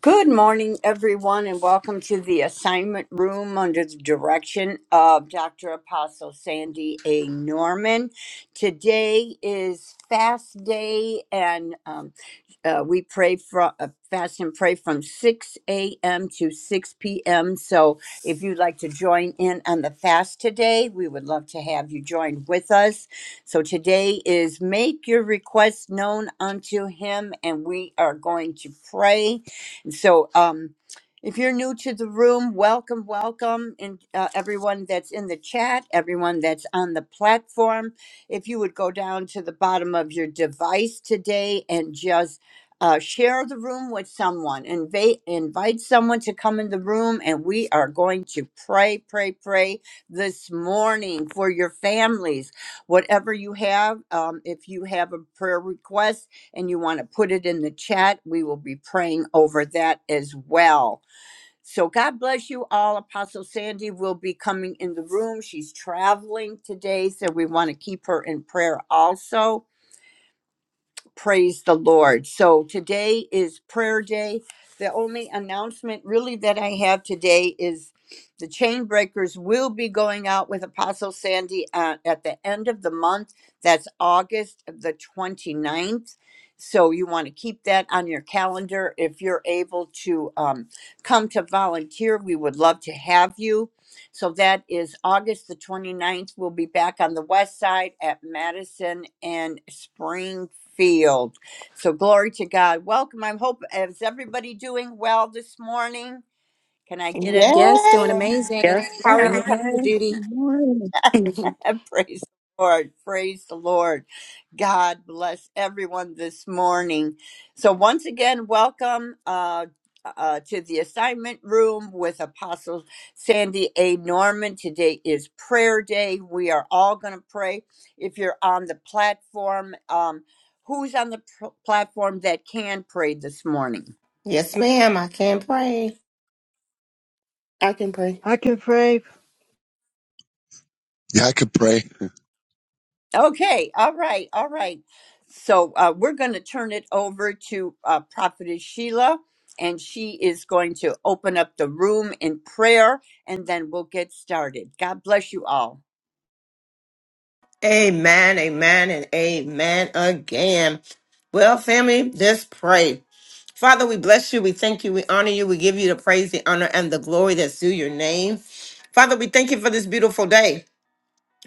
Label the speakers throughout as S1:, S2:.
S1: Good morning, everyone, and welcome to the assignment room under the direction of Dr. Apostle Sandy A. Norman. Today is fast day, and um, uh, we pray from uh, fast and pray from 6 a.m. to 6 p.m. So if you'd like to join in on the fast today, we would love to have you join with us. So today is make your request known unto him, and we are going to pray so, um, if you're new to the room, welcome, welcome, and uh, everyone that's in the chat, everyone that's on the platform. If you would go down to the bottom of your device today and just uh, share the room with someone, invite invite someone to come in the room, and we are going to pray, pray, pray this morning for your families, whatever you have. Um, if you have a prayer request and you want to put it in the chat, we will be praying over that as well. So God bless you all. Apostle Sandy will be coming in the room. She's traveling today, so we want to keep her in prayer also. Praise the Lord. So today is prayer day. The only announcement really that I have today is the chain breakers will be going out with Apostle Sandy uh, at the end of the month. That's August the 29th. So you want to keep that on your calendar. If you're able to um, come to volunteer, we would love to have you so that is August the twenty ninth. We'll be back on the west side at Madison and Springfield. So glory to God. Welcome. I hope is everybody doing well this morning? Can I get
S2: Yes, doing
S3: Yes,
S1: it?
S2: amazing.
S4: Yes,
S2: How are
S4: ma'am.
S2: you, Pastor
S5: Amen.
S2: Judy?
S5: Amen.
S1: praise the Lord. Praise the Lord. God bless everyone this morning. So, once again, welcome uh, uh, to the assignment room with Apostle Sandy A. Norman. Today is prayer day. We are all going to pray. If you're on the platform, um, who's on the pr- platform that can pray this morning?
S3: Yes, ma'am. I can pray.
S4: I can pray.
S5: I can pray.
S6: Yeah, I could pray.
S1: Okay, all right, all right. So uh, we're going to turn it over to uh, Prophetess Sheila, and she is going to open up the room in prayer, and then we'll get started. God bless you all.
S3: Amen, amen, and amen again. Well, family, let's pray. Father, we bless you. We thank you. We honor you. We give you the praise, the honor, and the glory that's due your name. Father, we thank you for this beautiful day.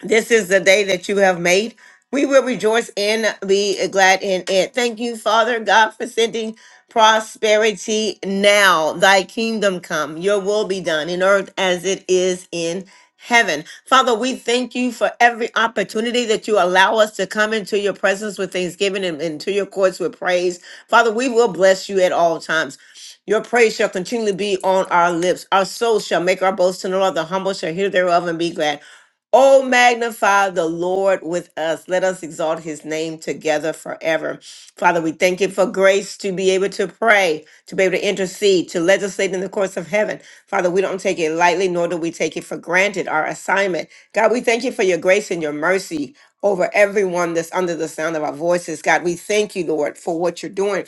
S3: This is the day that you have made. We will rejoice and be glad in it. Thank you, Father God, for sending prosperity now. Thy kingdom come, your will be done in earth as it is in heaven. Father, we thank you for every opportunity that you allow us to come into your presence with thanksgiving and into your courts with praise. Father, we will bless you at all times. Your praise shall continually be on our lips. Our soul shall make our boast in the Lord. The humble shall hear thereof and be glad. Oh, magnify the Lord with us. Let us exalt his name together forever. Father, we thank you for grace to be able to pray, to be able to intercede, to legislate in the courts of heaven. Father, we don't take it lightly, nor do we take it for granted, our assignment. God, we thank you for your grace and your mercy over everyone that's under the sound of our voices. God, we thank you, Lord, for what you're doing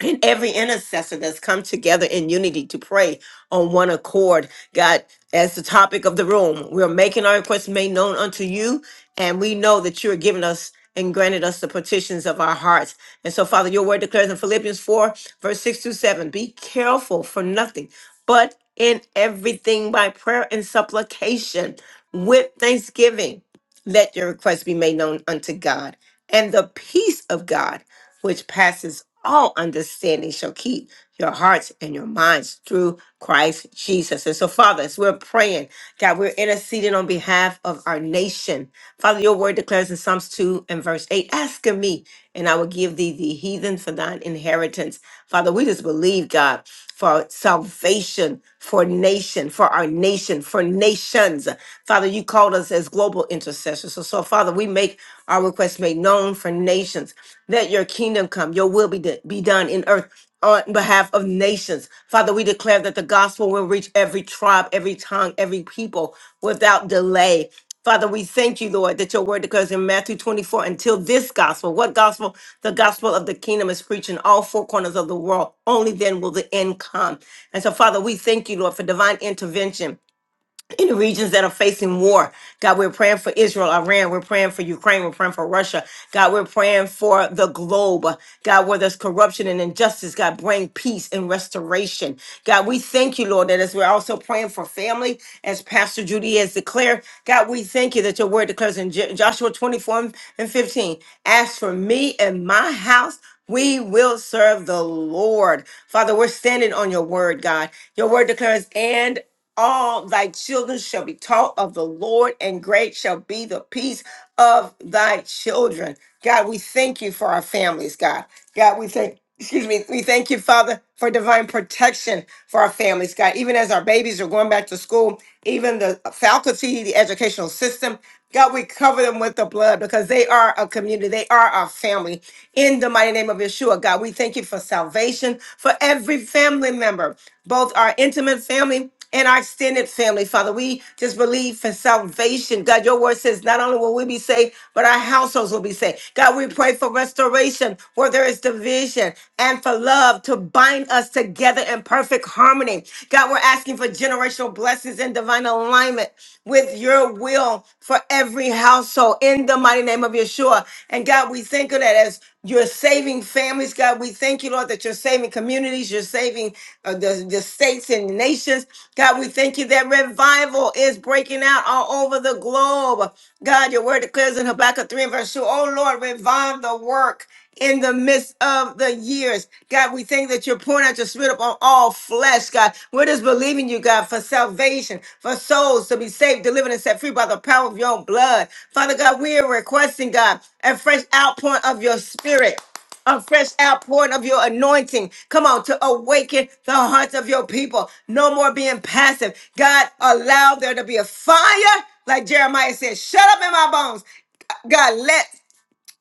S3: and every intercessor that's come together in unity to pray on one accord. God, as the topic of the room, we're making our requests made known unto you, and we know that you are giving us and granted us the petitions of our hearts. And so, Father, your word declares in Philippians 4, verse 6 to 7 be careful for nothing, but in everything by prayer and supplication with thanksgiving let your requests be made known unto God. And the peace of God, which passes all understanding, shall keep your hearts and your minds through Christ Jesus. And so, Father, as we're praying, God, we're interceding on behalf of our nation. Father, your word declares in Psalms 2 and verse 8 Ask of me, and I will give thee the heathen for thine inheritance. Father, we just believe, God, for salvation, for nation, for our nation, for nations. Father, you called us as global intercessors. So, so Father, we make our requests made known for nations. Let your kingdom come, your will be, do- be done in earth on behalf of nations. Father, we declare that the gospel will reach every tribe, every tongue, every people without delay. Father, we thank you, Lord, that your word declares in Matthew 24 until this gospel. What gospel? The gospel of the kingdom is preached in all four corners of the world. Only then will the end come. And so, Father, we thank you, Lord, for divine intervention in the regions that are facing war. God, we're praying for Israel, Iran. We're praying for Ukraine. We're praying for Russia. God, we're praying for the globe. God, where there's corruption and injustice, God, bring peace and restoration. God, we thank you, Lord, that as we're also praying for family, as Pastor Judy has declared, God, we thank you that your word declares in Jo- Joshua 24 and 15, as for me and my house, we will serve the Lord. Father, we're standing on your word, God. Your word declares, and all thy children shall be taught of the Lord, and great shall be the peace of thy children. God, we thank you for our families, God. God, we thank, excuse me, we thank you, Father, for divine protection for our families, God. Even as our babies are going back to school, even the faculty, the educational system, God, we cover them with the blood because they are a community. They are our family. In the mighty name of Yeshua, God, we thank you for salvation for every family member, both our intimate family in our extended family, Father. We just believe for salvation. God, your word says not only will we be saved, but our households will be saved. God, we pray for restoration where there is division and for love to bind us together in perfect harmony. God, we're asking for generational blessings and divine alignment with your will for every household in the mighty name of Yeshua. And God, we thank you that as you're saving families, God, we thank you, Lord, that you're saving communities, you're saving uh, the, the states and nations. God, we thank you that revival is breaking out all over the globe. God, your word declares in Habakkuk 3 and verse 2, oh Lord, revive the work in the midst of the years. God, we thank that you're pouring out your spirit upon all flesh, God. We're just believing you, God, for salvation, for souls to be saved, delivered, and set free by the power of your own blood. Father God, we are requesting, God, a fresh outpouring of your spirit a fresh outpouring of your anointing. Come on, to awaken the hearts of your people. No more being passive. God, allow there to be a fire, like Jeremiah said, shut up in my bones. God, let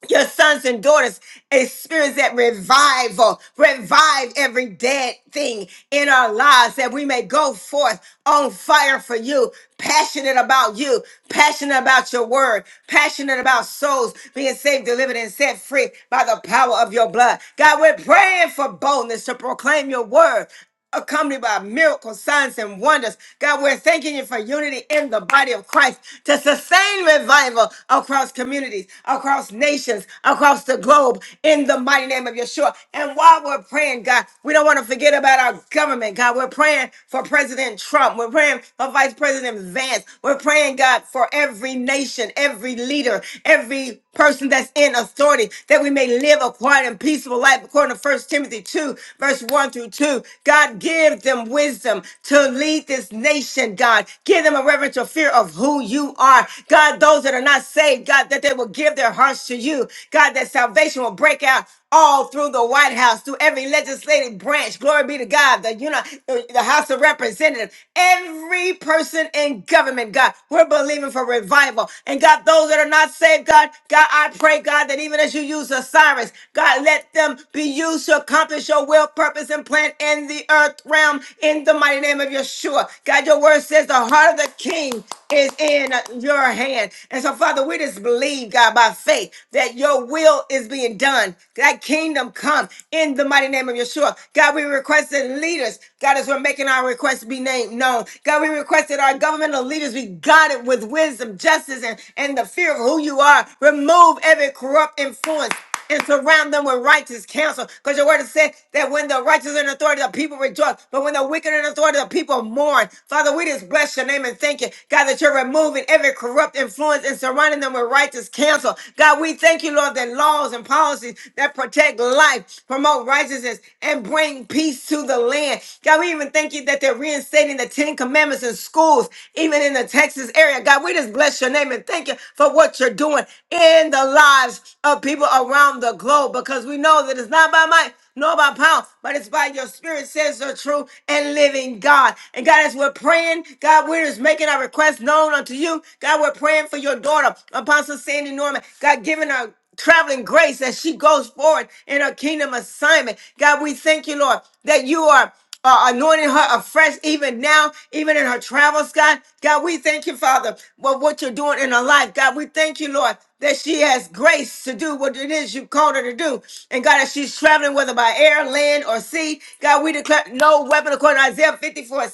S3: your sons and daughters experience that revival. Revive every dead thing in our lives that we may go forth on fire for you, passionate about you, passionate about your word, passionate about souls being saved, delivered, and set free by the power of your blood. God, we're praying for boldness to proclaim your word accompanied by miracles, signs, and wonders. God, we're thanking you for unity in the body of Christ to sustain revival across communities, across nations, across the globe in the mighty name of Yeshua. And while we're praying, God, we don't want to forget about our government, God. We're praying for President Trump. We're praying for Vice President Vance. We're praying, God, for every nation, every leader, every person that's in authority, that we may live a quiet and peaceful life according to First Timothy 2, verse 1 through 2. God, give them wisdom to lead this nation, God. Give them a reverential fear of who you are. God, those that are not saved, God, that they will give their hearts to you. God, that salvation will break out all through the White House, through every legislative branch. Glory be to God, the you know, the House of Representatives, every person in government, God, we're believing for revival. And God, those that are not saved, God, God, I pray, God, that even as you use Osiris, God, let them be used to accomplish your will, purpose, and plan plant in the earth realm in the mighty name of Yeshua. God, your word says the heart of the king is in your hand. And so, Father, we just believe, God, by faith that your will is being done. That kingdom come in the mighty name of Yeshua. God, we request that leaders, God, as we're making our requests be named known. God, we request that our governmental leaders be guided with wisdom, justice, and, and the fear of who you are. Remove every corrupt influence and surround them with righteous counsel. Because your word has said that when the righteous are in authority, the people rejoice. But when the wicked are in authority, the people mourn. Father, we just bless your name and thank you, God, that you're removing every corrupt influence and surrounding them with righteous counsel. God, we thank you, Lord, that laws and policies that protect life, promote righteousness, and bring peace to the land. God, we even thank you that they're reinstating the Ten Commandments in schools, even in the Texas. Texas area. God, we just bless your name and thank you for what you're doing in the lives of people around the globe because we know that it's not by might nor by power, but it's by your spirit, says the true and living God. And God, as we're praying, God, we're just making our request known unto you. God, we're praying for your daughter, Apostle Sandy Norman. God, giving her traveling grace as she goes forward in her kingdom assignment. God, we thank you, Lord, that you are uh, anointing her afresh, even now, even in her travels, God. God, we thank you, Father, for what you're doing in her life. God, we thank you, Lord, that she has grace to do what it is you called her to do. And God, as she's traveling, whether by air, land, or sea, God, we declare no weapon according to Isaiah 54:17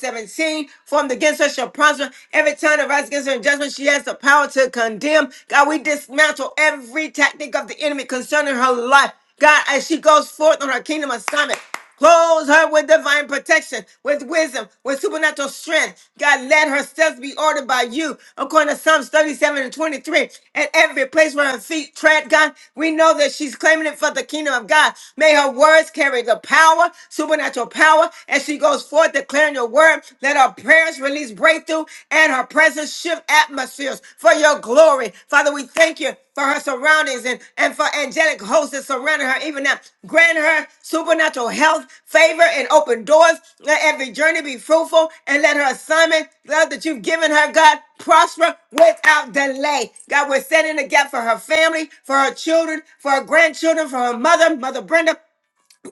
S3: formed against her shall prosper. Every time that rises against her in judgment, she has the power to condemn. God, we dismantle every tactic of the enemy concerning her life. God, as she goes forth on her kingdom assignment. Close her with divine protection, with wisdom, with supernatural strength. God, let her steps be ordered by you, according to Psalms 37 and 23. At every place where her feet tread, God, we know that she's claiming it for the kingdom of God. May her words carry the power, supernatural power, as she goes forth declaring your word. Let her prayers release breakthrough and her presence shift atmosphere atmospheres for your glory. Father, we thank you for her surroundings and, and for angelic hosts that surrounding her even now. Grant her supernatural health, favor, and open doors. Let every journey be fruitful and let her assignment, love that you've given her, God, prosper without delay. God, we're setting the gap for her family, for her children, for her grandchildren, for her mother, Mother Brenda,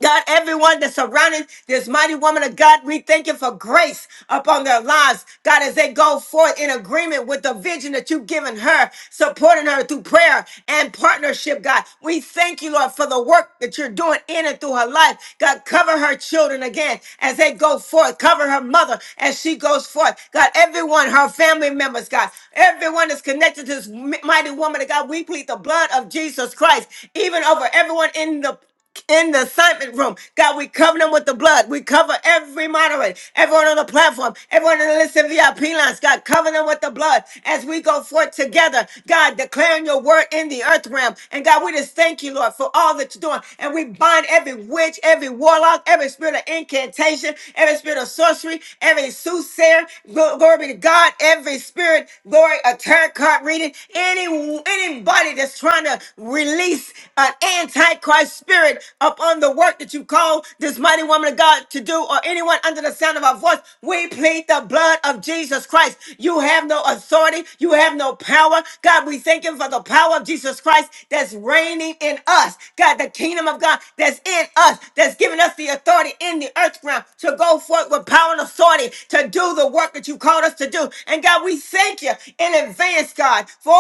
S3: God, everyone that's surrounding this mighty woman of God, we thank you for grace upon their lives. God, as they go forth in agreement with the vision that you've given her, supporting her through prayer and partnership, God. We thank you, Lord, for the work that you're doing in and through her life. God, cover her children again as they go forth. Cover her mother as she goes forth. God, everyone, her family members, God, everyone that's connected to this mighty woman of God, we plead the blood of Jesus Christ, even over everyone in the in the assignment room. God, we cover them with the blood. We cover every moderator, everyone on the platform, everyone in the listen VIP lines. God, cover them with the blood as we go forth together. God, declaring your word in the earth realm. And God, we just thank you, Lord, for all that you're doing. And we bind every witch, every warlock, every spirit of incantation, every spirit of sorcery, every soothsayer. Gl- Glory be to God, every spirit, glory, a tarot card reading, any anybody that's trying to release God, antichrist spirit upon the work that you call this mighty woman of God to do, or anyone under the sound of our voice. We plead the blood of Jesus Christ. You have no authority, you have no power. God, we thank you for the power of Jesus Christ that's reigning in us. God, the kingdom of God that's in us, that's giving us the authority in the earth realm to go forth with power and authority to do the work that you called us to do. And God, we thank you in advance, God, for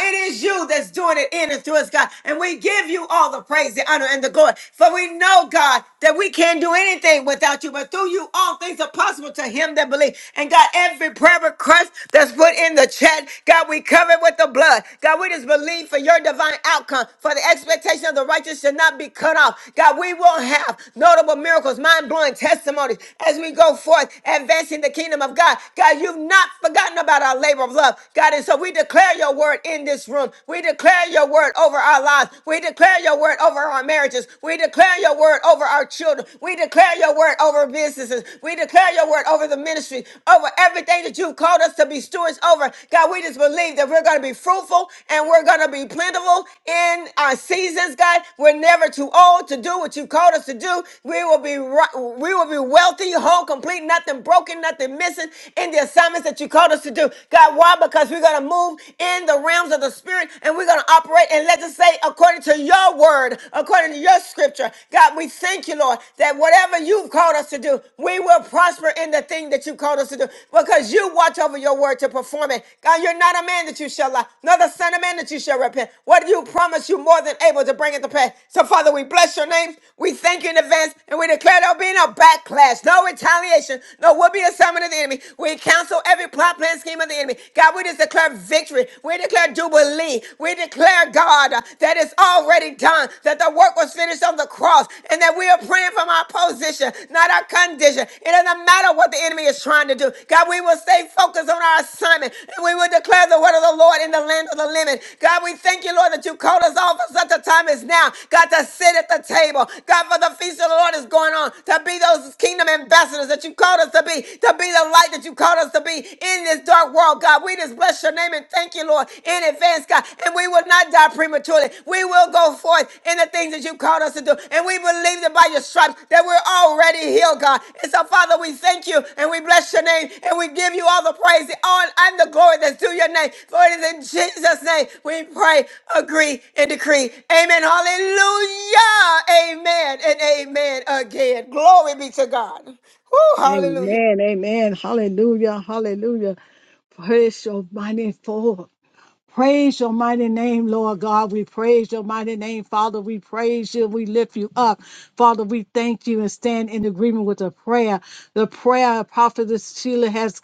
S3: it is you that's doing it in working through us, God. And we give you all the praise, the honor, and the glory. For we know, God, that we can't do anything without you, but through you, all things are possible to him that believes. And God, every prayer request that's put in the chat, God, we cover it with the blood. God, we just believe for your divine outcome, for the expectation of the righteous should not be cut off. God, we will have notable miracles, mind blowing testimonies as we go forth, advancing the kingdom of God. God, you've not forgotten about our labor of love, God. And so we declare your word in this this room. We declare your word over our lives. We declare your word over our marriages. We declare your word over our children. We declare your word over businesses. We declare your word over the ministry, over everything that you called us to be stewards over. God, we just believe that we're going to be fruitful and we're going to be plentiful in our seasons, God. We're never too old to do what you called us to do. We will be ri- we will be wealthy, whole, complete, nothing broken, nothing missing in the assignments that you called us to do. God, why? Because we're going to move to move in the realms of the spirit and we're going to operate and legislate according to your word, according to your scripture. God, we thank you, Lord, that whatever you've called us to do, we will prosper in the thing that you called us to do because you watch over your word to perform it. God, you're not a man that you shall lie, nor the son of man that you shall repent. What you promise, you more than able to bring it to pass. So, Father, we bless your name. We thank you in advance and we declare there'll be no backlash, no retaliation, no will be assignment of the enemy. We cancel every plot, plan, scheme, and scheme of the enemy. God, we just declare victory. We declare jubilee. We declare, God, uh, that it's already done, that the work was finished on the cross, and that we are praying from our position, not our condition. It doesn't matter what the enemy is trying to do. God, we will stay focused on our assignment, and we will declare the word of the Lord in the land of the living. God, we thank you, Lord, that you called us all for such a time as now. God, to sit at the table. God, for the feast of the Lord is going on, to be those kingdom ambassadors that you called us to be, to be the light that you called called us to be in this dark world, God. We just bless your name and thank you, Lord, in advance, God. And we will not die prematurely. We will go forth in the things that you called us to do. And we believe that by your stripes that we're already healed, God. And so, Father, we thank you and we bless your name and we give you all the praise, the honor, and the glory that's due your name. For it is in Jesus' name we pray, agree, and decree. Amen. Hallelujah. Amen and amen again. Glory be to God. Woo, hallelujah.
S5: Amen. Amen. Hallelujah. Hallelujah. Praise your mighty for. Praise your mighty name, Lord God. We praise your mighty name, Father. We praise you. We lift you up. Father, we thank you and stand in agreement with the prayer. The prayer of Prophetess Sheila has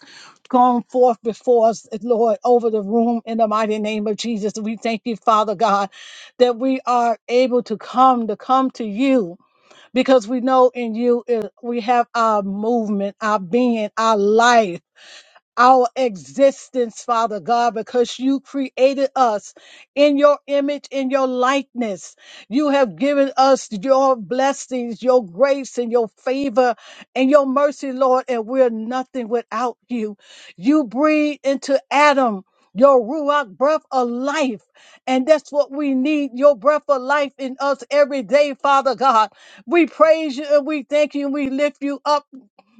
S5: gone forth before us, Lord, over the room in the mighty name of Jesus. We thank you, Father God, that we are able to come, to come to you. because we know in you is- we have our movement, our being, our life our existence, Father God, because you created us in your image, in your likeness. You have given us your blessings, your grace, and your favor and your mercy, Lord, and we're nothing without you. You breathe into Adam. Your Ruach breath of life. And that's what we need your breath of life in us every day, Father God. We praise you and we thank you and we lift you up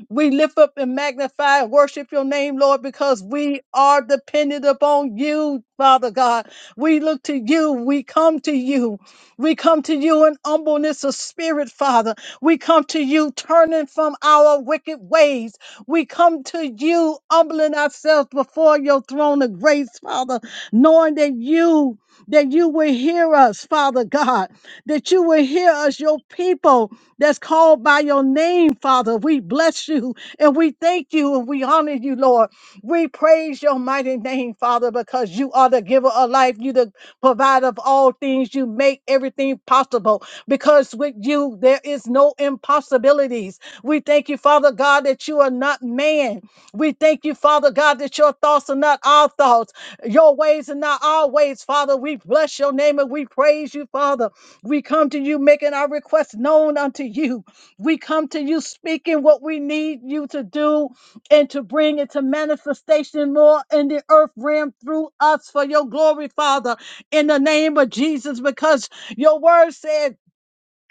S5: we lift up and magnify and worship your name, Lord, because we are dependent upon you, Father God. We look to you. We come to you. We come to you in humbleness of spirit, Father. We come to you turning from our wicked ways. We come to you humbling ourselves before your throne of grace, Father, knowing that you that you will hear us, Father God, that you will hear us, your people, that's called by your name, Father. We bless you and we thank you and we honor you, Lord. We praise your mighty name, Father, because you are the giver of life. You the provider of all things. You make everything possible because with you there is no impossibilities. We thank you, Father God, that you are not man. We thank you, Father God, that your thoughts are not our thoughts. Your ways are not our ways, Father. We bless your name and we praise you, Father. We come to you making our requests known unto you. We come to you speaking what we need you to do and to bring it to manifestation, Lord, in the earth realm through us for your glory, Father, in the name of Jesus, because your word said,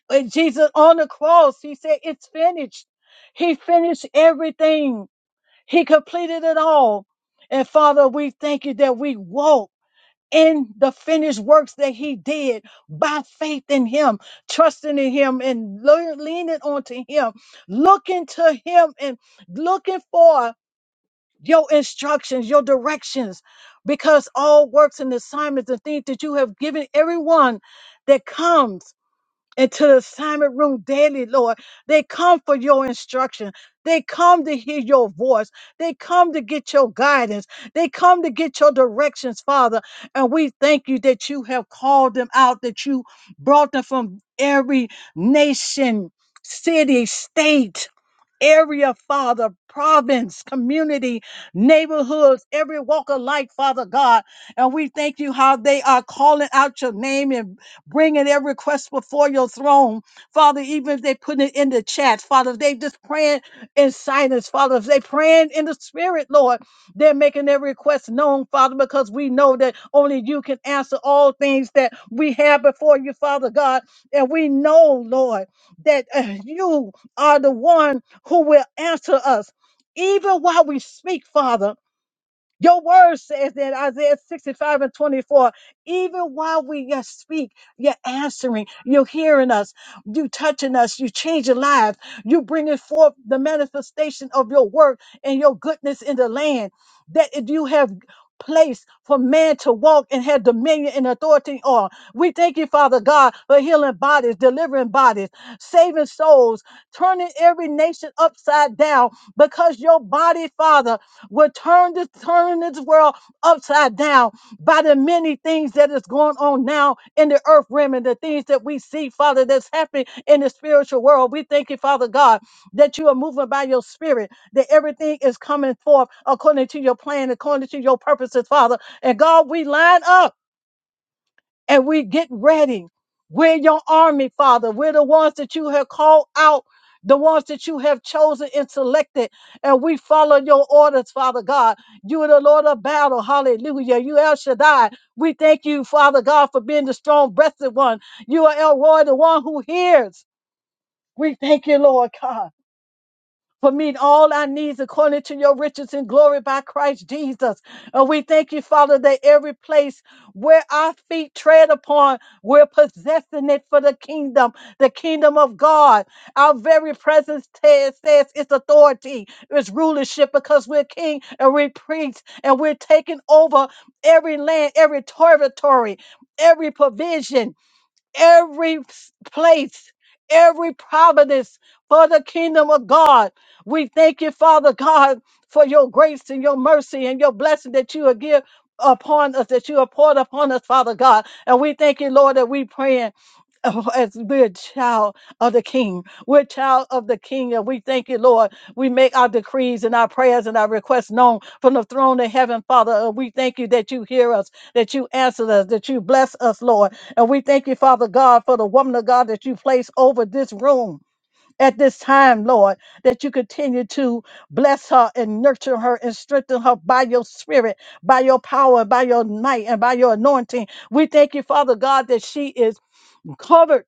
S5: when Jesus on the cross, he said, It's finished. He finished everything, he completed it all. And Father, we thank you that we walk in the finished works that he did by faith in him, trusting in him and le- leaning onto him, looking to him and looking for your instructions, your directions, because all works and assignments and things that you have given everyone that comes into the assignment room daily, Lord. They come for your instruction. They come to hear your voice. They come to get your guidance. They come to get your directions, Father. And we thank you that you have called them out, that you brought them from every nation, city, state area, Father, province, community, neighborhoods, every walk of life, Father God. And we thank you how they are calling out your name and bringing their request before your throne. Father, even if they put it in the chat, Father, if they just praying in silence, Father, if they praying in the spirit, Lord, they're making their request known, Father, because we know that only you can answer all things that we have before you, Father God. And we know, Lord, that uh, you are the one who will answer us even while we speak, Father. Your word says that Isaiah 65 and 24, even while we yet speak, you're answering, you're hearing us, you touching us, you changing lives, you bringing forth the manifestation of your work and your goodness in the land that if you have placed for man to walk and have dominion and authority on. We thank you, Father God, for healing bodies, delivering bodies, saving souls, turning every nation upside down because your body, Father, will turn this turn this world upside down by the many things that is going on now in the earth realm and the things that we see, Father, that's happening in the spiritual world. We thank you, Father God, that you are moving by your spirit, that everything is coming forth according to your plan, according to your purposes, Father. And God, we line up and we get ready. We're your army, Father. We're the ones that you have called out, the ones that you have chosen and selected, and we follow your orders, Father God. You are the Lord of battle. Hallelujah. You El Shaddai. We thank you, Father God, for being the strong breasted one. You are El Roy, the one who hears. We thank you, Lord God for meeting all our needs according to your riches and glory by Christ Jesus. And we thank you, Father, that every place where our feet tread upon, we're possessing it for the kingdom, the kingdom of God. Our very presence says, says its authority, its rulership, because we're king and we're priests and we're taking over every land, every territory, every provision every s- place, every providence for the kingdom of God. We thank you, Father God, for your grace and your mercy and your blessing that you will give upon us, that you have poured upon us, Father God. And we thank you, Lord, that we praying of- as we're a child of the King. We're a child of the King, and we thank you, Lord. We make our decrees and our prayers and our requests known from the throne of heaven, Father. And we thank you that you hear us, that you answer us, that you bless us, Lord. And we thank you, Father God, for the woman of God that you place over this room. At this time, Lord, that you continue to bless her and nurture her and strengthen her by your spirit, by your power, by your might, and by your anointing. We thank you, Father God, that she is covered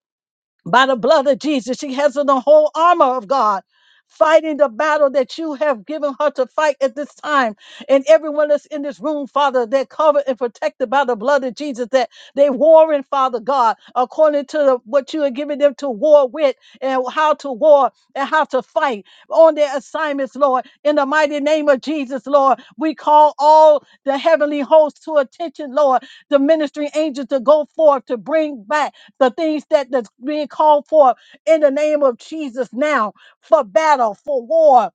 S5: by the blood of Jesus. She has on the whole armor of God, fighting the battle that you have given her to fight at this time. And everyone that's in this room, Father, they're covered and protected by the blood of Jesus, that they warring, Father God, according to the, what you are giving them to war with and how to war and how to fight on their assignments, Lord. In the mighty name of Jesus, Lord, we call all the heavenly hosts to attention, Lord, the ministering angels to go forth to bring back the things that that's being called for in the name of Jesus now for battle, for war,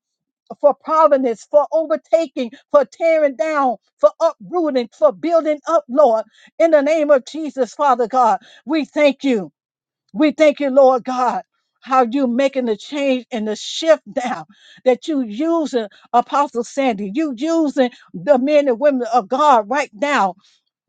S5: for providence, for overtaking, for tearing down, for uprooting, for building up, Lord, in the name of Jesus, Father God. We thank you. We thank you, Lord God. How you making the change and the shift now that you using Apostle Sandy, you using the men and women of God right now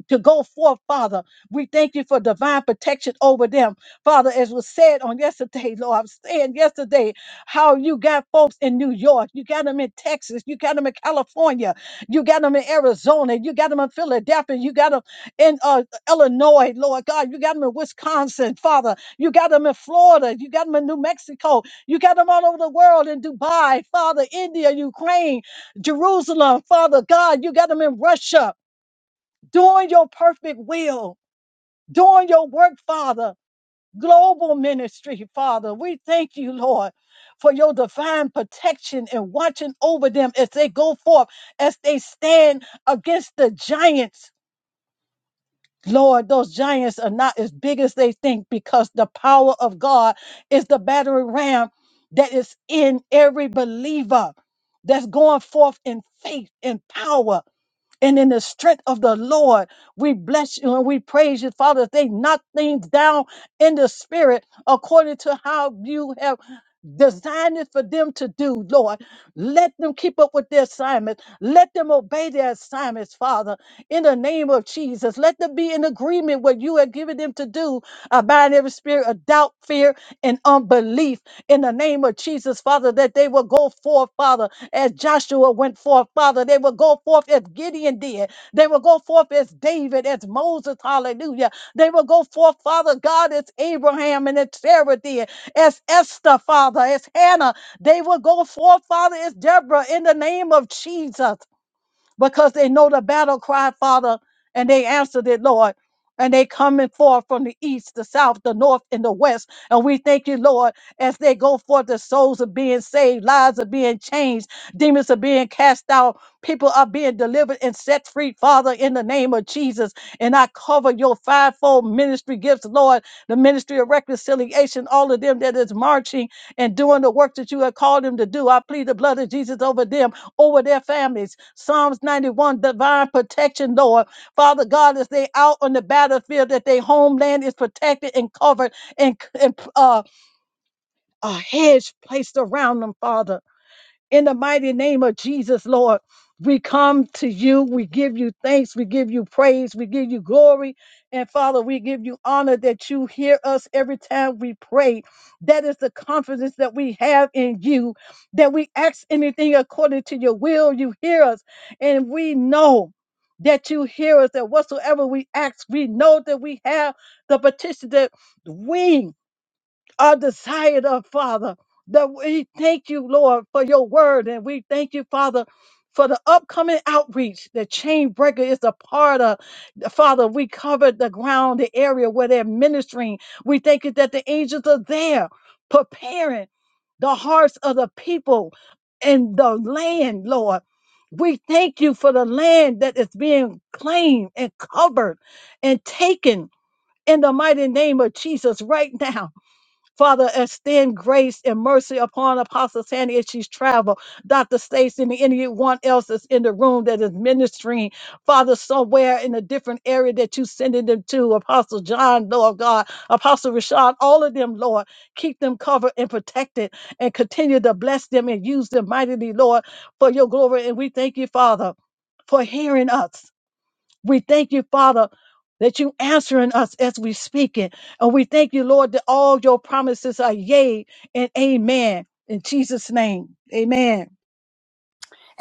S5: to go forth, Father. We thank you for divine protection over them. Father, as was said on yesterday, Lord, I'm saying yesterday how you got folks in New York, you got them in Texas, you got them in California, you got them in Arizona, you got them in Philadelphia, you got them in uh, Illinois, Lord God, you got them in Wisconsin, Father, you got them in Florida, you got them in New Mexico, you got them all over the world in Dubai, Father, India, Ukraine, Jerusalem, Father God, you got them in Russia doing your perfect will, doing your work, Father. Global ministry, Father. We thank you, Lord, for your divine protection and watching over them as they go forth, as they stand against the giants. Lord, those giants are not as big as they think because the power of God is the battering ram that is in every believer that's going forth in faith and power. And in the strength of the Lord, we bless you and we praise you, Father. that They knock things down in the spirit according to how you have designed it for them to do, Lord. Let them keep up with their assignments. Let them obey their assignments, Father, in the name of Jesus. Let them be in agreement what you have given them to do. I bind every spirit of doubt, fear, and unbelief in the name of Jesus, Father, that they will go forth, Father, as Joshua went forth, Father. They will go forth as Gideon did. They will go forth as David, as Moses, hallelujah. They will go forth, Father God, as Abraham and as Sarah did, as Esther, Father, as Hannah. They will go forth, Father, as Deborah, in the name of Jesus because they know the battle cry, Father, and they answered it, Lord. And they coming forth from the east, the south, the north, and the west. And we thank you, Lord, as they go forth, the souls are being saved, lives are being changed, demons are being cast out, people are being delivered and set free, Father, in the name of Jesus. And I cover your fivefold ministry gifts, Lord, the ministry of reconciliation, all of them that is marching and doing the work that you have called them to do. I plead the blood of Jesus over them over their families. Psalms 91, divine protection, Lord. Father God, as they out on the battlefield, that their homeland is protected and covered and, and uh, a hedge placed around them, Father. In the mighty name of Jesus, Lord, we come to you. We give you thanks. We give you praise. We give you glory. And Father, we give you honor that you hear us every time we pray. That is the confidence that we have in you, that we ask anything according to your will. You hear us, and we know. That you hear us, that whatsoever we ask, we know that we have the petition that we are desired of, Father. That we thank you, Lord, for your word. And we thank you, Father, for the upcoming outreach that Chain Breaker is a part of. Father, we covered the ground, the area where they're ministering. We thank you that the angels are there preparing the hearts of the people and the land, Lord. We thank you for the land that is being claimed and covered and taken in the mighty name of Jesus right now. Father, extend grace and mercy upon Apostle Sandy as she's traveled. Dr. Stacy and anyone else that's in the room that is ministering, Father, somewhere in a different area that you sending them to. Apostle John, Lord God, Apostle Rashad, all of them, Lord, keep them covered and protected and continue to bless them and use them mightily, Lord, for your glory. And we thank you, Father, for hearing us. We thank you, Father, that you answering us as we speak it. And we thank you, Lord, that all your promises are yea and amen. In Jesus' name, amen.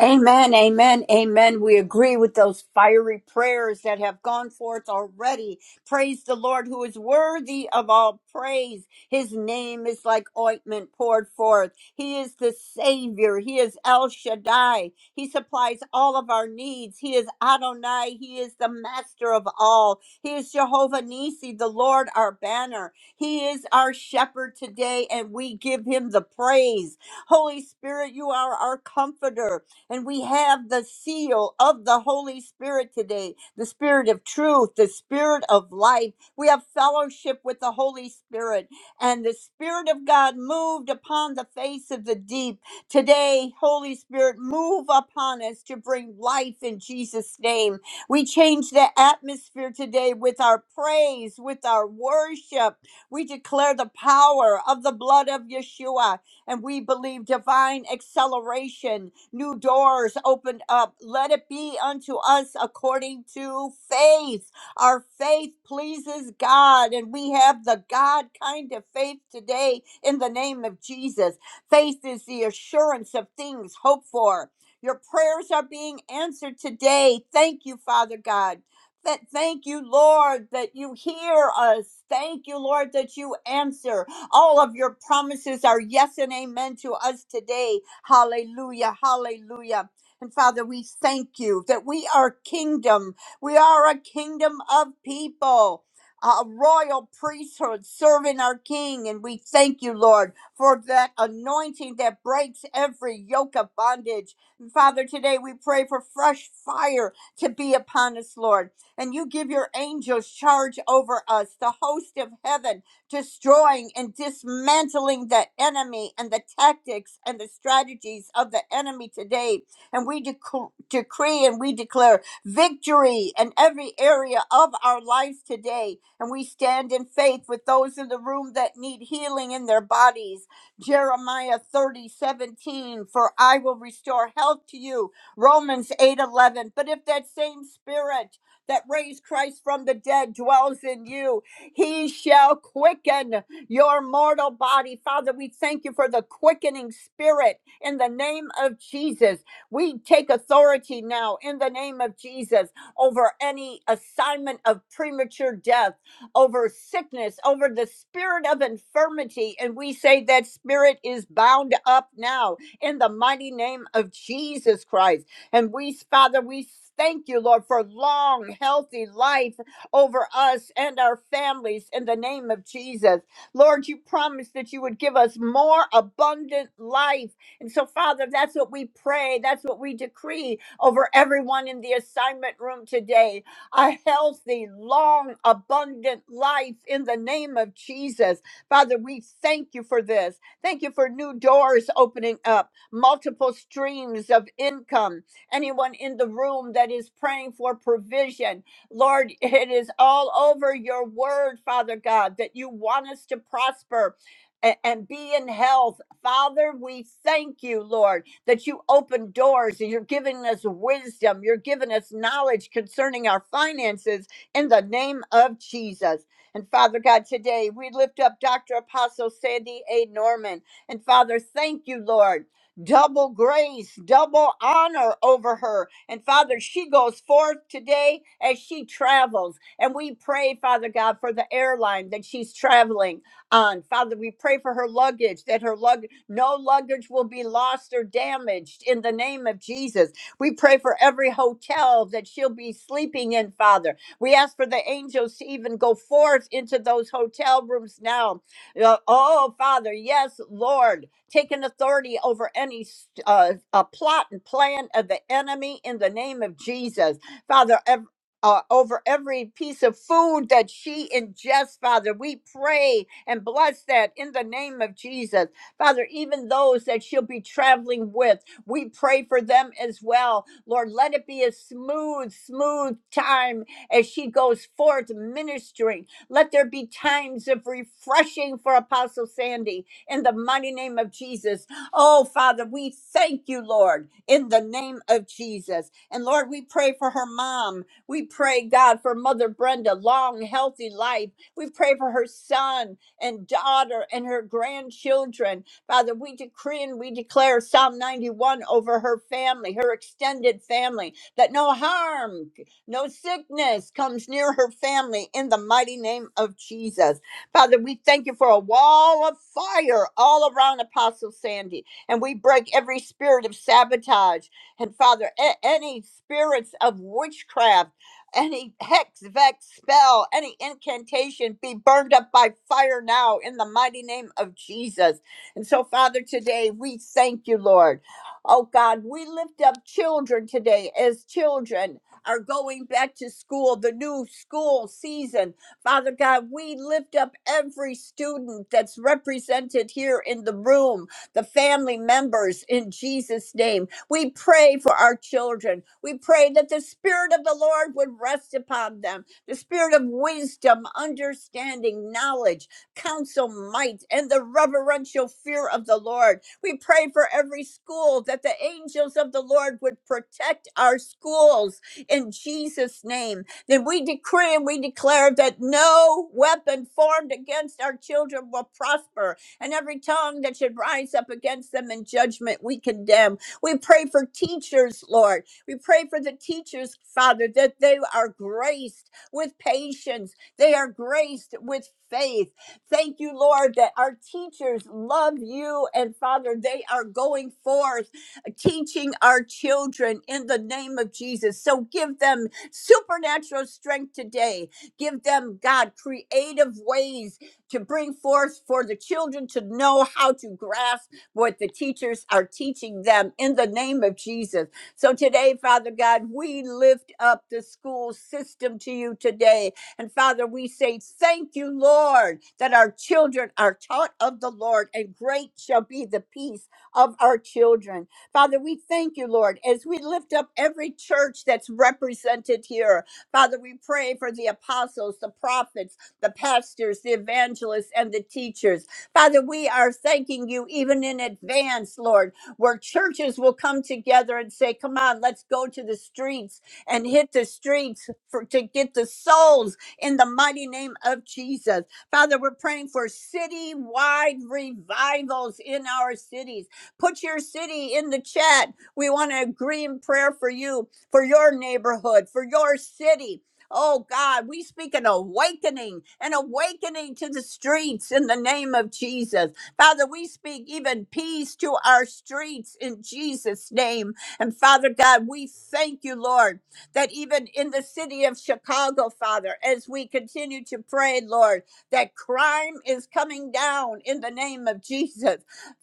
S1: Amen, amen, amen. We agree with those fiery prayers that have gone forth already. Praise the Lord who is worthy of all praise. His name is like ointment poured forth. He is the Savior. He is El Shaddai. He supplies all of our needs. He is Adonai. He is the master of all. He is Jehovah Nisi, the Lord our banner. He is our shepherd today, and we give him the praise. Holy Spirit, you are our comforter. And we have the seal of the Holy Spirit today the Spirit of truth, the Spirit of life. We have fellowship with the Holy Spirit. And the Spirit of God moved upon the face of the deep. Today, Holy Spirit, move upon us to bring life in Jesus' name. We change the atmosphere today with our praise, with our worship. We declare the power of the blood of Yeshua and we believe divine acceleration, new doors opened up. Let it be unto us according to faith. Our faith pleases God, and we have the God kind of faith today in the name of Jesus. Faith is the assurance of things hoped for. Your prayers are being answered today. Thank you, Father God. That thank you, Lord, that you hear us. Thank you, Lord, that you answer. All of your promises are yes and amen to us today. Hallelujah. Hallelujah. And Father, we thank you that we are kingdom. We are a kingdom of people, a royal priesthood serving our King. And we thank you, Lord, for that anointing that breaks every yoke of bondage. And Father, today we pray for fresh fire to be upon us, Lord. And you give your angels charge over us, the host of heaven destroying and dismantling the enemy and the tactics and the strategies of the enemy today. And we dec- decree and we declare victory in every area of our lives today. And we stand in faith with those in the room that need healing in their bodies. Jeremiah 30 17, for I will restore health to you. Romans 8 11, But if that same spirit that raised Christ from the dead dwells in you, he shall quicken your mortal body. Father, we thank you for the quickening spirit in the name of Jesus. We take authority now in the name of Jesus over any assignment of premature death, over sickness, over the spirit of infirmity. And we say that spirit is bound up now in the mighty name of Jesus Christ. And we, Father, we thank you, Lord, for long, healthy life over us and our families in the name of Jesus. Lord, you promised that you would give us more abundant life. And so, Father, that's what we pray. That's what we decree over everyone in the assignment room today. A healthy, long, abundant life in the name of Jesus. Father, we thank you for this. Thank you for new doors opening up, multiple streams of income. Anyone in the room that is praying for provision, Lord, it is all over your word, Father God, that you want us to prosper a- and be in health. Father, we thank you, Lord, that you open doors and you're giving us wisdom. You're giving us knowledge concerning our finances in the name of Jesus. And Father God, today we lift up Dr. Apostle Sandy A. Norman. And Father, thank you, Lord double grace, double honor over her. And Father, she goes forth today as she travels. And we pray, Father God, for the airline that she's traveling on. Father, we pray for her luggage, that her lug no luggage will be lost or damaged in the name of Jesus. We pray for every hotel that she'll be sleeping in, Father. We ask for the angels to even go forth into those hotel rooms now. Uh, Oh, Father, yes, Lord taking authority over any uh, uh, plot and plan of the enemy in the name of Jesus. Father, ev- uh, over every piece of food that she ingests, Father, we pray and bless that in the name of Jesus. Father, even those that she'll be traveling with, we pray for them as well. Lord, let it be a smooth, smooth time as she goes forth ministering. Let there be times of refreshing for Apostle Sandy in the mighty name of Jesus. Oh, Father, we thank you, Lord, in the name of Jesus. And Lord, we pray for her mom. We pray, God, for Mother Brenda, long, healthy life. We pray for her son and daughter and her grandchildren. Father, we decree and we declare Psalm 91 over her family, her extended family, that no harm, no sickness comes near her family in the mighty name of Jesus. Father, we thank you for a wall of fire all around Apostle Sandy. And we break every spirit of sabotage. And Father, a- any spirits of witchcraft, any hex, vex, spell, any incantation be burned up by fire now in the mighty name of Jesus. And so, Father, today we thank you, Lord. Oh God, we lift up children today as children are going back to school, the new school season. Father God, we lift up every student that's represented here in the room, the family members in Jesus' name. We pray for our children. We pray that the Spirit of the Lord would rest upon them the spirit of wisdom, understanding, knowledge, counsel, might, and the reverential fear of the Lord. We pray for every school that the angels of the Lord would protect our schools in Jesus' name then we decree and we declare that no weapon formed against our children will prosper, and every tongue that should rise up against them in judgment we condemn. We pray for teachers, Lord. We pray for the teachers, Father, that they are graced with patience, they are graced with faith. Thank you, Lord, that our teachers love you, and Father, they are going forth teaching our children in the name of Jesus. So give them supernatural strength today. Give them, God, creative ways to bring forth for the children to know how to grasp what the teachers are teaching them in the name of Jesus. So today, Father God, we lift up the school system to you today. And Father, we say, Thank you, Lord, that our children are taught of the Lord, and great shall be the peace of our children. Father, we thank you, Lord, as we lift up every church that's represented here. Father, we pray for the apostles, the prophets, the pastors, the evangelists, and the teachers. Father, we are thanking you even in advance, Lord, where churches will come together and say, Come on, let's go to the streets and hit the streets for, to get the souls in the mighty name of Jesus. Father, we're praying for city wide revivals in our cities. Put your city in the chat. We want to agree in prayer for you, for your neighborhood, for your city. Oh God, we speak an awakening, an awakening to the streets in the name of Jesus. Father, we speak even peace to our streets in Jesus' name. And Father God, we thank you, Lord, that even in the city of Chicago, Father, as we continue to pray, Lord, that crime is coming down in the name of Jesus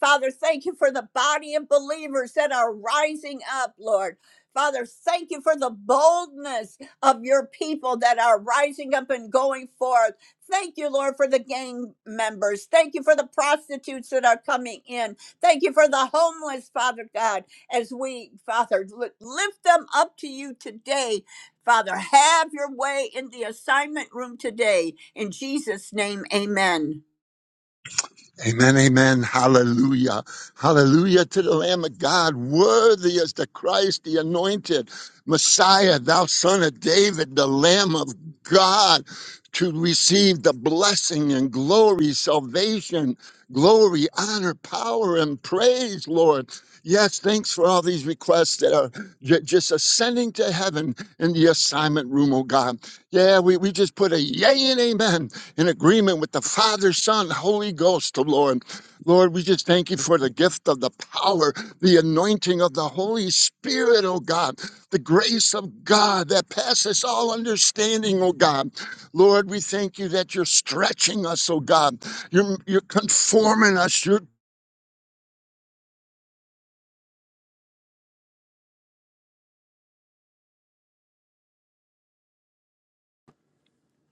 S1: Father, thank you for the body of believers that are rising up, Lord. Father, thank you for the boldness of your people that are rising up and going forth. Thank you, Lord, for the gang members. Thank you for the prostitutes that are coming in. Thank you for the homeless, Father God, as we, Father, li- lift them up to you today. Father, have your way in the assignment room today. In Jesus' name, amen.
S6: Amen, amen. Hallelujah. Hallelujah to the Lamb of God. Worthy is the Christ, the anointed Messiah, thou son of David, the Lamb of God, to receive the blessing and glory, salvation, glory, honor, power, and praise, Lord. Yes, thanks for all these requests that are ju- just ascending to heaven in the assignment room, oh God. Yeah, we, we just put a yay and amen in agreement with the Father, Son, Holy Ghost, oh Lord. Lord, we just thank you for the gift of the power, the anointing of the Holy Spirit, oh God, the grace of God that passes all understanding, oh God. Lord, we thank you that you're stretching us, oh God. You're, you're conforming us. You're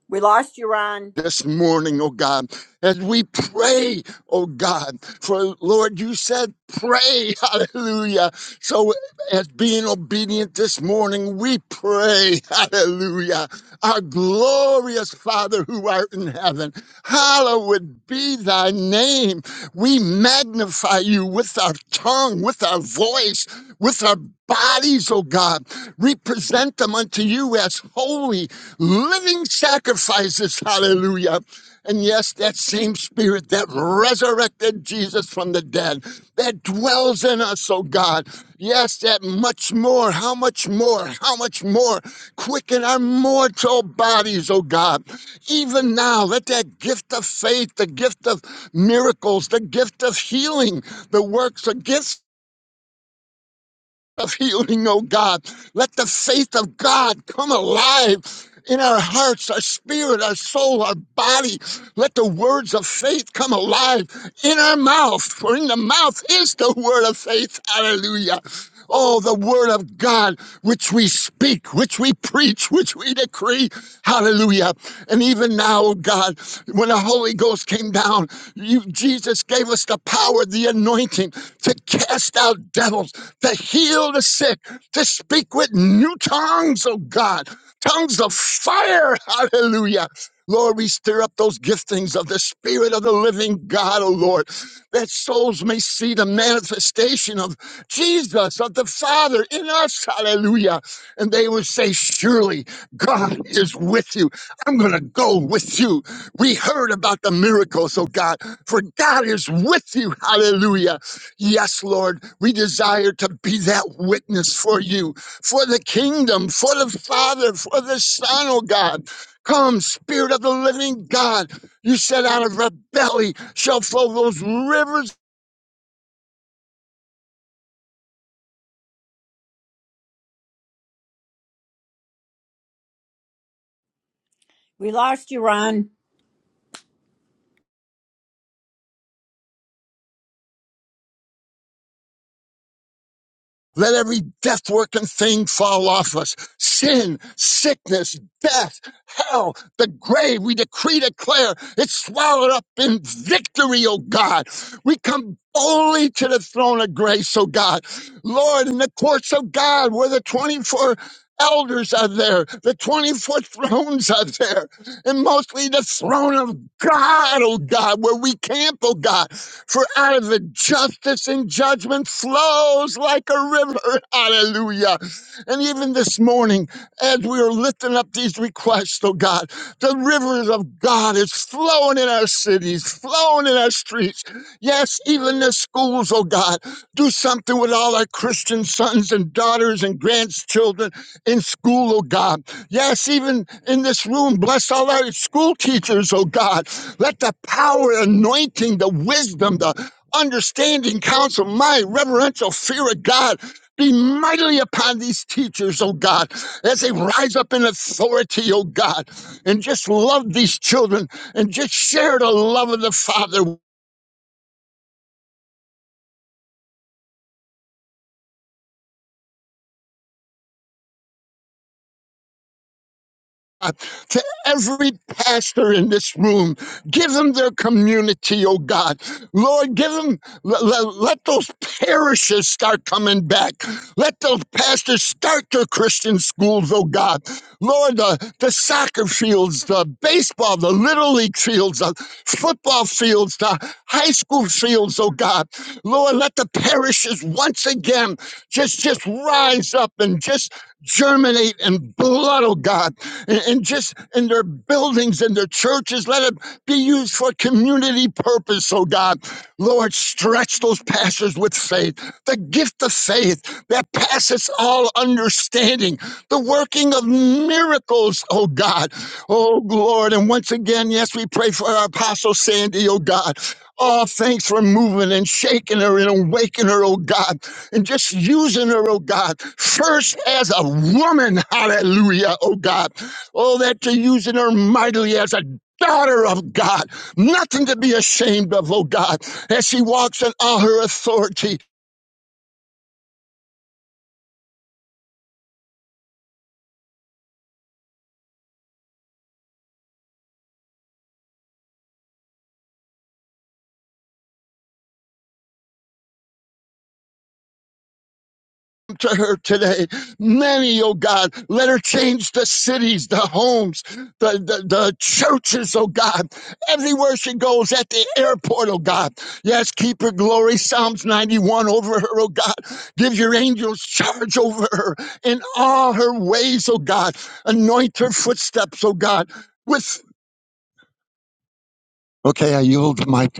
S1: We lost you, Ron.
S6: this morning, oh God, as we pray, oh God, for Lord, you said pray, hallelujah. So, as being obedient this morning, we pray, hallelujah. Our glorious Father who art in heaven, hallowed be thy name. We magnify you with our tongue, with our voice, with our bodies, oh God. We present them unto you as holy living sacrifices. Hallelujah. And yes, that same spirit that resurrected Jesus from the dead, that dwells in us, oh God. Yes, that much more, how much more, how much more. Quicken our mortal bodies, oh God. Even now, let that gift of faith, the gift of miracles, the gift of healing, the works, the gifts of healing, oh God. Let the faith of God come alive in our hearts, our spirit, our soul, our body. Let the words of faith come alive in our mouth, for in the mouth is the word of faith. Hallelujah. Oh, the word of God, which we speak, which we preach, which we decree. Hallelujah. And even now, oh God, when the Holy Ghost came down, you, Jesus gave us the power, the anointing to cast out devils, to heal the sick, to speak with new tongues, oh God, tongues of fire. Hallelujah. Lord, we stir up those giftings of the Spirit of the living God, oh Lord, that souls may see the manifestation of Jesus, of the Father in us. Hallelujah. And they would say, Surely God is with you. I'm going to go with you. We heard about the miracles, oh God, for God is with you. Hallelujah. Yes, Lord, we desire to be that witness for you, for the kingdom, for the Father, for the Son, oh God. Come, Spirit of the living God. You said, Out of our belly shall flow those rivers
S1: We lost you, Ron.
S6: Let every death working thing fall off us. Sin, sickness, death, hell, the grave, we decree, declare, it's swallowed up in victory, O God. We come boldly to the throne of grace, O God. Lord, in the courts of God, where the 24 elders are there, the 24 thrones are there and mostly the throne of God, oh God, where we camp, oh God. For out of it justice and judgment flows like a river. Hallelujah. And even this morning, as we are lifting up these requests, oh God, the rivers of God is flowing in our cities, flowing in our streets. Yes, even the schools, oh God. Do something with all our Christian sons and daughters and grandchildren in school, oh God. Yes, even in this room, bless all our school teachers, oh God. Let the power, anointing, the wisdom, the understanding, counsel, my reverential fear of God be mightily upon these teachers, oh God, as they rise up in authority, oh God, and just love these children and just share the love of the Father Uh, to every pastor in this room. Give them their community, oh God. Lord, give them, let, let let those parishes start coming back. Let those pastors start their Christian schools, oh God. Lord, the, the soccer fields, the baseball, the little league fields, the football fields, the high school fields, oh God. Lord, let the parishes once again just, just rise up and just germinate in blood, oh God and, and just in their buildings and their churches. Let it be used for community purpose, oh God. Lord, stretch those pastors with faith, the gift of faith that passes all understanding, the working of miracles, oh God. Oh Lord, and once again, yes, we pray for our apostle Sandy, oh God. All thanks for moving and shaking her and awakening her, oh God, and just using her, oh God, first as a woman, hallelujah, oh God Oh, that you're using her mightily as a daughter of God. Nothing to be ashamed of, oh God, as she walks in all her authority to her today. Many, oh God, let her change the cities, the homes, the, the, the churches, oh God, everywhere she goes, at the airport, oh God. Yes, keep her glory, Psalms 91 over her, oh God. Give your angels charge over her in all her ways, oh God. Anoint her footsteps, oh God with Okay, I yield the mic.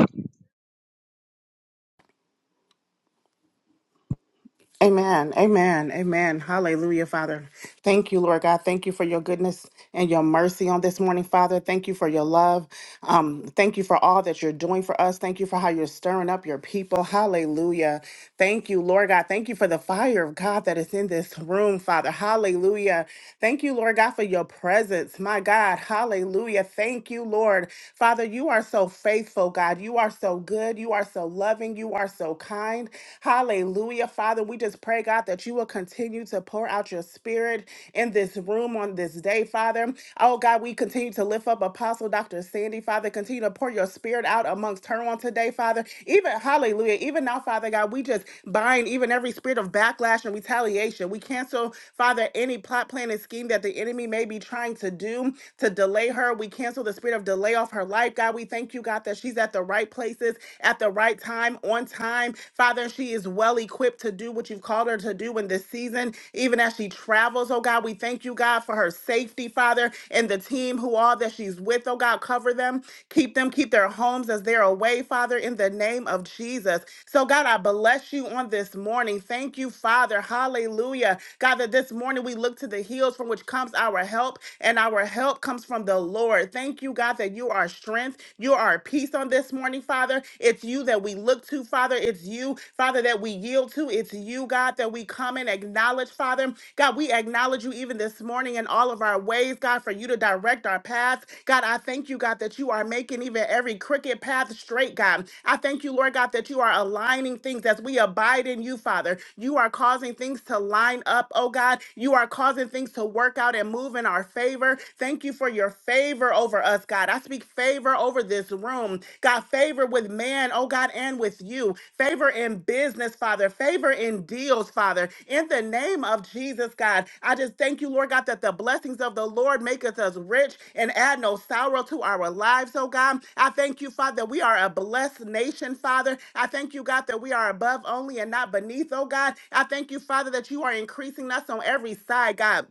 S4: Amen. Amen. Amen. Hallelujah, Father. Thank you, Lord God. Thank you for your goodness and your mercy on this morning, Father. Thank you for your love. Um, thank you for all that you're doing for us. Thank you for how you're stirring up your people. Hallelujah. Thank you, Lord God. Thank you for the fire of God that is in this room, Father. Hallelujah. Thank you, Lord God, for your presence. My God. Hallelujah. Thank you, Lord. Father, you are so faithful, God. You are so good. You are so loving. You are so so kind. Hallelujah. Father, we just pray, God, that you will continue to pour out your spirit in this room on this day, Father. Oh, God, we continue to lift up Apostle Dr. Sandy, Father. Continue to pour your spirit out amongst her on today, Father. Even, hallelujah. Even now, Father God, we just bind even every spirit of backlash and retaliation. We cancel, Father, any plot, plan, and scheme that the enemy may be trying to do to delay her. We cancel the spirit of delay off her life, God. We thank you, God, that she's at the right place places at the right time, on time. Father, she is well equipped to do what you've called her to do in this season, even as she travels, oh God. We thank you, God, for her safety, Father, and the team who all that she's with, oh God. Cover them, keep them, keep their homes as they're away, Father, in the name of Jesus. So, God, I bless you on this morning. Thank you, Father. Hallelujah. God, that this morning we look to the hills from which comes our help, and our help comes from the Lord. Thank you, God, that you are our strength. You are our peace on this morning, Father. It's you that we look to, Father. It's you, Father, that we yield to. It's you, God, that we come and acknowledge, Father. God, we acknowledge you even this morning in all of our ways, God, for you to direct our paths. God, I thank you, God, that you are making even every crooked path straight, God. I thank you, Lord God, that you are aligning things as we abide in you, Father. You are causing things to line up, oh God. You are causing things to work out and move in our favor. Thank. Thank you for your favor over us, God. I speak favor over this room. God, favor with man, oh God, and with you. Favor in business, Father. Favor in deals, Father. In the name of Jesus, God, I just thank you, Lord God, that the blessings of the Lord maketh us rich and add no sorrow to our lives, oh God. I thank you, Father, that we are a blessed nation, Father. I thank you, God, that we are above only and not beneath, oh God. I thank you, Father, that you are increasing us on every side, God.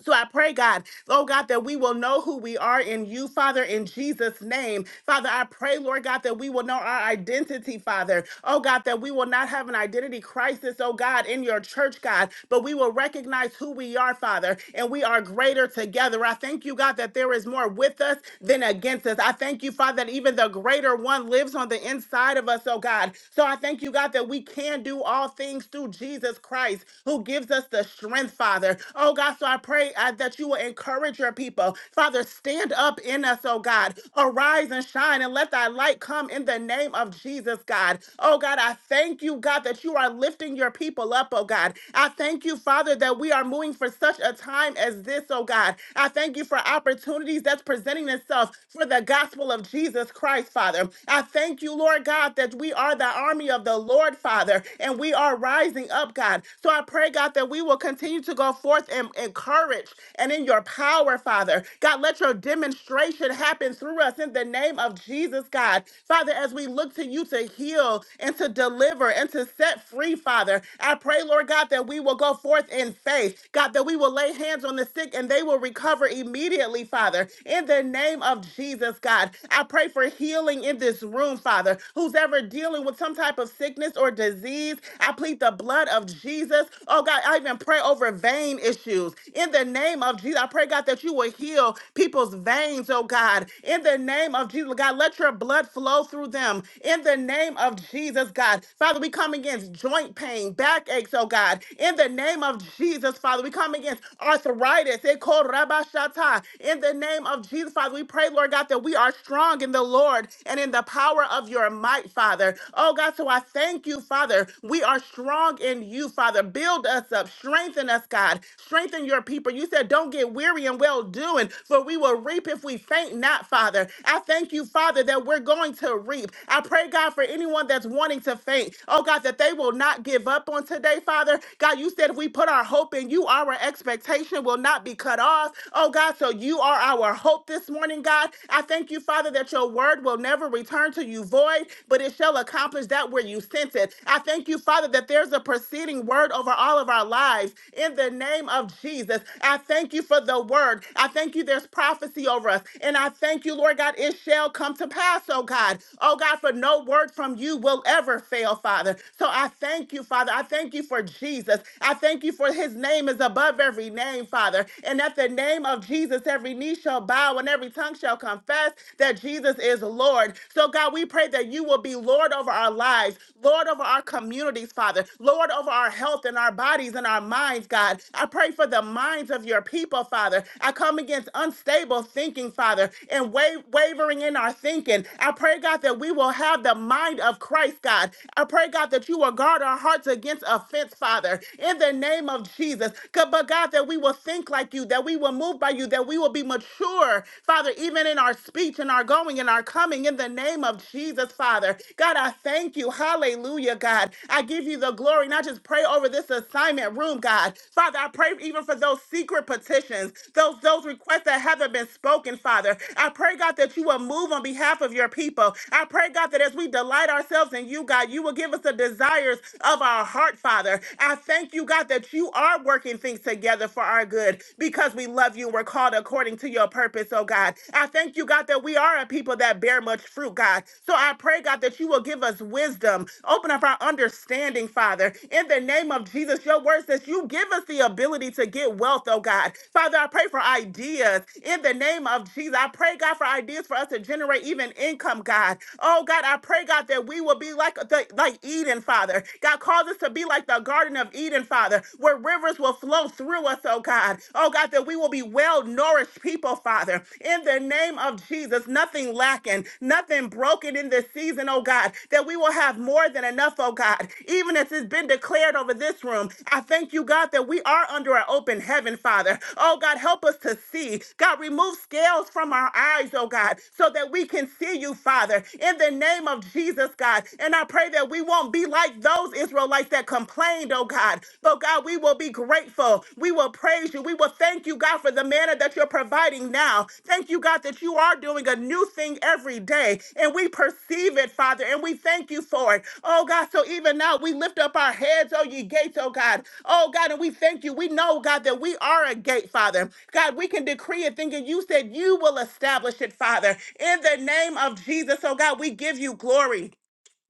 S4: So I pray, God, oh God, that we will know who we are in you, Father, in Jesus' name. Father, I pray, Lord God, that we will know our identity, Father. Oh God, that we will not have an identity crisis, oh God, in your church, God, but we will recognize who we are, Father, and we are greater together. I thank you, God, that there is more with us than against us. I thank you, Father, that even the greater one lives on the inside of us, oh God. So I thank you, God, that we can do all things through Jesus Christ, who gives us the their strength, Father. Oh God, so I pray uh, that you will encourage your people. Father, stand up in us, oh God. Arise and shine and let thy light come in the name of Jesus, God. Oh God, I thank you, God, that you are lifting your people up, oh God. I thank you, Father, that we are moving for such a time as this, oh God. I thank you for opportunities that's presenting itself for the gospel of Jesus Christ, Father. I thank you, Lord God, that we are the army of the Lord, Father, and we are rising rising up, God. So I pray, God, that we will continue to go forth and encourage and in your power, Father. God, let your demonstration happen through us in the name of Jesus, God. Father, as we look to you to heal and to deliver and to set free, Father, I pray, Lord God, that we will go forth in faith. God, that we will lay hands on the sick and they will recover immediately, Father. In the name of Jesus, God, I pray for healing in this room, Father. Who's ever dealing with some type of sickness? sickness or disease. I plead the blood of Jesus. Oh God, I even pray over vein issues. In the name of Jesus, I pray, God, that you will heal people's veins, oh God. In the name of Jesus, God, let your blood flow through them. In the name of Jesus, God. Father, we come against joint pain, backaches, oh God. In the name of Jesus, Father, we come against arthritis. They call Rabashata. In the name of Jesus, Father, we pray, Lord God, that we are strong in the Lord and in the power of your your might, Father. Oh God, so I thank you, Father. We are strong in you, Father. Build us up, strengthen us, God. Strengthen your people. You said, don't get weary in well doing, for we will reap if we faint not, Father. I thank you, Father, that we're going to reap. I pray, God, for anyone that's wanting to faint, oh God, that they will not give up on today, Father. God, you said if we put our hope in you, our expectation will not be cut off. Oh God, so you are our hope this morning, God. I thank you, Father, that that your word will never return to you void, but it shall accomplish that where you sent it. I thank you, Father, that there's a preceding word over all of our lives in the name of Jesus. I thank you for the word. I thank you there's prophecy over us. And I thank you, Lord God, it shall come to pass, oh God. Oh God, for no word from you will ever fail, Father. So I thank you, Father. I thank you for Jesus. I thank you for his name is above every name, Father. And at the name of Jesus, every knee shall bow bow and every tongue shall confess that Jesus is Lord. So, God, we pray that you will be Lord over our lives, Lord over our communities, Father, Lord over our health and our bodies and our minds, God. I pray for the minds of your people, Father. I come against unstable thinking, Father, and wa- wavering in our thinking. I pray, God, that we will have the mind of Christ, God. I pray, God, that you will guard our hearts against offense, Father, in the name of Jesus. God, But, God, that we will think like you, that we will we will move by you, that we will be mature, Father, even in our speech and our going and our coming, in the name of Jesus, Father. God, I thank you. Hallelujah, God. I give you the glory. And I just pray over this assignment room, God. Father, I pray even for those secret petitions, those, those requests that haven't been spoken, Father. I pray, God, that you will move on behalf of your people. I pray, God, that as we delight ourselves in you, God, you will give us the desires of our heart, Father. I thank you, God, that you are working things things together for our good because we love you and we're called according to your purpose, oh God. I thank you, God, that we are a people that bear much fruit, God. So I pray, God, that you will give us wisdom, open up our understanding, Father. In the name of Jesus, your word says you give us the ability to get wealth, oh God. Father, I pray for ideas. In the name of Jesus, I pray, God, for ideas for us to generate even income, God. Oh God, I pray, God, that we will be like the like Eden, Father. God calls us to be like the garden of Garden of Eden, Father, where rivers will flow through us, oh God. Oh God, that we will be well nourished people, Father, in the name of Jesus. Nothing lacking, nothing broken in this season, oh God, that we will have more than enough, oh God, even as it's been declared over this room. I thank you, God, that we are under an open heaven, Father. Oh God, help us to see. God, remove scales from our eyes, oh God, so that we can see you, Father, in the name of Jesus, God. And I pray that we won't be like like those Israelites that complained, oh God. But God, we will be grateful. We will praise you. We will thank you, God, for the manna that you're providing now. Thank you, God, that you are doing a new thing every day. And we perceive it, Father, and we thank you for it. Oh God, so even now we lift up our heads, oh ye gates, oh God. Oh God, and we thank you. We know, God, that we are a gate, Father. God, we can decree a thing, and you said you will establish it, Father. In the name of Jesus, oh God, we give you glory.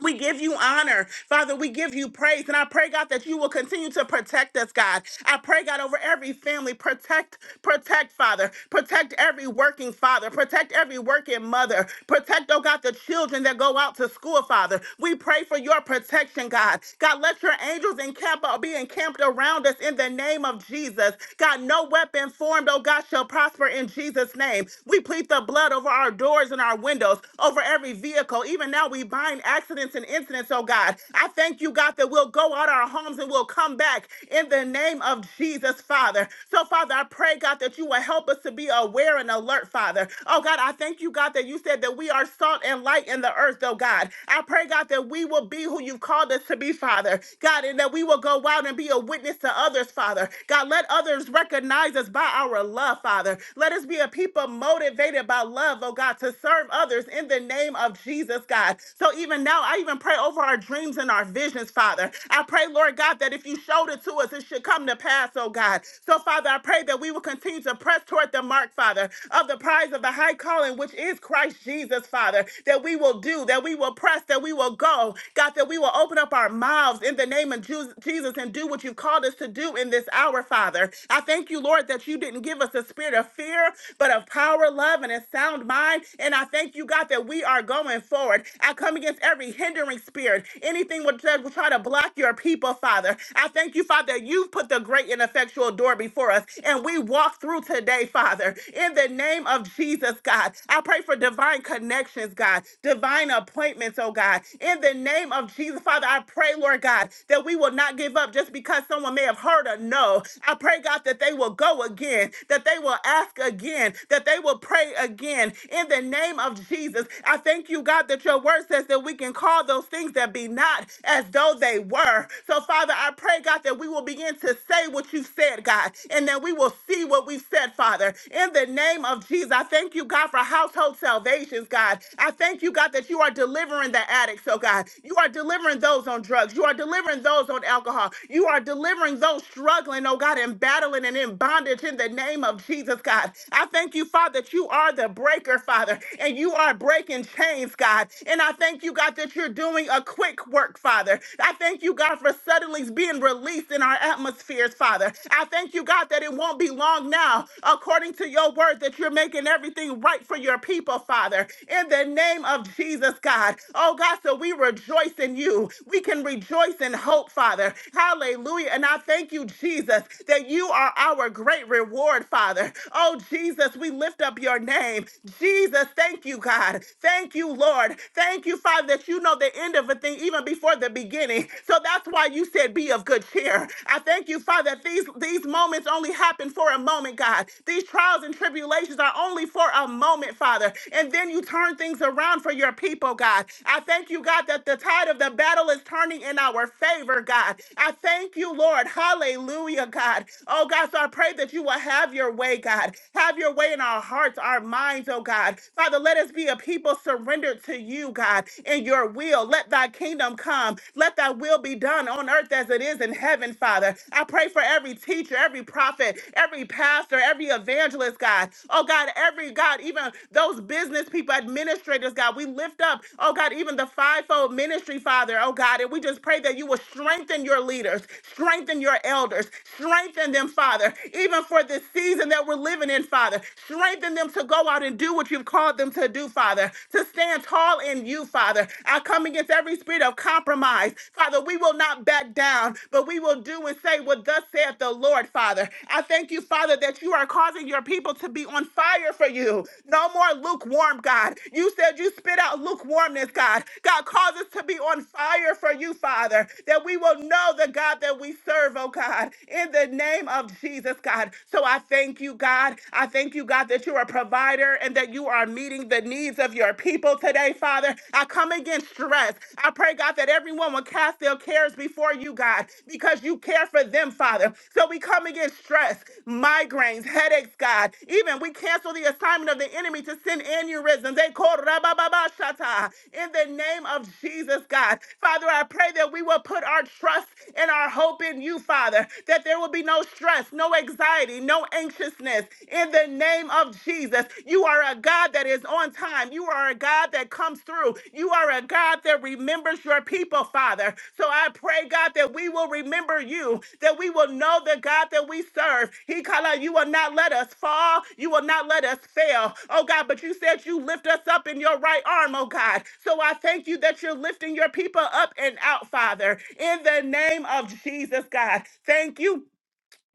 S4: We give you honor, Father. We give you praise. And I pray, God, that you will continue to protect us, God. I pray, God, over every family. Protect, protect, Father. Protect every working father. Protect every working mother. Protect, oh God, the children that go out to school, Father. We pray for your protection, God. God, let your angels encamp, uh, be encamped around us in the name of Jesus. God, no weapon formed, oh God, shall prosper in Jesus' name. We plead the blood over our doors and our windows, over every vehicle. Even now, we we bind accidents and incidents, oh God. I thank you, God, that we'll go out our homes and we'll come back in the name of Jesus, Father. So, Father, I pray, God, that you will help us to be aware and alert, Father. Oh God, I thank you, God, that you said that we are salt and light in the earth, oh God. I pray, God, that we will be who you've called us to be, Father. God, and that we will go out and be a witness to others, Father. God, let others recognize us by our love, Father. Let us be a people motivated by love, oh God, to serve others in the name of Jesus, God. So even now, I even pray over our dreams and our visions, Father. I pray, Lord God, that if you showed it to us, it should come to pass, oh God. So, Father, I pray that we will continue to press toward the mark, Father, of the prize of the high calling, which is Christ Jesus, Father, that we will do, that we will press, that we will go, God, that we will open up our mouths in the name of Ju- Jesus and do what you've called us to do in this hour, Father. I thank you, Lord, that you didn't give us a spirit of fear, but of power, love, and a sound mind. And I thank you, God, that God, that we are going forward. I come against every hindering spirit, anything which that will try to block your people, Father. I thank you, Father, that you've put the great and effectual door before us, and we walk through today, Father. In the name of Jesus, God, I pray for divine connections, God, divine appointments, oh God. In the name of Jesus, Father, I pray, Lord God, that we will not give up just because someone may have heard a no. I pray, God, that they will go again, that they will ask again, that they will pray again. In the name name of Jesus. I thank you, God, that your word says that we can call those things that be not as though they were. So, Father, I pray, God, that we will begin to say what you said, God, and that we will see what we said, Father. In the name of Jesus, I thank you, God, for household salvations, God. I thank you, God, that you are delivering the addicts, oh God. You are delivering those on drugs. You are delivering those on alcohol. You are delivering those struggling, oh God, and battling and in bondage in the name of Jesus, God. I thank you, Father, that you are the breaker, Father, and you are breaking chains, God. And I thank you, God, that you're doing a quick work, Father. I thank you, God, for suddenly being released in our atmospheres, Father. I thank you, God, that it won't be long now, according to your word, that you're making everything right for your people, Father. In the name of Jesus, God. Oh, God, so we rejoice in you. We can rejoice in hope, Father. Hallelujah. And I thank you, Jesus, that you are our great reward, Father. Oh, Jesus, we lift up your name. Jesus, thank you, God. Thank you, Lord. Thank you, Father, that you know the end of a thing even before the beginning. So that's why you said be of good cheer. I thank you, Father, that these, these moments only happen for a moment, God. These trials and tribulations are only for a moment, Father. And then you turn things around for your people, God. I thank you, God, that the tide of the battle is turning in our favor, God. I thank you, Lord. Hallelujah, God. Oh, God, so I pray that you will have your way, God. Have have your way in our hearts, our minds, oh God. Father, let us be a people surrendered to you, God, in your will. Let thy kingdom come. Let thy will be done on earth as it is in heaven, Father. I pray for every teacher, every prophet, every pastor, every evangelist, God. Oh God, every God, even those business people, administrators, God, we lift up, oh God, even the fivefold ministry, Father, oh God, and we just pray that you will strengthen your leaders, strengthen your elders, strengthen them, Father, even for this season season that we're living in, Father. Strengthen them to go out and do what you've called them to do, Father, to stand tall in you, Father. I come against every spirit of compromise. Father, we will not back down, but we will do and say what thus saith the Lord, Father. I thank you, Father, that you are causing your people to be on fire for you. No more lukewarm, God. You said you spit out lukewarmness, God. God, cause us to be on fire for you, Father, that we will know the God that we serve, oh God, in the name of Jesus, God. So I thank you, God. I thank you, God, that you are a provider and that you are meeting the needs of your people today, Father. I come against stress. I pray, God, that everyone will cast their cares before you, God, because you care for them, Father. So we come against stress, migraines, headaches, God. Even we cancel the assignment of the enemy to send aneurysms. They call rabababashata. in the name of Jesus, God. Father, I pray that we will put our trust and our hope in you, Father, that there will be no stress stress, no anxiety, no anxiousness. In the name of Jesus, you are a God that is on time. You are a God that comes through. You are a God that remembers your people, Father. So I pray, God, that we will remember you, that we will know the God that we serve. He called out, You will not let us fall. You will not let us fail. Oh, God, but you said you lift us up in your right arm, oh, God. So I thank you that you're lifting your people up and out, Father, in the name of Jesus, God. Thank you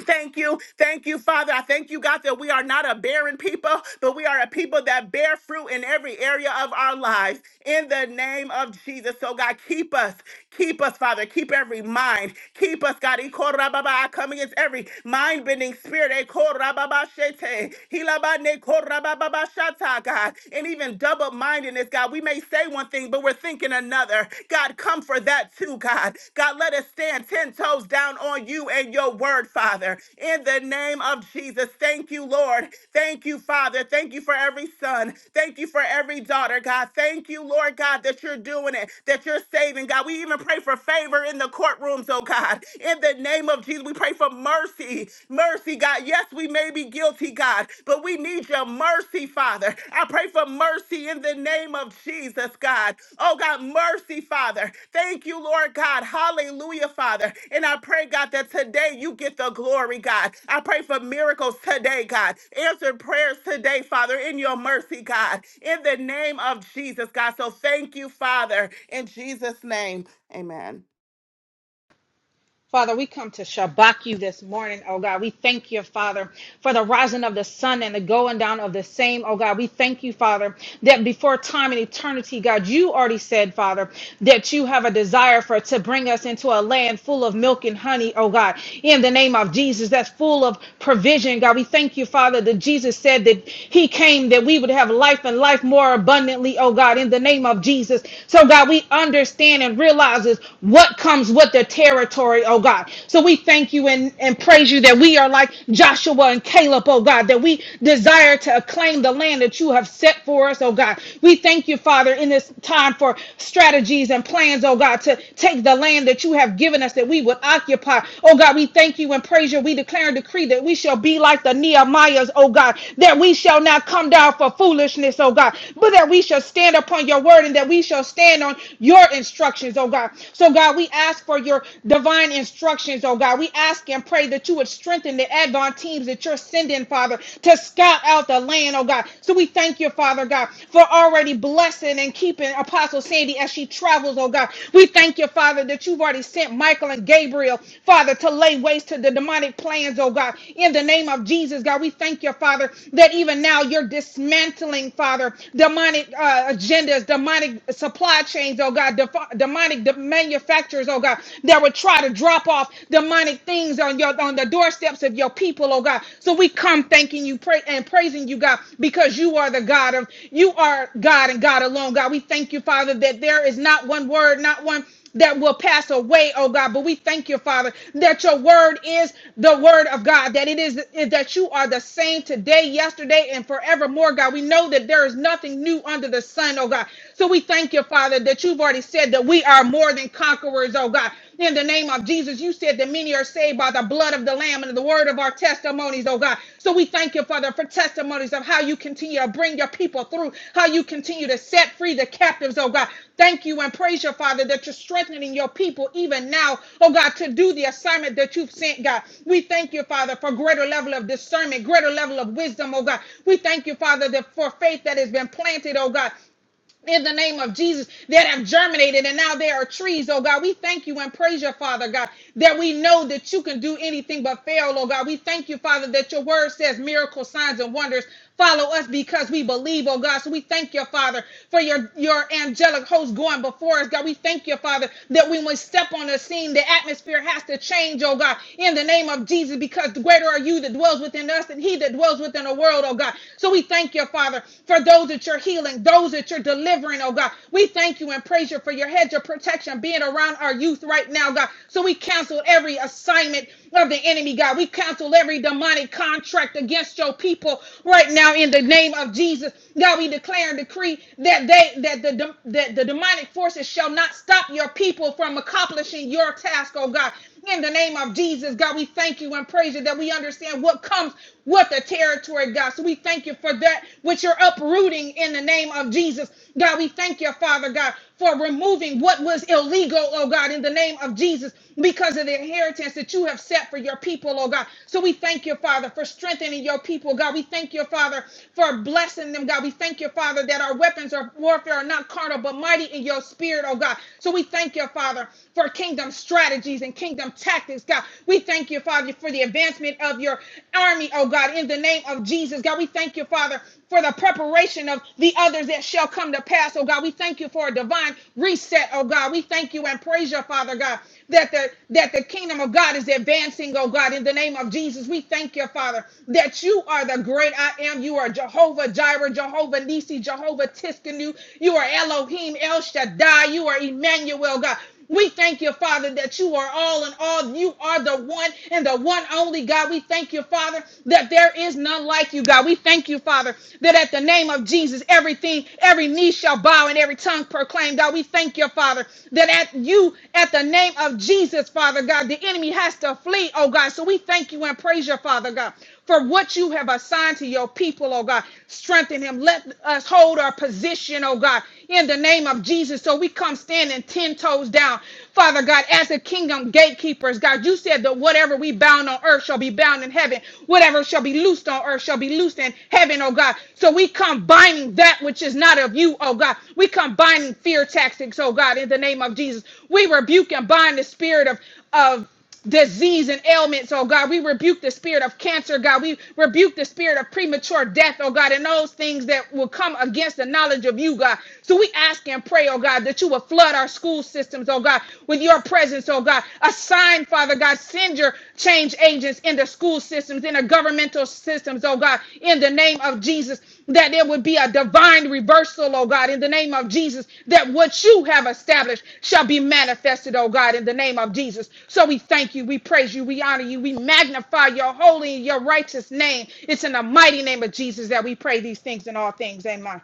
S4: Thank you. Thank you, Father. I thank you, God, that we are not a barren people, but we are a people that bear fruit in every area of our lives. In the name of Jesus. So, God, keep us. Keep us, Father. Keep every mind. Keep us, God. Ikorababa. I come against every mind bending spirit. Ikorababa shete. Hilabane korababa shata, God. And even double mindedness, God. We may say one thing, but we're thinking another. God, come for that too, God. God, let us stand 10 toes down on you and your word, Father. In the name of Jesus, thank you, Lord. Thank you, Father. Thank you for every son. Thank you for every daughter, God. Thank you, Lord God, that you're doing it, that you're saving, God. We even pray for favor in the courtrooms, oh God. In the name of Jesus, we pray for mercy. Mercy, God. Yes, we may be guilty, God, but we need your mercy, Father. I pray for mercy in the name of Jesus, God. Oh, God, mercy, Father. Thank you, Lord God. Hallelujah, Father. And I pray, God, that today you get the glory, God. I pray for miracles today, God. Answer prayers today, Father, in your mercy, God, in the name of Jesus, God. So thank you, Father, in Jesus' name. Amen.
S7: Father, we come to Shabbat you this morning, oh God. We thank you, Father, for the rising of the sun and the going down of the same, oh God. We thank you, Father, that before time and eternity, God, you already said, Father, that you have a desire for to bring us into a land full of milk and honey, oh God. In the name of Jesus, that's full of provision, God. We thank you, Father, that Jesus said that He came that we would have life and life more abundantly, oh God. In the name of Jesus, so God, we understand and realizes what comes with what their territory, oh God. So we thank you and, and praise you that we are like Joshua and Caleb, oh God, that we desire to acclaim the land that you have set for us, oh God. We thank you, Father, in this time for strategies and plans, oh God, to take the land that you have given us that we would occupy. Oh God, we thank you and praise you. We declare and decree that we shall be like the Nehemiahs, oh God, that we shall not come down for foolishness, oh God, but that we shall stand upon your word and that we shall stand on your instructions, oh God. God. So, God, we ask for your divine instructions, oh God. We ask and pray that you would strengthen the Advent teams that you're sending, Father, to scout out the land, oh God. So we thank you, Father God, for already blessing and keeping Apostle Sandy as she travels, oh God. We thank you, Father, that you've already sent Michael and Gabriel, Father, to lay waste to the demonic plans, oh God. In the name of Jesus, God, we thank you, Father, that even now you're dismantling, Father, demonic uh, agendas, demonic supply chains, oh God. God, def- demonic de- manufacturers, oh God, that would try to drop off demonic things on your on the doorsteps of your people, oh God. So we come thanking you, pray and praising you, God, because you are the God of you are God and God alone, God. We thank you, Father, that there is not one word, not one that will pass away, oh God. But we thank you, Father, that your word is the word of God, that it is, is that you are the same today, yesterday, and forevermore, God. We know that there is nothing new under the sun, oh God. So we thank you, Father, that you've already said that we are more than conquerors, oh God. In the name of Jesus, you said that many are saved by the blood of the Lamb and the word of our testimonies, oh God. So we thank you, Father, for testimonies of how you continue to bring your people through, how you continue to set free the captives, oh God. Thank you and praise your Father that you're strengthening your people even now, oh God, to do the assignment that you've sent, God. We thank you, Father, for greater level of discernment, greater level of wisdom, oh God. We thank you, Father, that for faith that has been planted, oh God in the name of Jesus that have germinated and now there are trees, oh God. We thank you and praise your Father, God, that we know that you can do anything but fail, oh God. We thank you, Father, that your word says miracle signs and wonders follow us because we believe, oh God. So we thank you, Father, for your, your angelic host going before us, God. We thank you, Father, that when we step on the scene, the atmosphere has to change, oh God, in the name of Jesus, because greater are you that dwells within us than he that dwells within the world world, oh God. So we thank you, Father, for those that you're healing, those that you're delivering, oh God. We thank you and praise you for your hedge of protection being around our youth right now, God. So we cancel every assignment of the enemy, God. We cancel every demonic contract against your people right now in the name of Jesus. God, we declare and decree that they that the dem- that the demonic forces shall not stop your people from accomplishing your task, oh God. In the name of Jesus, God, we thank you and praise you that we understand what comes with the territory, God. So we thank you for that which you're uprooting in the name of Jesus. God, we thank you, Father God, for removing what was illegal, oh God, in the name of Jesus, because of the inheritance that you have set for your people, oh God. So we thank you, Father, for strengthening your people, God. We thank you, Father, for blessing them, God. We thank you, Father, that our weapons of warfare are not carnal, but mighty in your spirit, oh God. So we thank you, Father, for kingdom strategies and kingdom tactics, God. We thank you, Father, for the advancement of your army, oh God, in the name of Jesus, God. We thank you, Father, for the preparation of the others that shall come to pass, oh God. We thank you for a divine reset, oh God. We thank you and praise your Father, God, that the that the kingdom of God is advancing, oh God, in the name of Jesus. We thank you, Father, that you are the great I am. You are Jehovah Jireh, Jehovah Nisi, Jehovah Tiskanu. You are Elohim El Shaddai. You are Emmanuel, God. We thank you, Father, that you are all in all. You are the one and the one only God. We thank you, Father, that there is none like you, God. We thank you, Father, that at the name of Jesus, everything, every knee shall bow and every tongue proclaim, God. We thank you, Father, that at you, at the name of Jesus, Father God, the enemy has to flee, oh God. So we thank you and praise Your Father God for what you have assigned to your people, oh God. Strengthen him. Let us hold our position, oh God, in the name of Jesus. So we come standing 10 toes down, Father God, as the kingdom gatekeepers, God. You said that whatever we bound on earth shall be bound in heaven, whatever shall be loosed on earth shall be loosed in heaven, oh God. So we come binding that which is not of you, oh God. We come binding fear tactics, oh God, in the name of Jesus. We rebuke and bind the spirit of of disease and ailments, oh God. We rebuke the spirit of cancer, God. We rebuke the spirit of premature death, oh God, and those things that will come against the knowledge of you, God. So we ask and pray, oh God, that you will flood our school systems, oh God, with your presence, oh God. Assign, Father God, send your change agents into school systems, into governmental systems, oh God, in the name of Jesus that there would be a divine reversal, oh God, in the name of Jesus, that what you have established shall be manifested, oh God, in the name of Jesus. So we thank you, we praise you, we honor you, we magnify your holy and your righteous name. It's in the mighty name of Jesus that we pray these things in all things. Amen.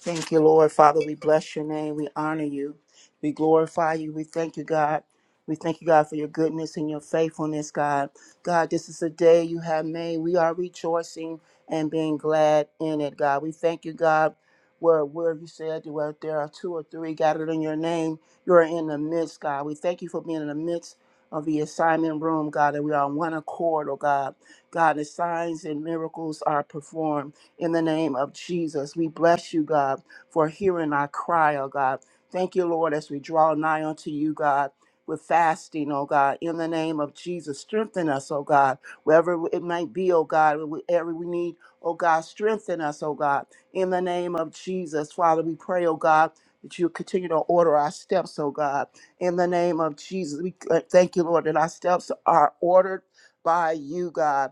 S8: Thank you, Lord. Father, we bless your name. We honor you. We glorify you. We thank you, God. We thank you, God, for your goodness and your faithfulness, God. God, this is the day you have made. We are rejoicing and being glad in it, God. We thank you, God, where, where you said where there are two or three gathered in your name, you're in the midst, God. We thank you for being in the midst of the assignment room, God, that we are on one accord, oh God. God, the signs and miracles are performed in the name of Jesus. We bless you, God, for hearing our cry, oh God. Thank you, Lord, as we draw nigh unto you, God. With fasting, oh God, in the name of Jesus, strengthen us, oh God, wherever it might be, oh God, wherever we need, oh God, strengthen us, oh God, in the name of Jesus. Father, we pray, oh God, that you continue to order our steps, oh God, in the name of Jesus. We uh, thank you, Lord, that our steps are ordered by you, God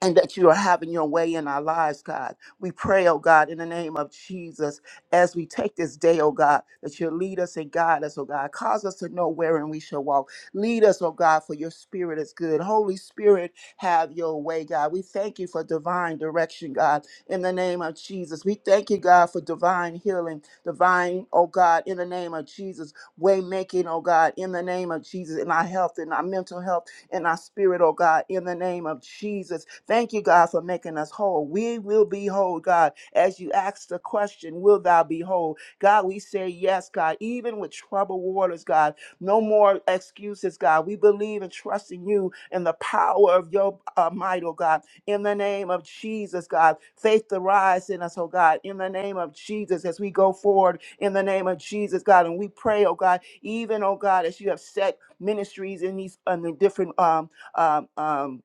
S8: and that you are having your way in our lives, God. We pray, oh God, in the name of Jesus, as we take this day, oh God, that you lead us and guide us, oh God. Cause us to know wherein we shall walk. Lead us, oh God, for your spirit is good. Holy Spirit, have your way, God. We thank you for divine direction, God, in the name of Jesus. We thank you, God, for divine healing, divine, oh God, in the name of Jesus, way making, oh God, in the name of Jesus, in our health, in our mental health in our spirit, oh God, in the name of Jesus. Thank you, God, for making us whole. We will be whole, God. As you asked the question, will thou be whole? God, we say yes, God, even with troubled waters, God. No more excuses, God. We believe and trust in you and the power of your uh, might, oh God. In the name of Jesus, God, faith to rise in us, oh God. In the name of Jesus, as we go forward, in the name of Jesus, God, and we pray, oh God, even, oh God, as you have set ministries in these and the different um um um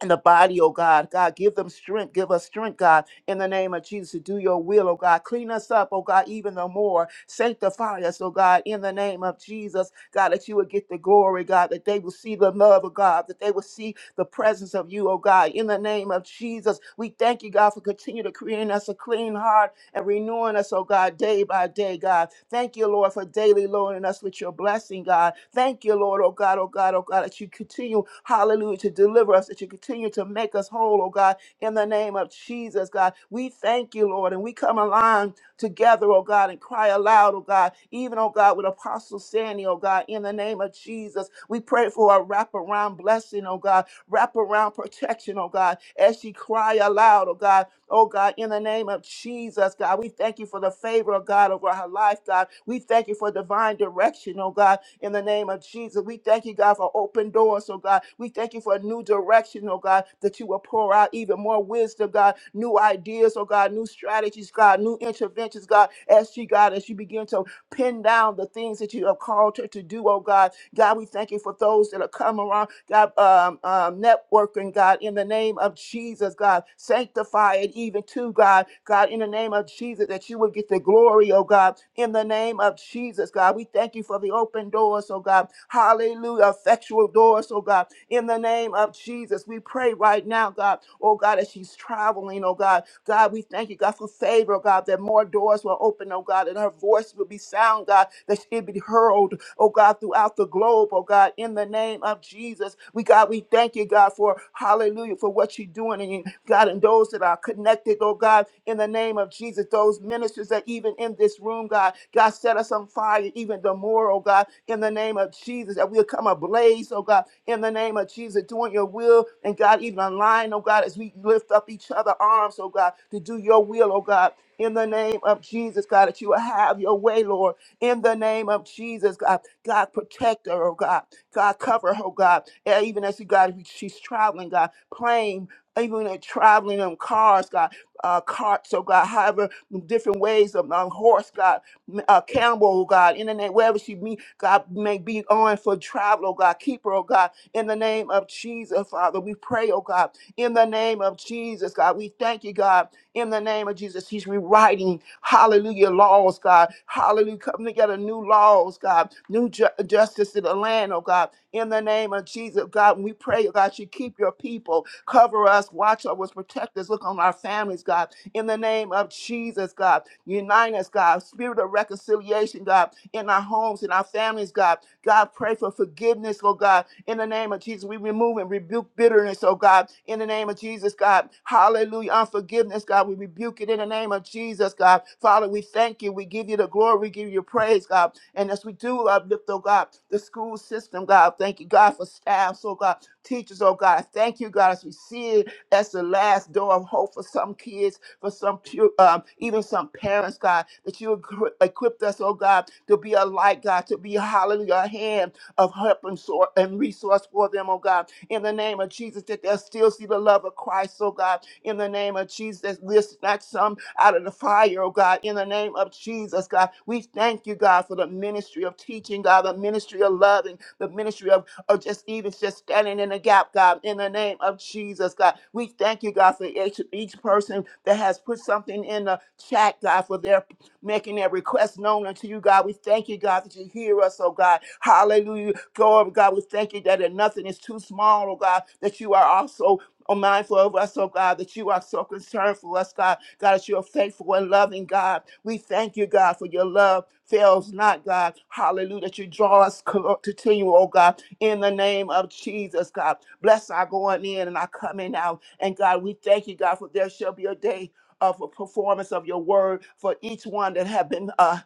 S8: in the body, oh God, God, give them strength, give us strength, God, in the name of Jesus, to do your will, oh God. Clean us up, oh God, even the more. Sanctify us, oh God, in the name of Jesus, God, that you would get the glory, God, that they will see the love of God, that they will see the presence of you, oh God, in the name of Jesus. We thank you, God, for continue to creating us a clean heart and renewing us, oh God, day by day, God. Thank you, Lord, for daily loading us with your blessing, God. Thank you, Lord, oh God, oh God, oh God, that you continue, hallelujah, to deliver us, that you continue to make us whole, oh God, in the name of Jesus, God. We thank you, Lord, and we come aligned together, oh God, and cry aloud, oh God, even, oh God, with Apostle Sandy, oh God, in the name of Jesus. We pray for a wraparound blessing, oh God, wraparound protection, oh God, as she cry aloud, oh God, Oh God, in the name of Jesus, God, we thank you for the favor of God over her life, God. We thank you for divine direction, oh God, in the name of Jesus. We thank you, God, for open doors, oh God. We thank you for a new direction, oh God, that you will pour out even more wisdom, God, new ideas, oh God, new strategies, God, new interventions, God, as she, God, as you begin to pin down the things that you have called her to do, oh God. God, we thank you for those that are coming around, God, um, um, networking, God, in the name of Jesus, God. Sanctify it even to God, God, in the name of Jesus, that you would get the glory, oh God, in the name of Jesus, God. We thank you for the open doors, oh God. Hallelujah. Effectual doors, oh God. In the name of Jesus, we pray right now, God, oh God, as she's traveling, oh God. God, we thank you, God, for favor, oh God, that more doors will open, oh God, and her voice will be sound, God, that she'll be heard, oh God, throughout the globe, oh God, in the name of Jesus. We, God, we thank you, God, for hallelujah, for what you're doing, and you, God, and those that are connected, oh God, in the name of Jesus. Those ministers that even in this room, God, God set us on fire, even the more, oh God, in the name of Jesus, that we'll come ablaze, oh God, in the name of Jesus, doing your will, and God, even online, oh God, as we lift up each other arms, oh God, to do your will, oh God, in the name of Jesus, God, that you will have your way, Lord, in the name of Jesus, God, God, protect her, oh God, God, cover her, oh God, and even as she, God, she's traveling, God, plane, even in traveling in cars, God uh, carts, oh God, however, different ways of um, horse, God, m- uh, camel, oh God, in the name, wherever she be, God, may be on for travel, oh God, keep her, oh God, in the name of Jesus, Father, we pray, oh God, in the name of Jesus, God, we thank you, God, in the name of Jesus, he's rewriting, hallelujah, laws, God, hallelujah, coming together, new laws, God, new ju- justice in the land, oh God, in the name of Jesus, God, we pray, oh God, you keep your people, Cover us, watch over us, protect us. Look on our families, God. In the name of Jesus, God. Unite us, God. Spirit of reconciliation, God. In our homes, in our families, God. God, pray for forgiveness, oh God in the name of Jesus, we remove and rebuke bitterness, oh God. In the name of Jesus, God. Hallelujah. Unforgiveness, God. We rebuke it in the name of Jesus, God. Father, we thank you. We give you the glory. We give you praise, God. And as we do uplift, oh God, the school system, God. Thank you, God, for staffs, oh God. Teachers, oh God. Thank you, God, as we see it as the last door of hope for some kids for some pu- um, even some parents, God, that you equi- equipped us, oh God, to be a light, God, to be hallelujah, a hand of help and, sor- and resource for them, oh God. In the name of Jesus, that they'll still see the love of Christ, oh God. In the name of Jesus, that we'll snatch some out of the fire, oh God. In the name of Jesus, God, we thank you, God, for the ministry of teaching, God, the ministry of loving, the ministry of, of just even just standing in the gap, God. In the name of Jesus, God, we thank you, God, for each, each person that has put something in the chat, God, for their making that request known unto you, God. We thank you, God, that you hear us, oh God. Hallelujah. Glory, God. We thank you that nothing is too small, oh God, that you are also oh, mindful of us, oh God, that you are so concerned for us, God. God, that you are faithful and loving, God. We thank you, God, for your love fails not, God. Hallelujah, that you draw us clo- to you, oh God, in the name of Jesus, God. Bless our going in and our coming out. And God, we thank you, God, for there shall be a day of a performance of your word for each one that have been uh,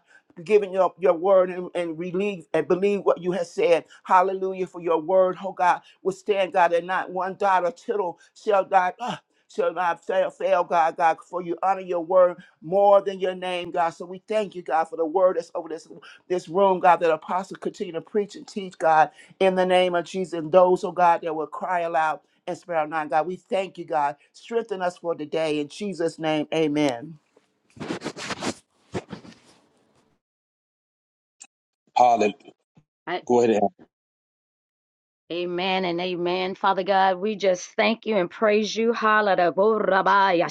S8: giving your, your word and, and relieve and believe what you have said. Hallelujah for your word, oh God. Withstand, God, and not one dot or tittle shall God. Uh, Shall not fail, fail, God, God, for you honor your word more than your name, God. So we thank you, God, for the word that's over this, this room, God, that apostle continue to preach and teach, God, in the name of Jesus. And those, oh God, that will cry aloud and spare our nine, God. We thank you, God. Strengthen us for today. In Jesus' name, amen.
S9: Hallelujah.
S10: I-
S9: Go ahead. and-
S10: Amen and amen. Father God, we just thank you and praise you. Hallelujah.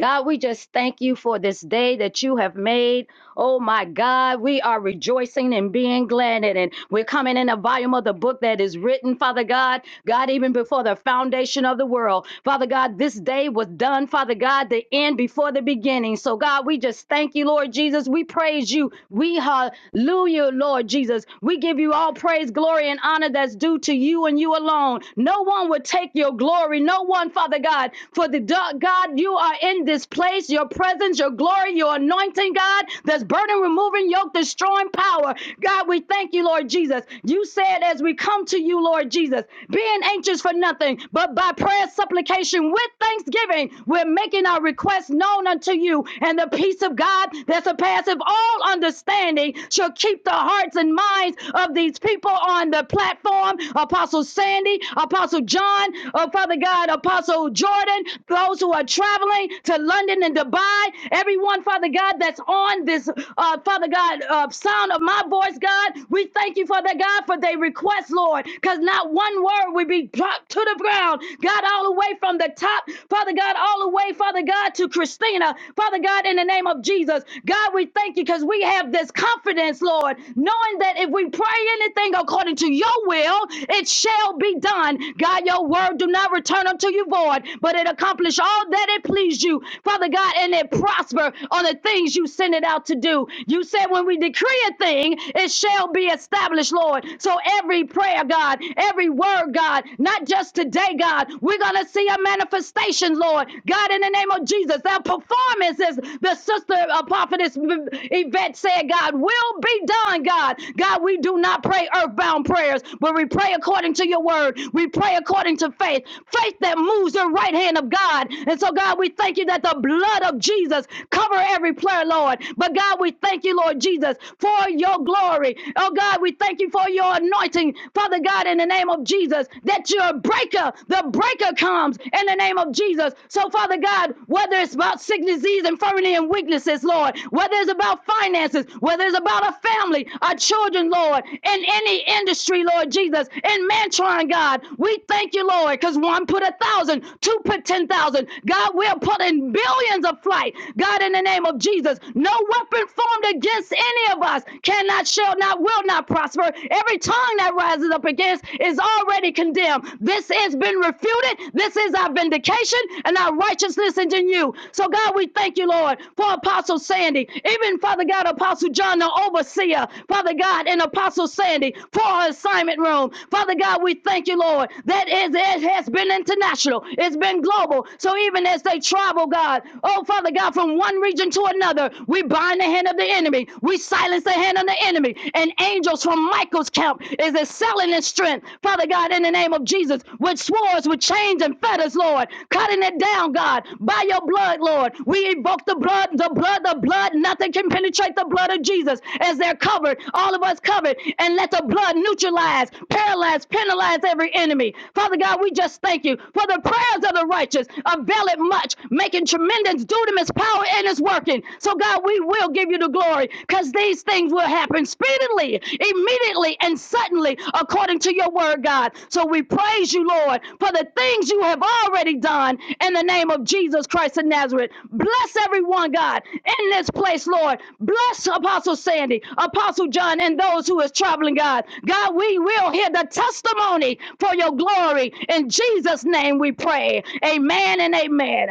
S10: God, we just thank you for this day that you have made. Oh my God, we are rejoicing and being glad in it. We're coming in the volume of the book that is written, Father God. God, even before the foundation of the world, Father God, this day was done, Father God, the end before the beginning. So, God, we just thank you, Lord Jesus. We praise you. We hallelujah, Lord Jesus. Jesus. We give you all praise, glory, and honor that's due to you and you alone. No one would take your glory. No one, Father God, for the God, you are in this place, your presence, your glory, your anointing, God, that's burden removing, yoke destroying power. God, we thank you, Lord Jesus. You said as we come to you, Lord Jesus, being anxious for nothing, but by prayer, supplication, with thanksgiving, we're making our requests known unto you, and the peace of God that surpasses of all understanding shall keep the hearts and minds of these people on the platform. Apostle Sandy, Apostle John, oh Father God, Apostle Jordan, those who are traveling to London and Dubai, everyone, Father God, that's on this, uh, Father God, uh, sound of my voice, God, we thank you, Father God, for their request, Lord, because not one word will be dropped to the ground, God, all the way from the top, Father God, all the way, Father God, to Christine. China, Father God, in the name of Jesus. God, we thank you because we have this confidence, Lord, knowing that if we pray anything according to your will, it shall be done. God, your word do not return unto you void, but it accomplish all that it pleased you, Father God, and it prosper on the things you send it out to do. You said when we decree a thing, it shall be established, Lord. So every prayer, God, every word, God, not just today, God, we're going to see a manifestation manifestation, Lord. God, in the name of Jesus, their performances, the sister uh, prophetess uh, Yvette said, God, will be done, God. God, we do not pray earthbound prayers, but we pray according to your word. We pray according to faith, faith that moves the right hand of God. And so, God, we thank you that the blood of Jesus cover every prayer, Lord. But God, we thank you, Lord Jesus, for your glory. Oh God, we thank you for your anointing, Father God, in the name of Jesus that you're a breaker. The breaker comes in the name of Jesus. So, Father God, whether it's about sickness, disease, infirmity, and weaknesses, Lord, whether it's about finances, whether it's about a family, our children, Lord, in any industry, Lord Jesus, in Mantron, God, we thank you, Lord, because one put a thousand, two put ten thousand. God, we're putting billions plans of flight. God, in the name of Jesus, no weapon formed against any of us cannot, shall not, will not prosper. Every tongue that rises up against is already condemned. This has been refuted. This is our vindication and our righteousness is in you. So, God, we thank you, Lord, for Apostle Sandy, even Father God, Apostle John, the overseer, Father God, and Apostle Sandy for her assignment room. Father God, we thank you, Lord, that is, it has been international, it's been global. So, even as they travel, God, God. Oh, Father God, from one region to another, we bind the hand of the enemy. We silence the hand of the enemy. And angels from Michael's camp is excelling in strength. Father God, in the name of Jesus, with swords, with chains and fetters, Lord, cutting it down, God, by your blood, Lord. We evoke the blood, the blood, the blood. Nothing can penetrate the blood of Jesus as they're covered, all of us covered. And let the blood neutralize, paralyze, penalize every enemy. Father God, we just thank you for the prayers of the righteous avail it much making tremendous due to his power and it's working. So, God, we will give you the glory because these things will happen speedily, immediately, and suddenly according to your word, God. So, we praise you, Lord, for the things you have already done in the name of Jesus Christ of Nazareth. Bless everyone, God, in this place, Lord. Bless Apostle Sandy, Apostle John, and those who is traveling, God. God, we will hear the testimony for your glory. In Jesus' name we pray. Amen and amen.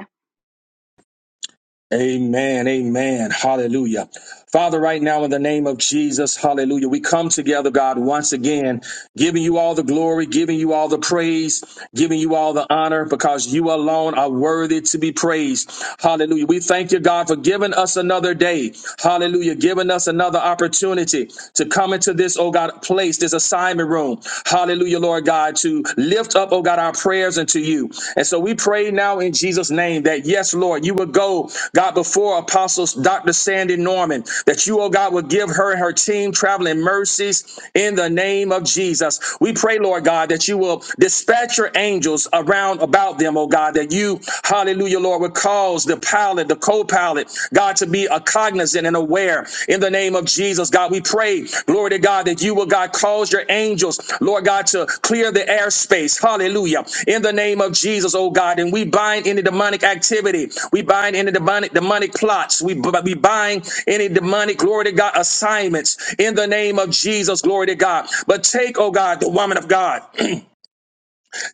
S9: Amen. Amen. Hallelujah. Father, right now in the name of Jesus, hallelujah. We come together, God, once again, giving you all the glory, giving you all the praise, giving you all the honor because you alone are worthy to be praised. Hallelujah. We thank you, God, for giving us another day. Hallelujah. Giving us another opportunity to come into this, oh God, place, this assignment room. Hallelujah, Lord God, to lift lift up, oh God, our prayers unto you. And so we pray now in Jesus' name that, yes, Lord, you would go, God, before Apostles Dr. Sandy Norman, that you, oh God, would give her and her team traveling mercies in the name of Jesus. We pray, Lord God, that you will dispatch your angels around about them, oh God, that you, hallelujah, Lord, would cause the pilot, the co pilot, God, to be a are cognizant and aware in the name of Jesus. God, we pray, glory to God, that you will, God, cause your angels, Lord God, to clear the airspace. Hallelujah. In the name of Jesus, oh God. And we bind any demonic activity. We bind any demonic demonic plots. We, we bind any demonic, glory to God, assignments in the name of Jesus, glory to God. But take, oh God, the woman of God.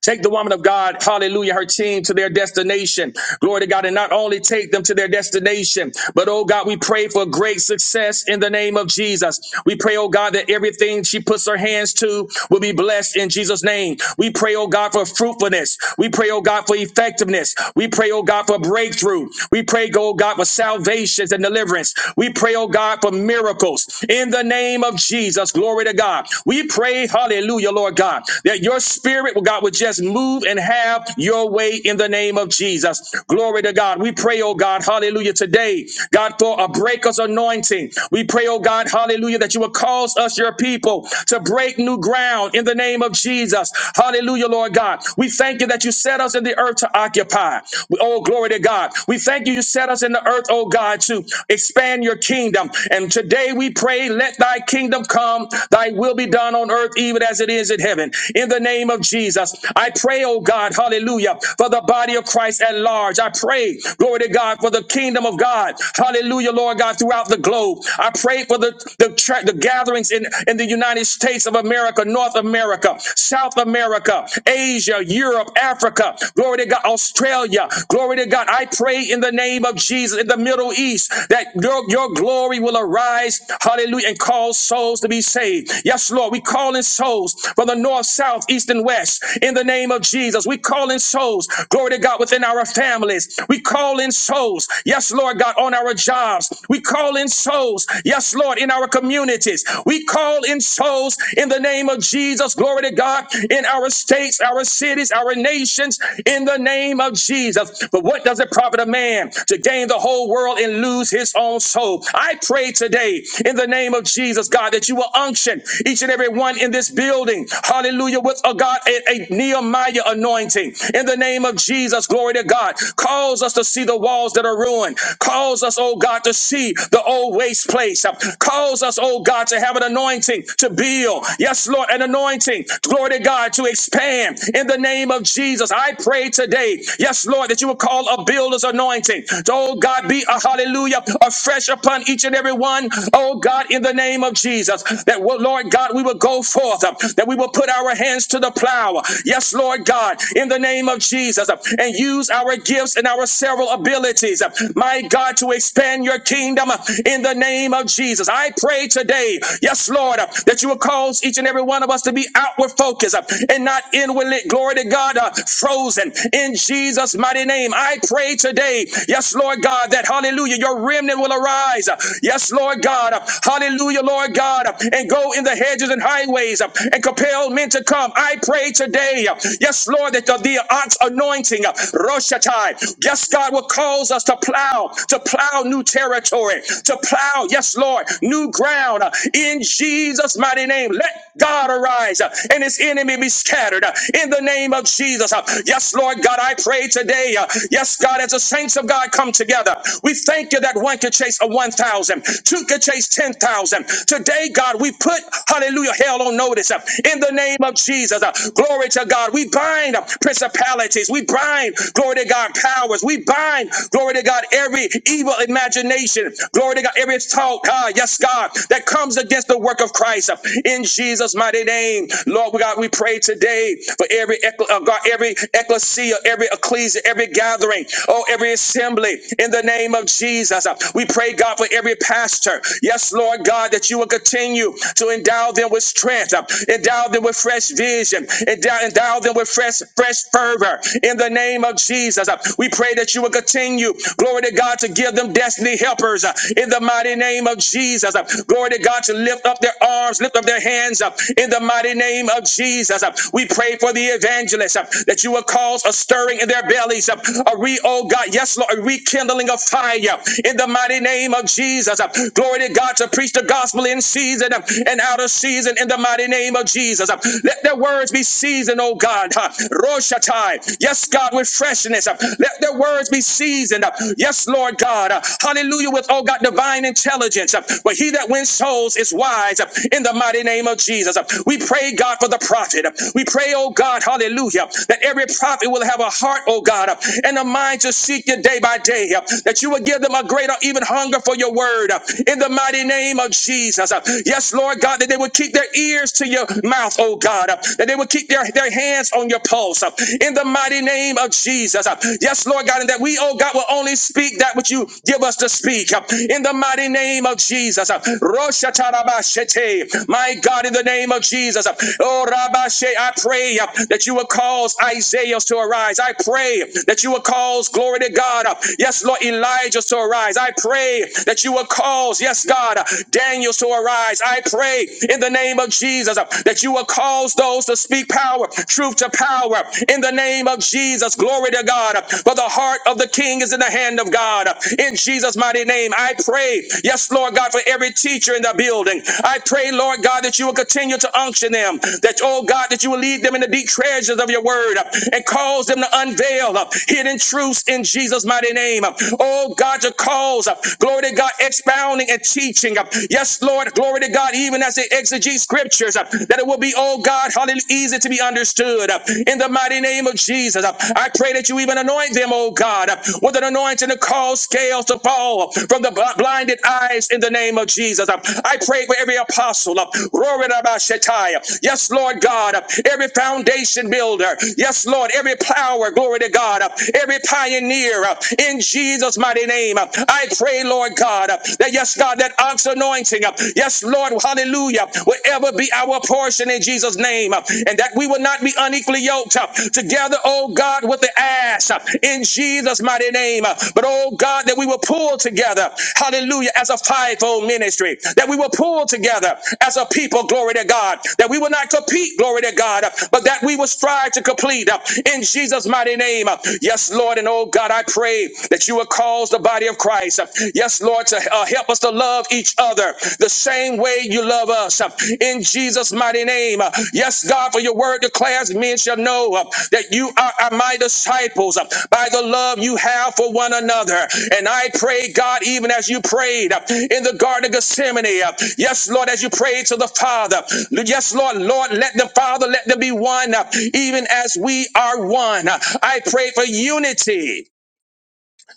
S9: Take the woman of God, hallelujah, her team to their destination. Glory to God. And not only take them to their destination, but oh God, we pray for great success in the name of Jesus. We pray, oh God, that everything she puts her hands to will be blessed in Jesus' name. We pray, oh God, for fruitfulness. We pray, oh God, for effectiveness. We pray, oh God, for breakthrough. We pray, oh God, for salvations and deliverance. We pray, oh God, for miracles in the name of Jesus. Glory to God. We pray, hallelujah, Lord God, that your spirit Spirit, well, God, would just move and have your way in the name of Jesus. Glory to God. We pray, oh God, hallelujah, today, God, for a breaker's anointing. We pray, oh God, hallelujah, that you will cause us, your people, to break new ground in the name of Jesus. Hallelujah, Lord God. We thank you that you set us in the earth to occupy. Oh, glory to God. We thank you, you set us in the earth, oh God, to expand your kingdom. And today we pray, let thy kingdom come, thy will be done on earth, even as it is in heaven in the name of Jesus. I pray, oh God, hallelujah, for the body of Christ at large. I pray, glory to God, for the kingdom of God, hallelujah, Lord God, throughout the globe. I pray for the, the, tra- the gatherings in, in the United States of America, North America, South America, Asia, Europe, Africa, glory to God, Australia, glory to God. I pray in the name of Jesus in the Middle East that your, your glory will arise, hallelujah, and cause souls to be saved. Yes, Lord, we calling souls from the north, south, east, and west. In the name of Jesus, we call in souls. Glory to God within our families. We call in souls. Yes, Lord God, on our jobs. We call in souls. Yes, Lord, in our communities. We call in souls in the name of Jesus. Glory to God in our states, our cities, our nations. In the name of Jesus. But what does it profit a man to gain the whole world and lose his own soul? I pray today in the name of Jesus, God, that you will unction each and every one in on in this building. Hallelujah. With a God, a, a Nehemiah anointing. In the name of Jesus, glory to God. Calls us to see the walls that are ruined. Calls us, oh God, to see the old waste place. Calls us, oh God, to have an anointing to build. Yes, Lord, an anointing. Glory to God to expand. In the name of Jesus, I pray today. Yes, Lord, that you will call a builder's anointing. Oh God, be a hallelujah afresh upon each and every one. Oh God, in the name of Jesus, that will Lord God. God, we will go forth, uh, that we will put our hands to the plow. Yes, Lord God, in the name of Jesus, uh, and use our gifts and our several abilities, uh, my God, to expand your kingdom uh, in the name of Jesus. I pray today, yes, Lord, uh, that you will cause each and every one of us to be outward focused uh, and not inwardly, glory to God, uh, frozen in Jesus' mighty name. I pray today, yes, Lord God, that hallelujah, your remnant will arise. Yes, Lord God, uh, hallelujah, Lord God, and go in the hedges and highways uh, and compel men to come. I pray today, uh, yes, Lord, that the, the ox anointing, uh, Roshatai, yes, God, will cause us to plow, to plow new territory, to plow, yes, Lord, new ground uh, in Jesus' mighty name. Let God arise uh, and his enemy be scattered uh, in the name of Jesus. Uh, Yes, Lord God, I pray today. uh, Yes, God, as the saints of God come together, we thank you that one could chase a one thousand, two two could chase 10,000, Today, God, we put, hallelujah, hell on notice uh, in the name of Jesus. uh, Glory to God. We bind uh, principalities. We bind, glory to God, powers. We bind, glory to God, every evil imagination. Glory to God, every thought, ah, yes, God, that comes against the work of Christ uh, in Jesus' mighty name. Lord We God, we pray today for every, eccle- uh, God, every ecclesia, every ecclesia, every gathering, oh, every assembly in the name of Jesus. Uh, We pray, God, for every pastor. Yes, Lord. Lord God, that you will continue to endow them with strength, uh, endow them with fresh vision, endow, endow them with fresh, fresh fervor. In the name of Jesus, uh, we pray that you will continue, glory to God, to give them destiny helpers. uh, In the mighty name of Jesus, uh, glory to God, to lift up their arms, lift up their hands. uh, In the mighty name of Jesus, uh, we pray for the evangelists uh, that you will cause a stirring in their bellies, uh, a re, oh God, yes, Lord, a rekindling of fire. In the mighty name of Jesus, uh, glory glory to God, to preach the gospel in season uh, and out of season in the mighty name of Jesus. Uh, Let their words be seasoned, oh God. huh. Roshatai. Yes, God, with freshness. Uh, Let their words be seasoned. Uh, Yes, Lord God. Uh, Hallelujah, with, oh God, divine intelligence. Uh, But he that wins souls is wise uh, in the mighty name of Jesus. Uh, We pray, God, for the prophet. Uh, We pray, oh God, hallelujah, that every prophet will have a heart, oh God, uh, and a mind to seek you day by day. uh, That you will give them a greater, even hunger for your word word uh, in the mighty name of Jesus. Uh, Yes, Lord God, that they would keep their ears to your mouth, oh God, uh, that they would keep their, their hands on your pulse uh, in the mighty name of Jesus. Uh, Yes, Lord God, and that we, oh God, will only speak that which you give us to speak uh, in the mighty name of Jesus. Uh, Roshatarabashete. My God, in the name of Jesus. uh, Oh, Rabashe, I pray uh, that you will cause Isaiah to arise. I pray that you will cause glory to God. uh, Yes, Lord, Elijah to arise. I pray pray that you will cause, yes, God, Daniel to arise. I pray in the name of Jesus uh, that you will cause those to speak power, truth to power. In the name of Jesus, glory to God. For the heart of the king is in the hand of God. In Jesus' mighty name, I pray, yes, Lord God, for every teacher in the building. I pray, Lord God, that you will continue to unction them, that, oh God, that you will lead them in the deep treasures of your word uh, and cause them to unveil uh, hidden truths in Jesus' mighty name. Oh God, to calls. uh, Glory to God, expounding and teaching. uh, Yes, Lord, glory to God, even as they exegete scriptures, uh, that it will be, oh God, hallelujah, easy to be understood. uh, In the mighty name of Jesus, uh, I pray that you even anoint them, oh God, uh, with an anointing to cause scales to fall from the bl- blinded eyes in the name of Jesus. Uh, I pray for every apostle. uh, Glory to God, Shetai, uh, Yes, Lord God, uh, every foundation builder. Yes, Lord, every plower, glory to God, uh, every pioneer uh, in Jesus' Jesus' mighty name. I pray, Lord God, that yes, God, that ox anointing, yes, Lord, hallelujah, will ever be our portion in Jesus' name, and that we will not be unequally yoked together, oh God, with the ass in Jesus' mighty name. But oh God, that we will pull together, hallelujah, as a fivefold ministry, that we will pull together as a people, glory to God, that we will not compete, glory to God, but that we will strive to complete in Jesus' mighty name. Yes, Lord, and oh God, I pray pray that you will cause the body of Christ, uh, yes, Lord, to uh, help us to love each other the same way you love us. uh, In Jesus' mighty name. Uh, Yes, God, for your word declares men shall know uh, that you are, are my disciples uh, by the love you have for one another. And I pray, God, even as you prayed uh, in the Garden of Gethsemane, uh, yes, Lord, as you prayed to the Father, yes, Lord, Lord, let the Father, let there be one, uh, even as we are one. Uh, I pray for unity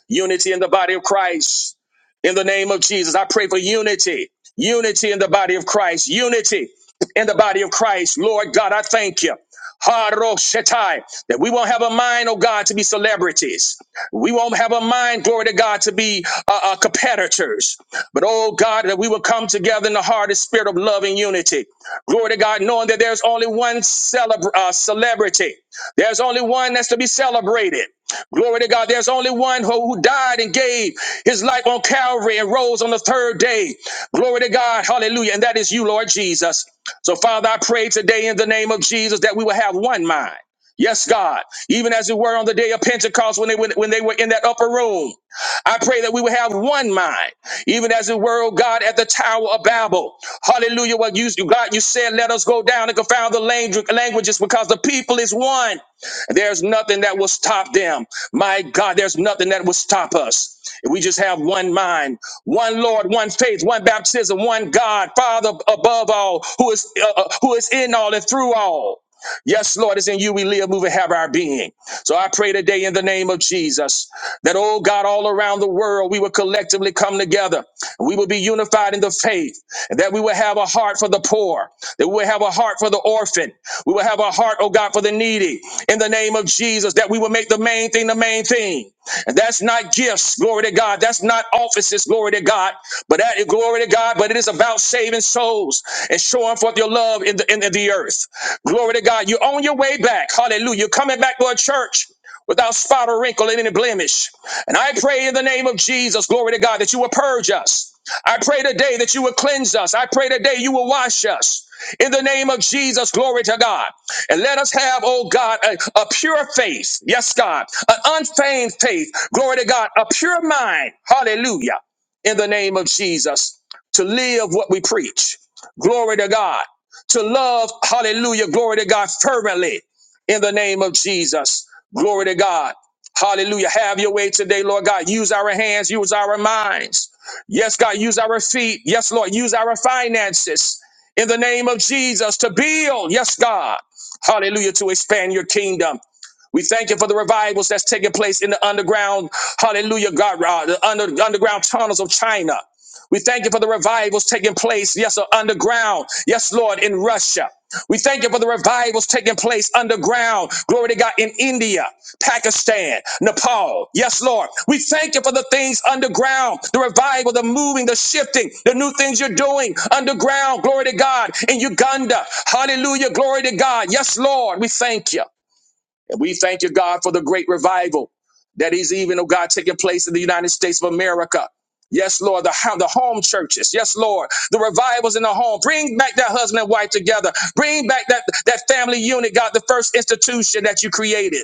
S9: Unity in the body of Christ. In the name of Jesus, I pray for unity. Unity in the body of Christ. Unity in the body of Christ. Lord God, I thank you. Haroshetai, That we won't have a mind, oh God, to be celebrities. We won't have a mind, glory to God, to be uh, uh, competitors. But oh God, that we will come together in the heart and spirit of love and unity. Glory to God, knowing that there's only one celebr- uh, celebrity. There's only one that's to be celebrated. Glory to God. There's only one who, who died and gave his life on Calvary and rose on the third day. Glory to God. Hallelujah. And that is you, Lord Jesus. So, Father, I pray today in the name of Jesus that we will have one mind. Yes, God. Even as it were on the day of Pentecost when they when, when they were in that upper room. I pray that we will have one mind, even as it were, oh God, at the Tower of Babel. Hallelujah. What you God, you said, let us go down and confound the lang- languages because the people is one. There's nothing that will stop them. My God, there's nothing that will stop us. If we just have one mind, one Lord, one faith, one baptism, one God, Father above all, who is uh, uh, who is in all and through all. Yes, Lord, it's in you we live, move, and have our being. So I pray today in the name of Jesus that, oh God, all around the world, we will collectively come together. We will be unified in the faith, and that we will have a heart for the poor. That we will have a heart for the orphan. We will have a heart, oh God, for the needy. In the name of Jesus, that we will make the main thing the main thing. And that's not gifts, glory to God. That's not offices, glory to God. But that is glory to God. But it is about saving souls and showing forth your love in the in the the earth. Glory to God. You're on your way back. Hallelujah. You're coming back to a church without spot or wrinkle and any blemish. And I pray in the name of Jesus, glory to God, that you will purge us. I pray today that you will cleanse us. I pray today you will wash us. In the name of Jesus, glory to God. And let us have, oh God, a, a pure faith. Yes, God. An unfeigned faith. Glory to God. A pure mind. Hallelujah. In the name of Jesus. To live what we preach. Glory to God. To love, hallelujah, glory to God, fervently. In the name of Jesus. Glory to God. Hallelujah. Have your way today, Lord God. Use our hands, use our minds. Yes, God, use our feet. Yes, Lord, use our finances in the name of Jesus to build. Yes, God. Hallelujah, to expand your kingdom. We thank you for the revivals that's taking place in the underground, hallelujah, God, uh, the under, underground tunnels of China. We thank you for the revivals taking place, yes, uh, underground, yes, Lord, in Russia. We thank you for the revivals taking place underground. Glory to God in India, Pakistan, Nepal. Yes, Lord. We thank you for the things underground, the revival, the moving, the shifting, the new things you're doing underground. Glory to God in Uganda. Hallelujah. Glory to God. Yes, Lord. We thank you. And we thank you, God, for the great revival that is even, oh God, taking place in the United States of America. Yes, Lord, the, ho- the home churches. Yes, Lord, the revivals in the home. Bring back that husband and wife together. Bring back that, that family unit, God, the first institution that you created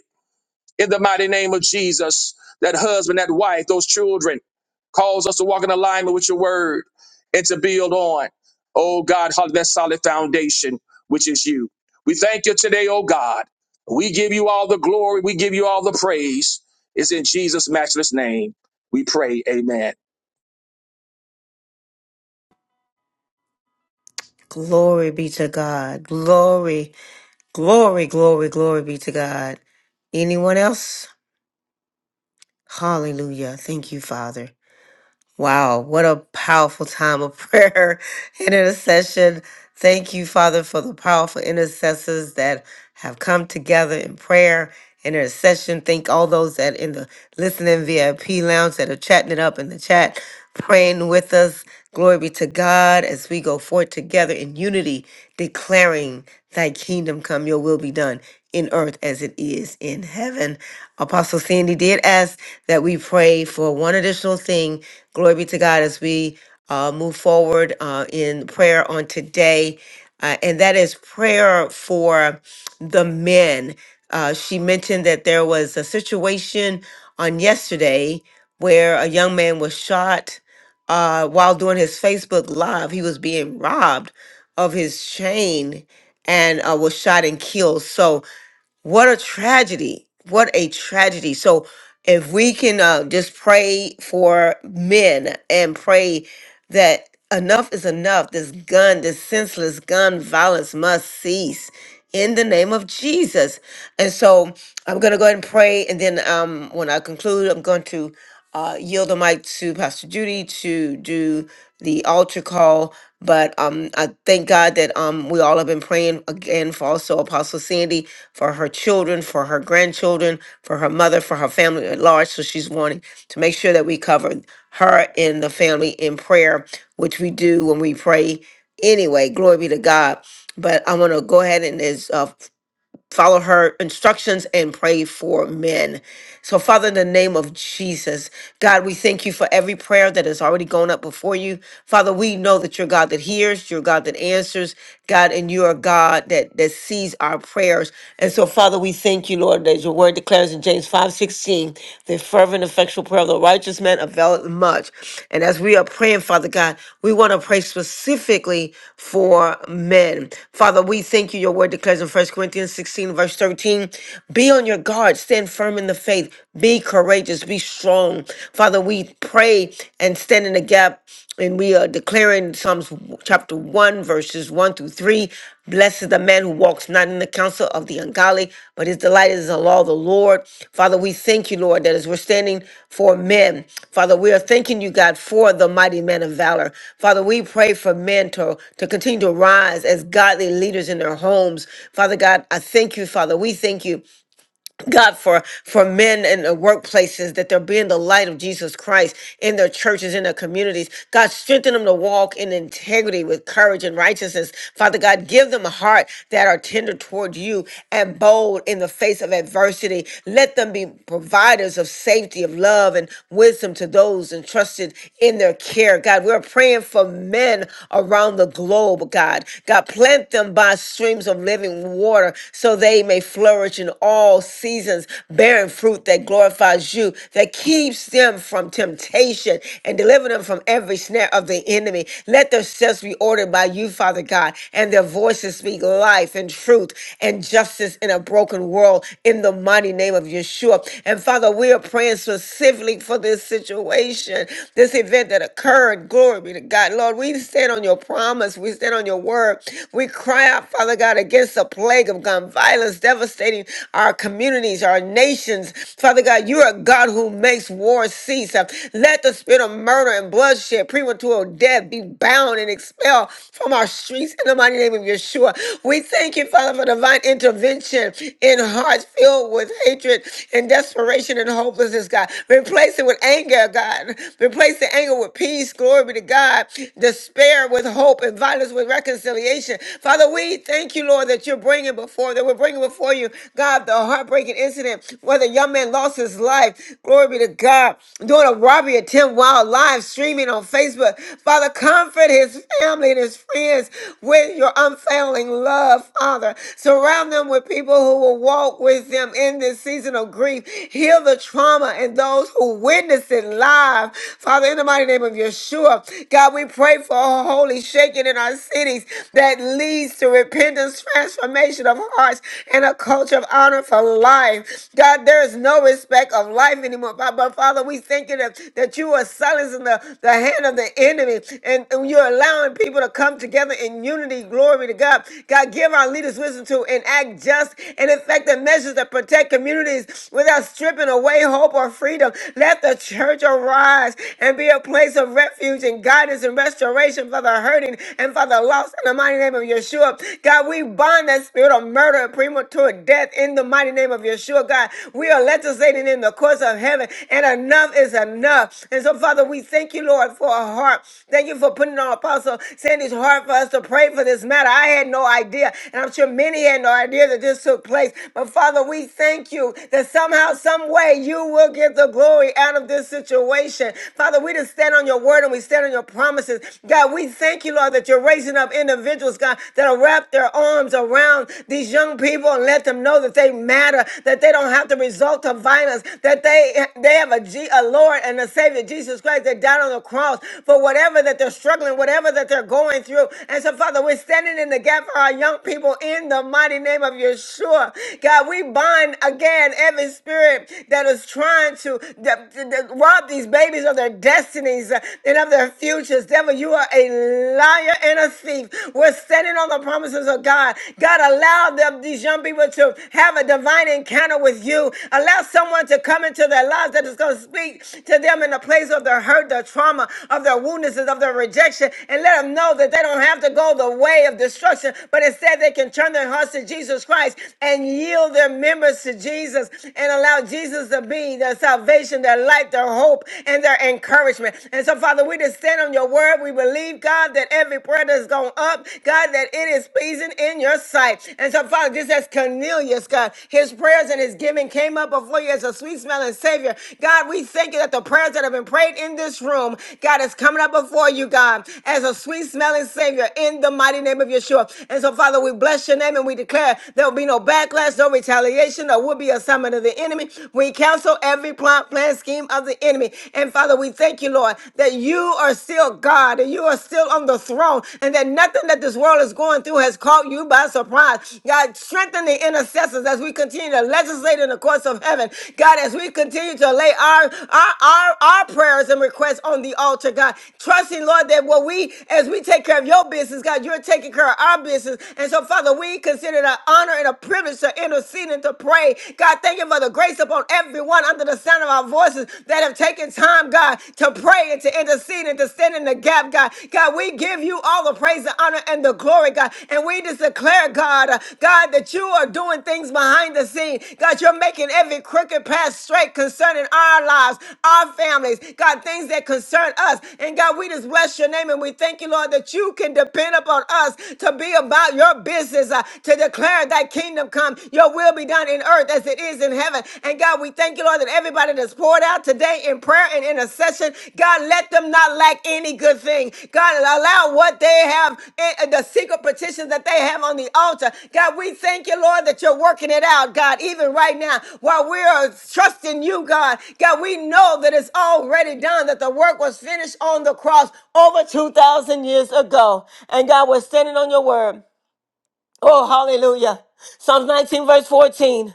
S9: in the mighty name of Jesus. That husband, that wife, those children. Cause us to walk in alignment with your word and to build on, oh God, hug that solid foundation, which is you. We thank you today, oh God. We give you all the glory. We give you all the praise. It's in Jesus' matchless name. We pray, amen.
S3: Glory be to God. Glory, glory, glory, glory be to God. Anyone else? Hallelujah. Thank you, Father. Wow, what a powerful time of prayer and intercession. Thank you, Father, for the powerful intercessors that have come together in prayer and intercession. Thank all those that in the listening VIP lounge that are chatting it up in the chat, praying with us. Glory be to God as we go forth together in unity, declaring thy kingdom come, your will be be done in earth as it is in heaven. Apostle Sandy did ask that we pray for one additional thing. Glory be to God as we uh, move forward uh, in prayer on today, uh, and that is prayer for the men. Uh, she mentioned that there was a situation on yesterday where a young man was shot uh, while doing his Facebook Live, he was being robbed of his chain and uh, was shot and killed. So, what a tragedy! What a tragedy! So, if we can uh, just pray for men and pray that enough is enough, this gun, this senseless gun violence must cease in the name of Jesus. And so I'm going to go ahead and pray. And then um, when I conclude, I'm going to uh, yield the mic to Pastor Judy to do the altar call. But um, I thank God that um, we all have been praying again for also Apostle Sandy, for her children, for her grandchildren, for her mother, for her family at large. So she's wanting to make sure that we cover her and the family in prayer, which we do when we pray anyway glory be to god but i want to go ahead and is uh, follow her instructions and pray for men so father in the name of jesus god we thank you for every prayer that has already gone up before you father we know that you're god that hears you're god that answers god and you are god that that sees our prayers and so father we thank you lord that your word declares in james five sixteen, the fervent effectual prayer of the the righteous man availeth much. And as we are praying, Father God, we want to pray specifically for men. Father, we thank you. Your word declares in First Corinthians 16, verse 13 Be on your guard, stand firm in the faith, be courageous, be strong. Father, we pray and stand in the gap and we are declaring Psalms chapter 1, verses 1 through 3. Blessed is the man who walks not in the counsel of the ungodly, but his delight is in the law of the Lord. Father, we thank you, Lord, that as we're standing for men, Father, we are thanking you, God, for the mighty men of valor. Father, we pray for men to, to continue to rise as godly leaders in their homes. Father God, I thank you, Father. We thank you God, for for men in the workplaces, that they're being the light of Jesus Christ in their churches, in their communities. God, strengthen them to walk in integrity with courage and righteousness. Father God, give them a heart that are tender toward you and bold in the face of adversity. Let them be providers of safety, of love, and wisdom to those entrusted in their care. God, we're praying for men around the globe, God. God, plant them by streams of living water so they may may flourish in all seasons, bearing fruit that glorifies you, that keeps them from temptation and deliver them from every snare of the enemy. Let their steps be ordered by you, Father God, and their voices speak life and truth and justice in a broken world in the mighty name of Yeshua. And Father, we are praying specifically for this situation, this event that occurred. Glory be to God. Lord, we stand on your promise. We stand on your word. We cry out, Father God, against since the plague of gun violence devastating our communities, our nations. Father God, you are a God who makes war cease. Uh, Let the spirit of murder and bloodshed, premature death be bound and expelled from our streets in the mighty name of Yeshua. We thank you, Father, for divine intervention in hearts filled with hatred and desperation and hopelessness, God. Replace it with anger, God. Replace the anger with peace. Glory be to God. Despair with hope and violence with reconciliation situation. Father, we thank you, Lord, that you're bringing before, that we're bringing before you, God, the heartbreaking incident where the young man lost his life. Glory be to God. Doing a robbery attempt while live streaming on Facebook. Father, comfort his family and his friends with your unfailing love, Father. Surround them with people who will walk with them in this season of grief. Heal the trauma and those who witnessed it live. Father, in the mighty name of Yeshua, God, we pray for a holy shaking shaken in our cities that leads to repentance, transformation of hearts, and a culture of honor for life. God, there is no respect of life anymore. But, but Father, we thank you that, that you are silencing the, the hand of the enemy and, and you're allowing people to come together in unity. Glory to God. God, give our leaders wisdom to enact just and effective measures that protect communities without stripping away hope or freedom. Let the church arise and be a place of refuge and guidance deliverance and restoration for the hurting and for the lost in the mighty name of Yeshua. God, we bind that spirit of murder and premature death in the mighty name of Yeshua. God, we are legislating in the courts of heaven, and enough is enough. And so, Father, we thank you, Lord, for a heart. Thank you for putting on Apostle Sandy's heart for us to pray for this matter. I had no idea, and I'm sure many had no idea that this took place. But Father, we thank you that somehow, some way, you will get the glory out of this situation. Father, we just stand on your word and we stand on your promises. God, we thank you, Lord, that you're raising up individuals, God, that'll wrap their arms around these young people and let them know that they matter, that they don't have to resort to violence, that they they have a, G, a Lord and a Savior, Jesus Christ, that died on the cross for whatever that they're struggling, whatever that they're going through. And so, Father, we're standing in the gap for our young people in the mighty name of Yeshua. God, we bind again every spirit that is trying to, that, that, rob these babies of their destinies uh, and of their futures. Devil, you are a liar and a thief. We're standing on the promises of God. God, allow them, these young people to have a divine encounter with you. Allow someone to come into their lives that is going to speak to them in the place of their hurt, their trauma, of their woundedness, of their rejection, and let them know that they don't have to go the way of destruction, but instead they can turn their hearts to Jesus Christ and yield their members to Jesus and allow Jesus to be need, their salvation, their life, their hope, and their encouragement. And so, Father, we just stand on your word. We believe, God, that every prayer that's gone up, God, that it is pleasing in your sight. And so, Father, just as Cornelius, God, his prayers and his giving came up before you as a sweet smelling Savior. God, we thank you that the prayers that have been prayed in this room, God, is coming up before you, God, as a sweet smelling Savior in the mighty name of Yeshua. And so, Father, we bless your name and we declare there will be no backlash, no retaliation, or will be a assignment assignment of the enemy. We cancel every plot, plan, scheme of the enemy. And Father, we thank you, Lord, that you are still God and you are still on the throne and that nothing that this world is going through has caught you by surprise. God, strengthen the intercessors as we continue to legislate in the courts of heaven. God, as we continue to lay our, our, our, our prayers and requests on the altar, God, trusting, Lord, that what we, as we take care of your business, God, you're taking care of our business. And so, Father, we consider it an honor and a privilege to intercede interceding to pray. God, thank you for the grace upon everyone under the sound of our voices that have taken time, God, to pray and to intercede and to stand in the gap, God. God, we give you all the praise, the honor, and the glory, God. And we just declare, God, uh, God, that you are doing things behind the scene. God, you're making every crooked path straight concerning our lives, our families, God, things that concern us. And God, we just bless your name and we thank you, Lord, that you can depend upon us to be about your business, uh, to declare declare thy kingdom come, your will be done in earth as it is in heaven. And God, we thank you, Lord, that everybody that's poured out today in prayer and intercession, God, let them not lack any good thing. God, allow what they have, eh, eh, the secret petitions that they have on the altar. God, we thank you, Lord, that you're working it out, God, even right now while we are trusting you, God. God, we know that it's already done, that the work was finished on the cross over 2,000 years ago. And God, we're standing on your word. Oh, hallelujah. Psalms 19, verse 14.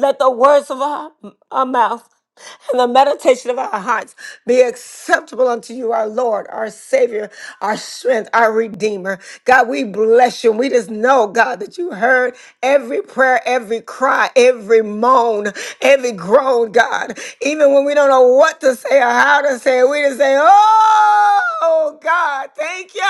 S3: Let the words of our, our mouth and the meditation of our hearts be acceptable unto you, our Lord, our Savior, our strength, our Redeemer. God, we bless you. We just know, God, that you heard every prayer, every cry, every moan, every groan, God. Even when we don't know what to say or how to say it, we just say, Oh, God, thank you.